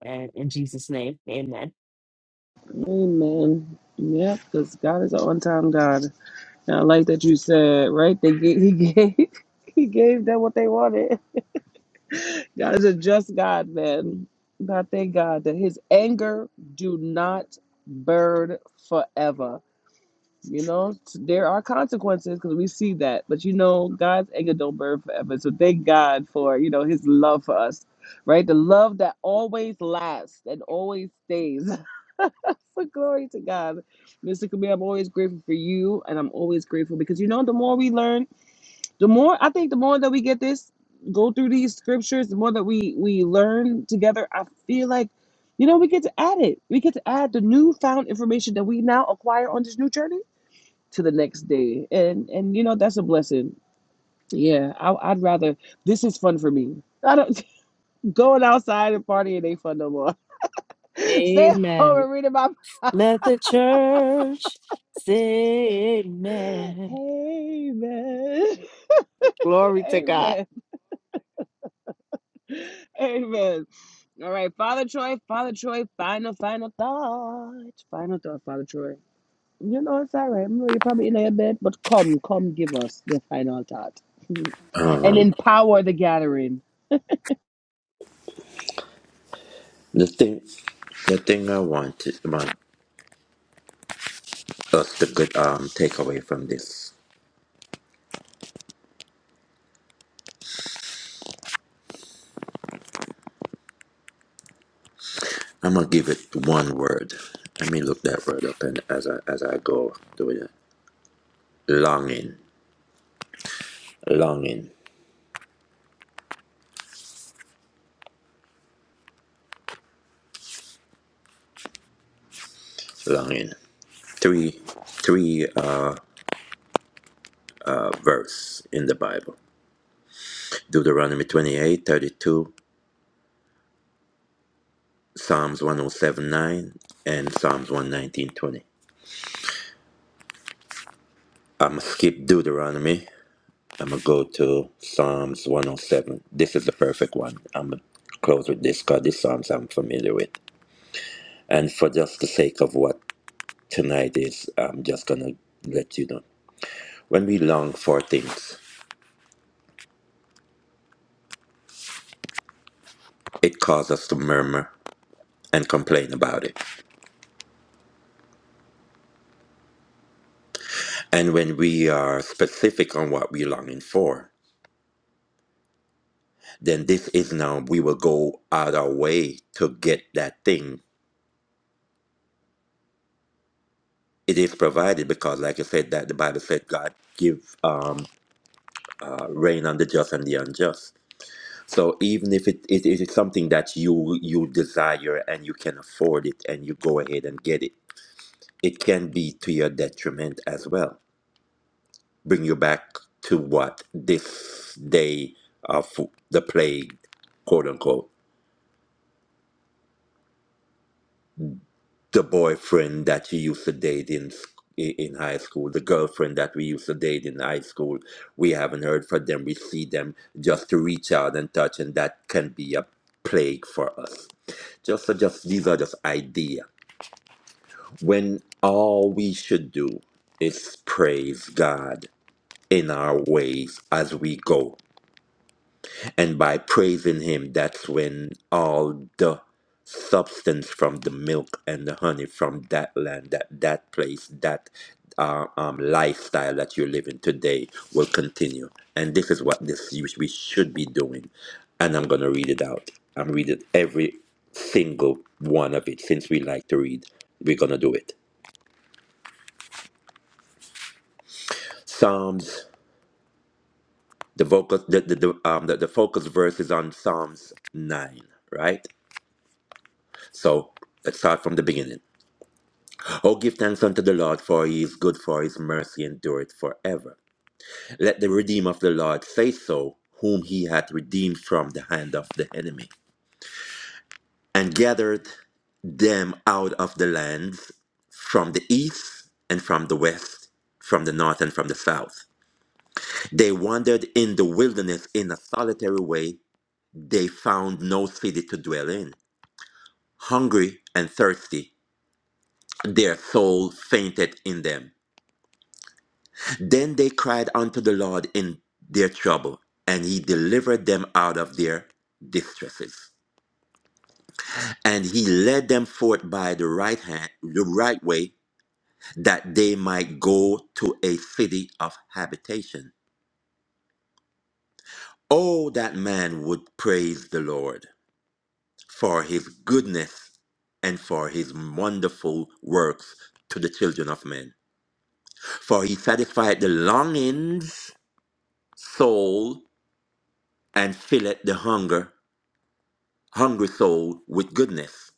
S2: And in Jesus' name, amen.
S1: Amen. Yep, because God is an on-time God. And I like that you said, right? They gave, he gave [laughs] he gave them what they wanted. [laughs] God is a just God, man. And I thank God that his anger do not burn forever. You know, there are consequences because we see that. But you know, God's anger don't burn forever. So thank God for, you know, his love for us. Right? The love that always lasts and always stays. [laughs] [laughs] But glory to God. Mr. Kabir, I'm always grateful for you and I'm always grateful because you know the more we learn, the more I think the more that we get this, go through these scriptures, the more that we we learn together, I feel like you know, we get to add it. We get to add the newfound information that we now acquire on this new journey to the next day. And and you know, that's a blessing. Yeah, I, I'd rather this is fun for me. I don't [laughs] going outside and partying ain't fun no more. [laughs] Stay home
S2: Amen.
S1: and reading my
S2: Let the church say amen.
S1: Amen. [laughs]
S2: Glory to God.
S1: Amen. Amen. All right, Father Troy, Father Troy, final, final thought. Final thought, Father Troy. You know, it's all right. Well, You're probably in there a bed, but come, come give us the final thought [laughs] and
S3: Um,
S1: empower the gathering.
S3: the thing, the thing I wanted, man. That's the good um, takeaway from this. I'm gonna give it one word. Let me look that word up and as I as I go do it. Longing, longing, longing. Three, three uh, uh, verse in the Bible: Deuteronomy 28, 32, Psalms 107, 9, and Psalms 11920 I'm gonna skip Deuteronomy. I'm gonna go to Psalms 107. This is the perfect one. I'm gonna close with this because this Psalms I'm familiar with. And for just the sake of what tonight is, I'm just going to let you know. When we long for things, it causes us to murmur and complain about it. And when we are specific on what we're longing for, then this is now we will go out our way to get that thing. It is provided because, like I said, that the Bible said God give um, uh, rain on the just and the unjust. So even if it, it, it is something that you you desire and you can afford it and you go ahead and get it it can be to your detriment as well. Bring you back to what this day of the plague, quote unquote, the boyfriend that you used to date in s- i- in high school, the girlfriend that we used to date in high school. We haven't heard from them. We see them just to reach out and touch, and that can be a plague for us. Just so just these are just idea. When all we should do is praise God in our ways as we go. And by praising Him, that's when all the substance from the milk and the honey from that land, that, that place, that uh, um, lifestyle that you're living today will continue. And this is what this you- we should be doing. And I'm going to read it out. I'm reading every single one of it since we like to read. We're going to do it. Psalms the focus, the the, the um the, the focus verse is on Psalms nine, right? So let's start from the beginning. Oh give thanks unto the Lord for he is good for his mercy endureth forever. Let the redeemer of the Lord say so, whom he hath redeemed from the hand of the enemy, and gathered them out of the lands from the east and from the west, from the north and from the south. They wandered in the wilderness in a solitary way. They found no city to dwell in. hungry and thirsty. Their soul fainted in them. Then they cried unto the Lord in their trouble, and he delivered them out of their distresses. And he led them forth by the right hand, the right way, that they might go to a city of habitation. Oh, that man would praise the Lord for his goodness and for his wonderful works to the children of men. For he satisfied the longings soul and filleth the hunger, hungry soul with goodness.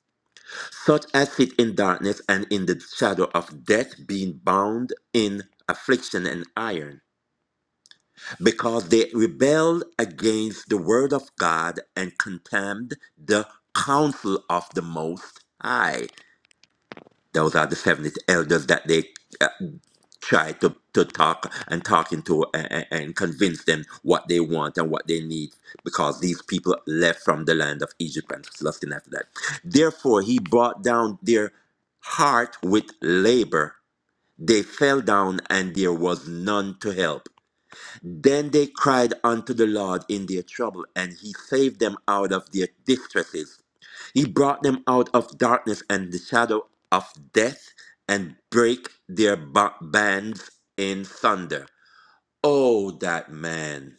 S3: Such as sit in darkness and in the shadow of death, being bound in affliction and iron, because they rebelled against the word of God and contemned the counsel of the Most High. Those are the 70 elders that they uh, try to, to talk and talking to and, and convince them what they want and what they need because these people left from the land of Egypt and lusting after that. Therefore, he brought down their heart with labor. They fell down and there was none to help. Then they cried unto the Lord in their trouble, and he saved them out of their distresses. He brought them out of darkness and the shadow of death and break their ba- bands in thunder. Oh, that man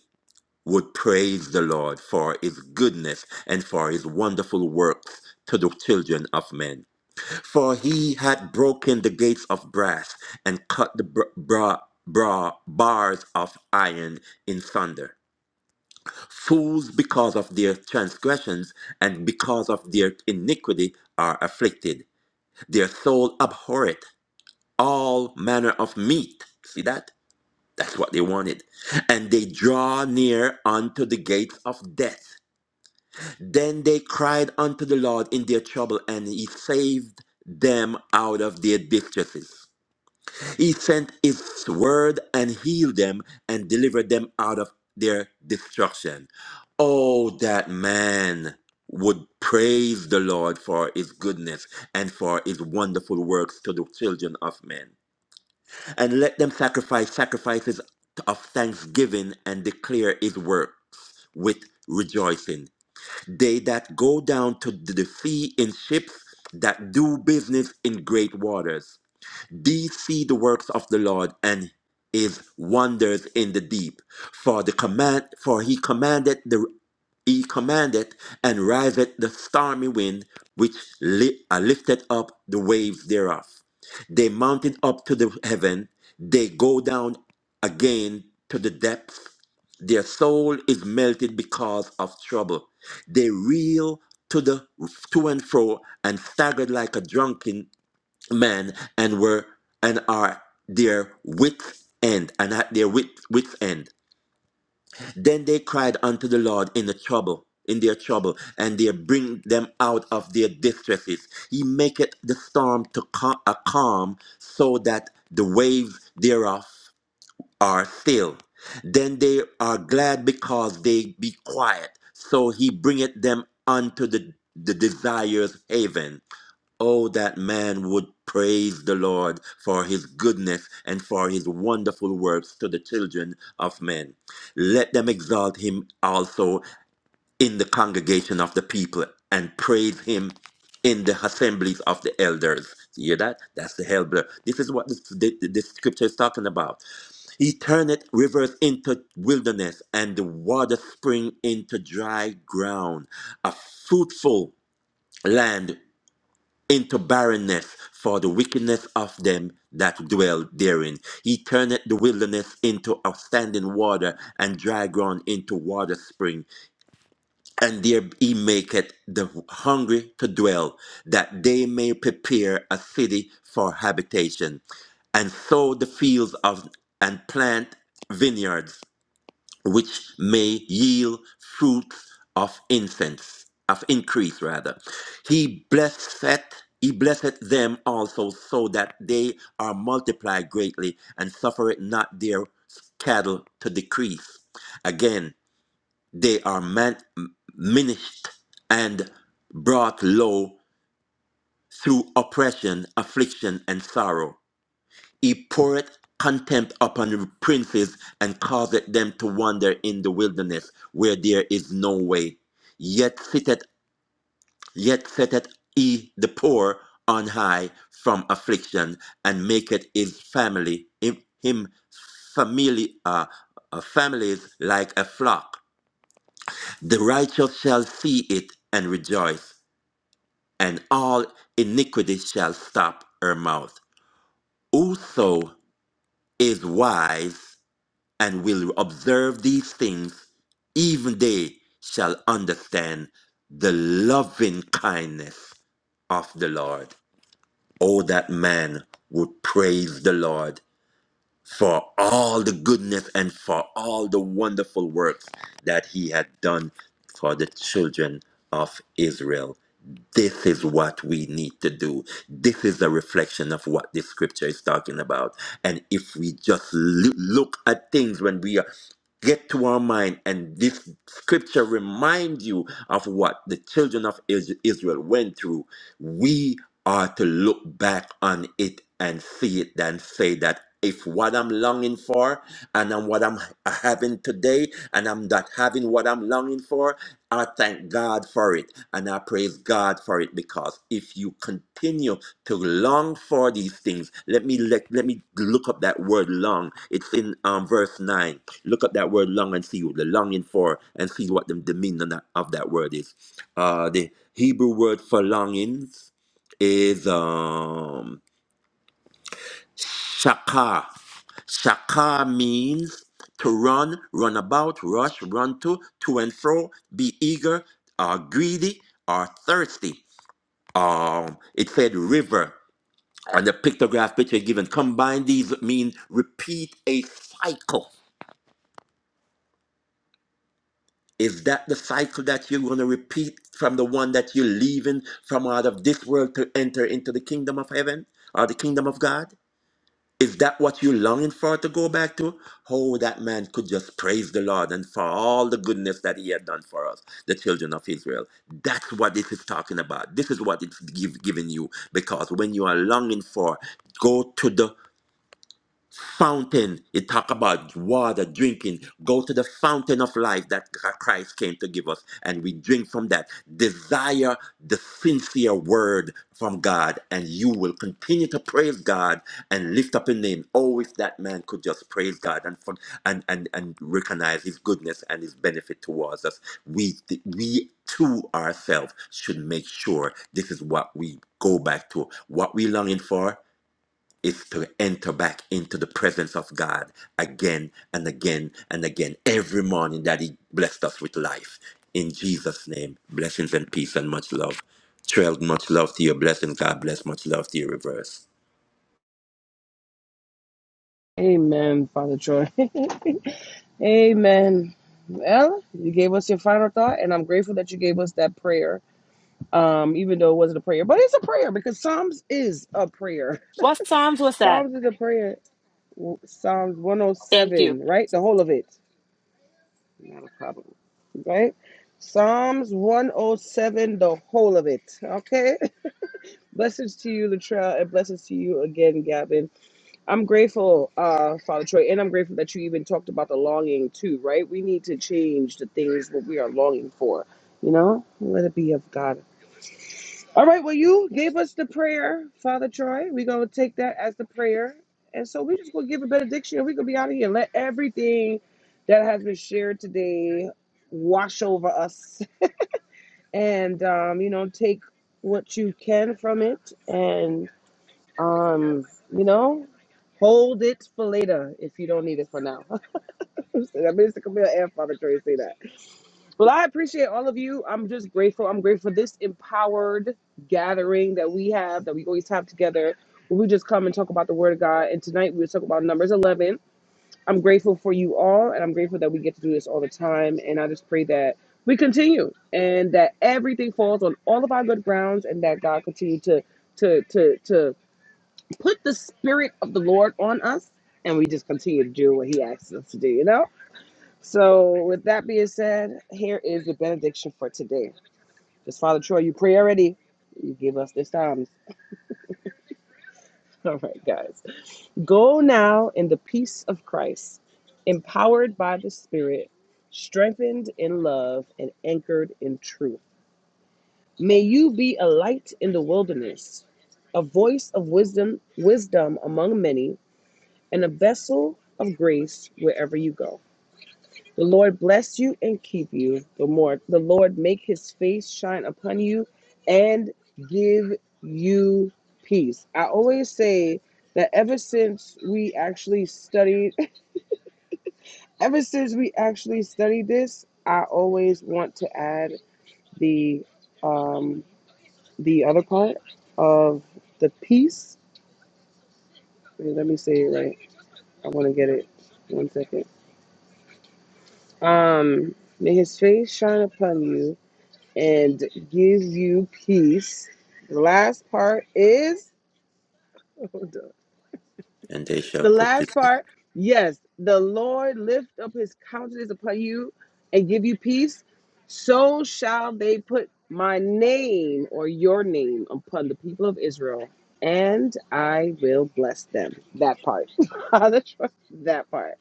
S3: would praise the Lord for his goodness and for his wonderful works to the children of men. For he had broken the gates of brass and cut the br- bra- bra- bars of iron in thunder. Fools, because of their transgressions and because of their iniquity, are afflicted their soul abhorreth all manner of meat. See that? That's what they wanted. And they draw near unto the gates of death. Then they cried unto the Lord in their trouble, and he saved them out of their distresses. He sent his word and healed them and delivered them out of their destruction. Oh, that man would praise the Lord for his goodness and for his wonderful works to the children of men. And let them sacrifice sacrifices of thanksgiving and declare his works with rejoicing. They that go down to the sea in ships that do business in great waters these see the works of the Lord and his wonders in the deep. For the command for he commanded the he commanded and riseth the stormy wind, which li- uh, lifted up the waves thereof. They mounted up to the heaven, they go down again to the depths. Their soul is melted because of trouble. They reel to the to and fro and staggered like a drunken men and were and are their wits end and at their wit, wits end then they cried unto the lord in the trouble in their trouble and they bring them out of their distresses he maketh the storm to ca- a calm so that the waves thereof are still then they are glad because they be quiet so he bringeth them unto the, the desires haven Oh, that man would praise the Lord for his goodness and for his wonderful works to the children of men. Let them exalt him also in the congregation of the people and praise him in the assemblies of the elders. You hear that? That's the elder. This is what this, the, the scripture is talking about. He turneth rivers into wilderness and the water spring into dry ground, a fruitful land into barrenness for the wickedness of them that dwell therein. He turneth the wilderness into outstanding water, and dry ground into water spring. And there he maketh the hungry to dwell, that they may prepare a city for habitation, and sow the fields of and plant vineyards which may yield fruits of incense, of increase rather. He blesseth he blesseth them also so that they are multiplied greatly and suffereth not their cattle to decrease. Again, they are man, minished and brought low through oppression, affliction, and sorrow. He poureth contempt upon the princes and causeth them to wander in the wilderness where there is no way. Yet sitteth, yet setteth he the poor on high from affliction and maketh his family him, him family uh, uh, families like a flock. The righteous shall see it and rejoice, and all iniquity shall stop her mouth. Whoso is wise and will observe these things, even they shall understand the loving kindness of the Lord. Oh, that man would praise the Lord for all the goodness and for all the wonderful works that he had done for the children of Israel. This is what we need to do. This is a reflection of what this scripture is talking about. And if we just loo- look at things when we are get to our mind and this scripture reminds you of what the children of Is- israel went through we are to look back on it and see it and say that if what I'm longing for and I'm what I'm having today and I'm not having what I'm longing for, I thank God for it and I praise God for it because if you continue to long for these things, let me let, let me look up that word long. It's in um, verse 9. Look up that word long and see what the longing for and see what the, the meaning of that of that word is. Uh, the Hebrew word for longing is um shaka. Shaka means to run, run about, rush, run to, to and fro, be eager, uh, greedy, or thirsty. Um, it said river on the pictograph picture given. Combine these mean repeat a cycle. Is that the cycle that you're going to repeat from the one that you're leaving from out of this world to enter into the kingdom of heaven or the kingdom of God? Is that what you're longing for to go back to? Oh, that man could just praise the Lord and for all the goodness that he had done for us, the children of Israel. That's what this is talking about. This is what it's give, giving you. Because when you are longing for, go to the fountain. It talk about water, drinking. Go to the fountain of life that Christ came to give us, and we drink from that. Desire the sincere word from God, and you will continue to praise God and lift up His name. Oh, if that man could just praise God and for, and and and recognize His goodness and His benefit towards us. We we to ourselves should make sure this is what we go back to what we longing for is to enter back into the presence of God again and again and again every morning that He blessed us with life. In Jesus' name, blessings and peace and much love. Trail, much love to your blessings. God bless, much love to your reverse.
S1: Amen, Father Troy. [laughs] Amen. Well, you gave us your final thought, and I'm grateful that you gave us that prayer. Um, even though it wasn't a prayer, but it's a prayer because Psalms is a prayer.
S2: What Psalms was that?
S1: Psalms is a prayer. W- Psalms
S2: Thank you.
S1: 107, right? The whole of it. Not a problem. Right? Psalms 107, the whole of it. Okay? [laughs] Blessings to you, Latrell, and blessings to you again, Gavin. I'm grateful, uh, Father Troy, and I'm grateful that you even talked about the longing too, right? We need to change the things that we are longing for, you know? Let it be of God All right, well, you gave us the prayer, Father Troy. We're going to take that as the prayer. And so we're just going to give a benediction and we're going to be out of here. Let everything that has been shared today wash over us and, um, you know, take what you can from it and, um, you know, hold it for later if you don't need it for now. That Minister Camille and Father Troy say that. Well, I appreciate all of you. I'm just grateful. I'm grateful for this empowered gathering that we have, that we always have together. Where we just come and talk about the Word of God. And tonight we will talk about Numbers 11. I'm grateful for you all, and I'm grateful that we get to do this all the time. And I just pray that we continue, and that everything falls on all of our good grounds, and that God continue to to to to put the Spirit of the Lord on us, and we just continue to do what He asks us to do. You know. So, with that being said, here is the benediction for today. Because Father Troy, you pray already. You give us this time. [laughs] All right, guys. Go now in the peace of Christ, empowered by the Spirit, strengthened in love, and anchored in truth. May you be a light in the wilderness, a voice of wisdom, wisdom among many, and a vessel of grace wherever you go. The Lord bless you and keep you. The more the Lord make his face shine upon you and give you peace. I always say that ever since we actually studied [laughs] ever since we actually studied this, I always want to add the um the other part of the peace. Wait, Let me say it right. I want to get it. One second. Um may his face shine upon you and gives you peace. The last part is [laughs] hold on.
S3: And they shall
S1: the
S3: put
S1: last
S3: this
S1: part. Yes, the Lord lift up his countenance upon you and give you peace. So shall they put my name or your name upon the people of Israel, and I will bless them. That part. [laughs] that part.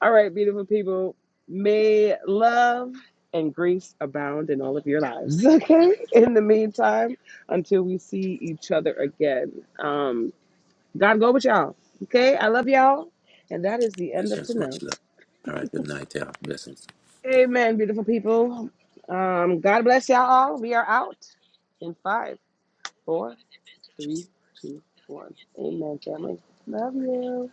S1: All right, beautiful people. May love and grace abound in all of your lives. [laughs] Okay. In the meantime, until we see each other again, um, God go with y'all. Okay. I love y'all. And that is the
S3: in
S1: end of
S3: essence,
S1: tonight.
S3: much love. All right, good night, y'all. Blessings.
S1: Amen, beautiful people. Um, God bless y'all all. We are out in five, four, three, two, one. Amen, family. Love you.